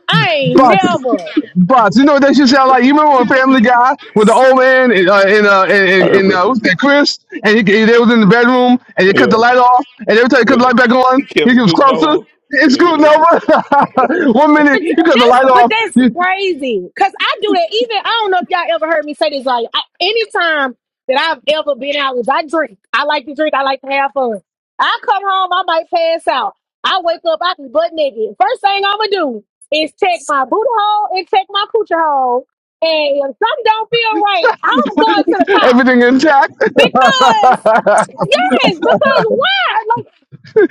[SPEAKER 5] I ain't
[SPEAKER 11] bots,
[SPEAKER 5] never.
[SPEAKER 11] bots. You know what that shit sound like? You remember on Family Guy with the old man and uh, and, uh, and, and uh,
[SPEAKER 2] Herbert.
[SPEAKER 11] what's that, Chris? And he, he- they was in the bedroom and they cut
[SPEAKER 2] Yeah.
[SPEAKER 11] the light off, and every time he cut
[SPEAKER 2] yeah.
[SPEAKER 11] the light back on,
[SPEAKER 2] He
[SPEAKER 11] he
[SPEAKER 2] kept
[SPEAKER 11] gets
[SPEAKER 2] scooting
[SPEAKER 11] closer.
[SPEAKER 2] over.
[SPEAKER 11] It's
[SPEAKER 2] Yeah, he
[SPEAKER 11] screwed
[SPEAKER 2] kept.
[SPEAKER 11] over. One minute
[SPEAKER 5] But
[SPEAKER 11] you cut the
[SPEAKER 5] that's
[SPEAKER 11] light
[SPEAKER 5] but
[SPEAKER 11] off,
[SPEAKER 5] that's
[SPEAKER 11] you,
[SPEAKER 5] crazy. Cause I do that. Even I don't know if y'all ever heard me say this. Like I, anytime that I've ever been out, is I drink. I like to drink. I like to have fun. I come home, I might pass out. I wake up, I can butt naked. First thing I'ma do is check my boot hole and check my coochie hole. And if something don't feel right, I'm going to the cop
[SPEAKER 11] everything intact.
[SPEAKER 5] because yes, because why? Like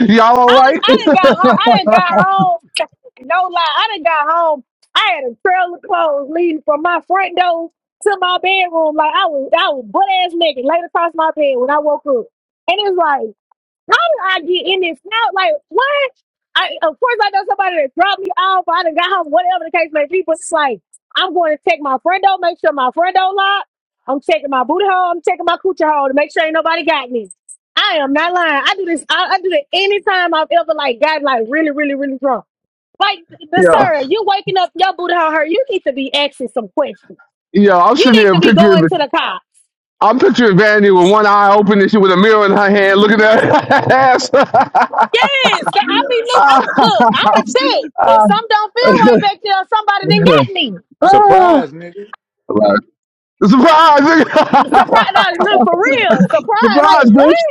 [SPEAKER 11] Y'all all
[SPEAKER 5] I done,
[SPEAKER 11] right?
[SPEAKER 5] I done got home. I done got home. No lie, I done got home. I had a trail of clothes leading from my front door to my bedroom. Like I was, I was butt ass naked, laid across my bed when I woke up, and it was like. How did I get in this now? Like what? I of course I know somebody that dropped me off. I done got home, whatever the case may be. But it's like I'm going to check my friend out, make sure my friend don't lock. I'm checking my booty hole. I'm checking my coochie hole to make sure ain't nobody got me. I am not lying. I do this. I, I do it anytime I've ever like gotten like really, really, really drunk. Like the
[SPEAKER 11] Yeah.
[SPEAKER 5] sir, you waking up your booty hole hurt. You need to be asking some questions.
[SPEAKER 11] Yeah, I'm
[SPEAKER 5] You
[SPEAKER 11] sitting
[SPEAKER 5] need to
[SPEAKER 11] there
[SPEAKER 5] be
[SPEAKER 11] picturing.
[SPEAKER 5] going to the car.
[SPEAKER 11] I'm picturing Vandy with one eye open and she with a mirror in her hand looking at her ass.
[SPEAKER 5] Yes, so I mean, look, I'm, look, I'm a check. If some don't feel right back there, somebody done got me.
[SPEAKER 2] Surprise, nigga.
[SPEAKER 11] Surprise!
[SPEAKER 5] Surprise!
[SPEAKER 11] nigga.
[SPEAKER 5] Now, look for real. Surprise! Like
[SPEAKER 11] Surprise,
[SPEAKER 5] what?
[SPEAKER 11] bitch!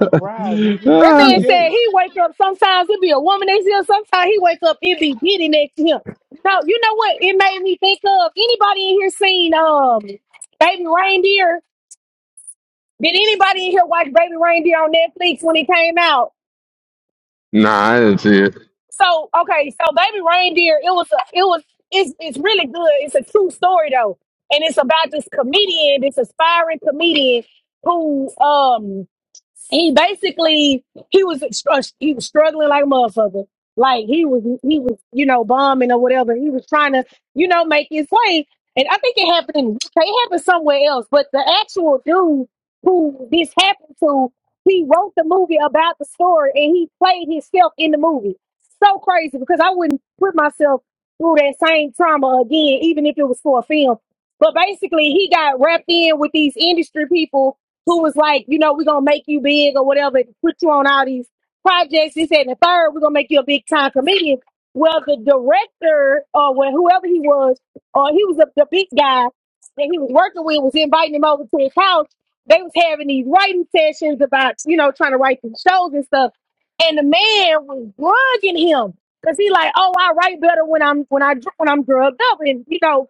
[SPEAKER 2] The prize, nigga.
[SPEAKER 5] That
[SPEAKER 11] Ah.
[SPEAKER 2] You
[SPEAKER 5] man
[SPEAKER 2] gay.
[SPEAKER 5] said he wake up. Sometimes it be a woman next to him. Sometimes he wake up it be Diddy next to him. So you know what? It made me think of anybody in here seen um Baby Reindeer. Did anybody in here watch Baby Reindeer on Netflix when it came out?
[SPEAKER 11] nah, I didn't see it.
[SPEAKER 5] So okay, so baby reindeer, it was a, it was it's it's really good. It's a true story though, and it's about this comedian, this aspiring comedian who um he basically he was str- he was struggling like a motherfucker. Like he was he was you know bombing or whatever. He was trying to you know make his way. And I think it happened in the UK. It happened somewhere else. But the actual dude who this happened to, he wrote the movie about the story and he played himself in the movie. So crazy because I wouldn't put myself through that same trauma again, even if it was for a film. But basically, he got wrapped in with these industry people who was like, you know, we're gonna make you big or whatever, and put you on all these projects. He said, and the third, we're gonna make you a big time comedian. Well, the director or well, whoever he was, or he was the, the big guy that he was working with, was inviting him over to his house. They was having these writing sessions about, you know, trying to write some shows and stuff. And the man was drugging him. Cause he like, oh, I write better when I'm when I dr- when I'm drugged up, and you know, because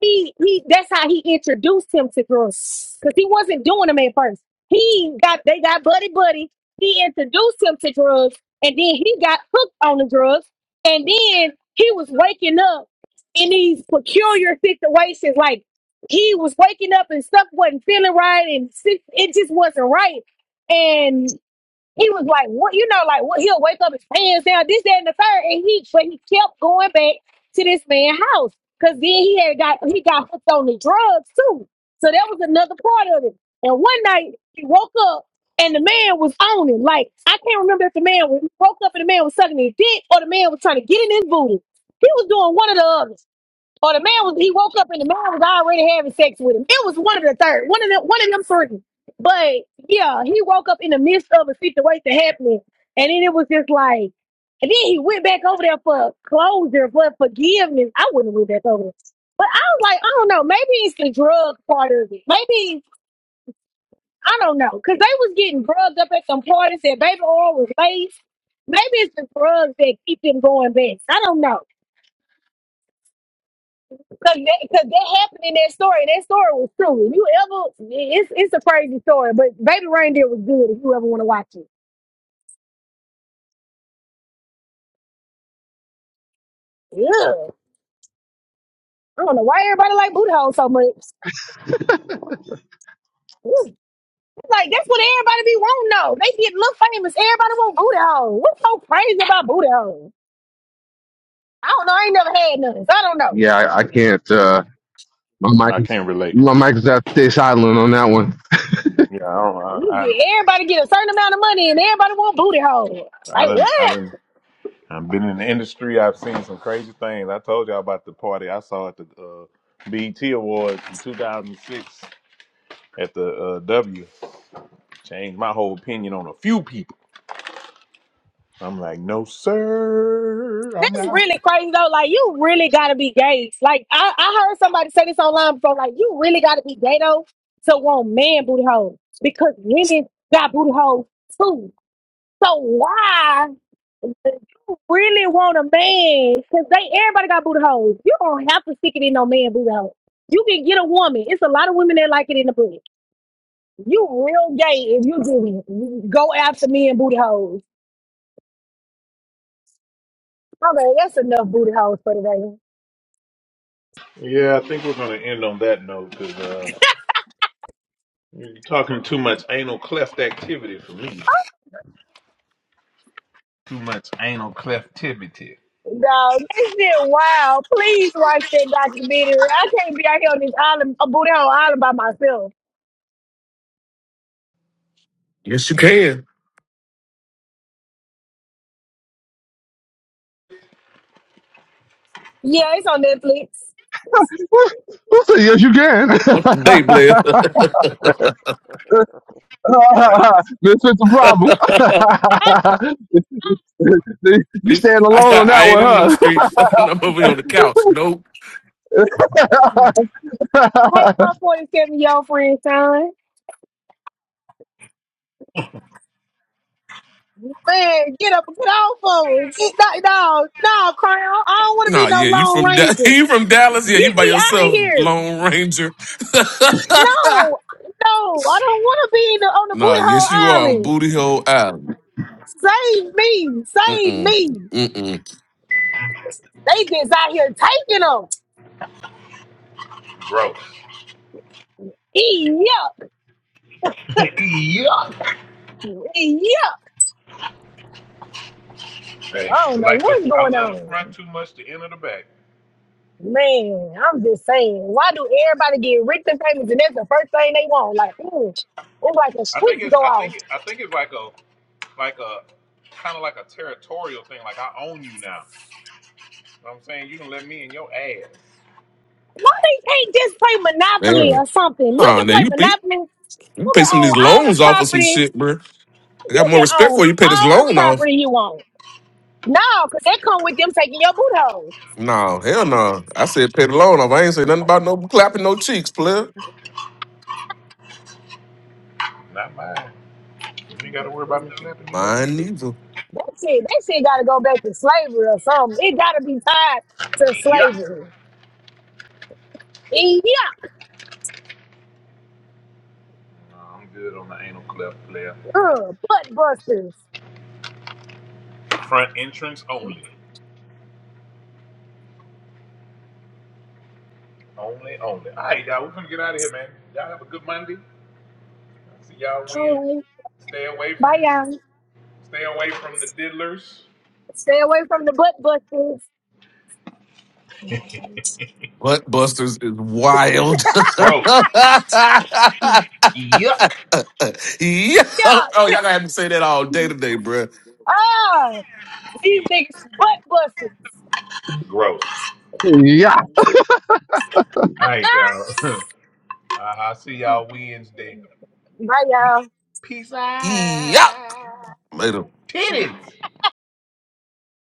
[SPEAKER 5] he he that's how he introduced him to girls because he wasn't doing them at first he got they got buddy buddy he introduced him to drugs and then he got hooked on the drugs and then he was waking up in these peculiar situations like he was waking up and stuff wasn't feeling right and si- it just wasn't right and. He was like, what you know, like what he'll wake up his pants down, this, that, and the third, and he but he kept going back to this man's house. Cause then he had got he got hooked on the drugs too. So that was another part of it. And one night he woke up and the man was on him. Like I can't remember if the man was, he woke up and the man was sucking his dick or the man was trying to get in his booty. He was doing one of the others. Or the man was he woke up and the man was already having sex with him. It was one of the third, one of them, one of them certain. But yeah, he woke up in the midst of a situation happening, and then it was just like, and then he went back over there for closure, for forgiveness. I wouldn't have went back over there, but I was like, I don't know, maybe it's the drug part of it. Maybe I don't know, cause they was getting drugged up at some parties that baby oil was laced. Maybe it's the drugs that keep them going back. I don't know. Cause that, cause that happened in that story. That story was true. If you ever, it's it's a crazy story, but Baby Reindeer was good. If you ever want to watch it, yeah. I don't know why everybody like booty holes so much. Ooh, Like that's what everybody be wanting though. They get look famous. Everybody want booty holes. What's so crazy about booty holes? I don't know. I ain't never had none, so I don't know.
[SPEAKER 11] Yeah, I, I can't. Uh, my mic
[SPEAKER 2] I
[SPEAKER 11] is
[SPEAKER 2] can't relate.
[SPEAKER 11] my mic is out. Stay silent on that one.
[SPEAKER 2] Yeah, I don't.
[SPEAKER 5] You
[SPEAKER 2] I
[SPEAKER 5] get everybody get a certain amount of money, and everybody want booty holes.
[SPEAKER 2] I, I
[SPEAKER 5] Like what?
[SPEAKER 2] didn't. I didn't. I've been in the industry. I've seen some crazy things. I told y'all about the party I saw at the uh, BET Awards in 2006 at the uh, W. Changed my whole opinion on a few people. I'm like, no sir, I'm
[SPEAKER 5] That's
[SPEAKER 2] out.
[SPEAKER 5] really crazy though. Like you really gotta be gay. Like I, I heard somebody say this online before. Like you really gotta be gay though to want man booty holes because women got booty holes too. So why do you really want a man? Because they everybody got booty holes. You don't have to stick it in no man booty hole. You can get a woman. It's a lot of women that like it in the booty. You real gay if you do it. You Go after men booty holes. Okay, that's enough booty holes for today.
[SPEAKER 2] Yeah, I think we're gonna end on that note because uh, you're talking too much anal cleft activity for me. Too much anal cleftivity.
[SPEAKER 5] No, they said, wow, please watch that documentary. I can't be out here on this island, a booty hole island by myself.
[SPEAKER 12] Yes, you can.
[SPEAKER 5] Yeah, it's on Netflix.
[SPEAKER 11] Who who said yes? You can. this
[SPEAKER 12] Up to date, Blair.
[SPEAKER 7] her.
[SPEAKER 2] Right,
[SPEAKER 11] is the problem.
[SPEAKER 12] I,
[SPEAKER 11] you stand alone on
[SPEAKER 12] I
[SPEAKER 11] that
[SPEAKER 12] ain't in them
[SPEAKER 11] one,
[SPEAKER 12] streets. I'm over here on the couch. Nope.
[SPEAKER 5] Hey,
[SPEAKER 11] huh?
[SPEAKER 5] my 47 year old friend, son. Man, get up and get off of it. Get, no, no, no, Crown. I don't want to be
[SPEAKER 12] Nah,
[SPEAKER 5] no
[SPEAKER 12] yeah, you
[SPEAKER 5] Lone
[SPEAKER 12] from da-
[SPEAKER 5] Ranger.
[SPEAKER 12] you from Dallas? Yeah, you
[SPEAKER 5] Get
[SPEAKER 12] by
[SPEAKER 5] me out of
[SPEAKER 12] yourself,
[SPEAKER 5] here.
[SPEAKER 12] Lone Ranger.
[SPEAKER 5] No, no, I don't want to be in the, on the
[SPEAKER 12] nah,
[SPEAKER 5] booty hole
[SPEAKER 12] yes, you are on
[SPEAKER 5] island.
[SPEAKER 12] Booty Hole Island.
[SPEAKER 5] Save me, save
[SPEAKER 12] Mm-mm.
[SPEAKER 5] me.
[SPEAKER 12] Mm-mm.
[SPEAKER 5] They just out here taking them.
[SPEAKER 2] gross.
[SPEAKER 5] Yeah.
[SPEAKER 2] yeah.
[SPEAKER 5] Yeah,
[SPEAKER 2] Hey,
[SPEAKER 5] I
[SPEAKER 2] I
[SPEAKER 5] don't know
[SPEAKER 2] like the
[SPEAKER 5] what's
[SPEAKER 2] I
[SPEAKER 5] going
[SPEAKER 2] love the front
[SPEAKER 5] on.
[SPEAKER 2] too much to enter the back.
[SPEAKER 5] Man, I'm just saying, why do everybody get victim payments and that's the first thing they want? Like, ooh, it's like a
[SPEAKER 2] I think
[SPEAKER 5] switch
[SPEAKER 2] it's
[SPEAKER 5] go
[SPEAKER 2] I
[SPEAKER 5] off.
[SPEAKER 2] think I think it's like a like a kind of like a territorial thing. Like I own you now. You know what I'm saying you can let me in your ass,
[SPEAKER 5] Why they can't just play Monopoly
[SPEAKER 12] Man.
[SPEAKER 5] or something? You
[SPEAKER 12] Nah,
[SPEAKER 5] can
[SPEAKER 12] now
[SPEAKER 5] play
[SPEAKER 12] you pay,
[SPEAKER 5] Monopoly.
[SPEAKER 12] you
[SPEAKER 5] You
[SPEAKER 12] pay
[SPEAKER 5] can
[SPEAKER 12] some of
[SPEAKER 5] own
[SPEAKER 12] these
[SPEAKER 5] all
[SPEAKER 12] loans
[SPEAKER 5] the
[SPEAKER 12] off of some
[SPEAKER 5] property.
[SPEAKER 12] shit, bro. I got
[SPEAKER 5] You
[SPEAKER 12] more
[SPEAKER 5] can
[SPEAKER 12] respect
[SPEAKER 5] own
[SPEAKER 12] for you. Pay this
[SPEAKER 5] all the
[SPEAKER 12] loan off.
[SPEAKER 5] property you want. No, because that come with them taking your boot hole.
[SPEAKER 12] Nah, hell no. I said pay the loan off. I ain't say nothing about no clapping no cheeks, player.
[SPEAKER 2] not mine. You ain't got to worry about me slapping yours
[SPEAKER 12] Mine
[SPEAKER 2] either.
[SPEAKER 12] neither.
[SPEAKER 5] That's it. That shit got to go back to slavery or something. It got to be tied to
[SPEAKER 2] Yeah.
[SPEAKER 5] slavery. Yeah,
[SPEAKER 2] No, I'm good on the anal cleft player.
[SPEAKER 5] uh, butt busters.
[SPEAKER 2] Front entrance only. Only, only. All right, y'all. We're going to get out of here, man. Y'all have a good Monday. See y'all win.
[SPEAKER 5] All right.
[SPEAKER 2] Stay away from
[SPEAKER 5] Bye, y'all.
[SPEAKER 2] stay away from the diddlers.
[SPEAKER 5] Stay away from the butt busters.
[SPEAKER 12] Buttbusters is wild.
[SPEAKER 2] Gross. Yuck.
[SPEAKER 12] Yuck.
[SPEAKER 5] Yeah.
[SPEAKER 12] Oh, y'all gonna have me say that all day today, bruh.
[SPEAKER 5] Ah, these niggas butt busters.
[SPEAKER 2] Gross.
[SPEAKER 11] Yeah.
[SPEAKER 2] All right,
[SPEAKER 5] Ah.
[SPEAKER 2] y'all. uh, I'll see y'all Wednesday.
[SPEAKER 5] Bye, y'all.
[SPEAKER 2] Peace
[SPEAKER 12] Yuck.
[SPEAKER 2] out.
[SPEAKER 12] Later.
[SPEAKER 2] Titties.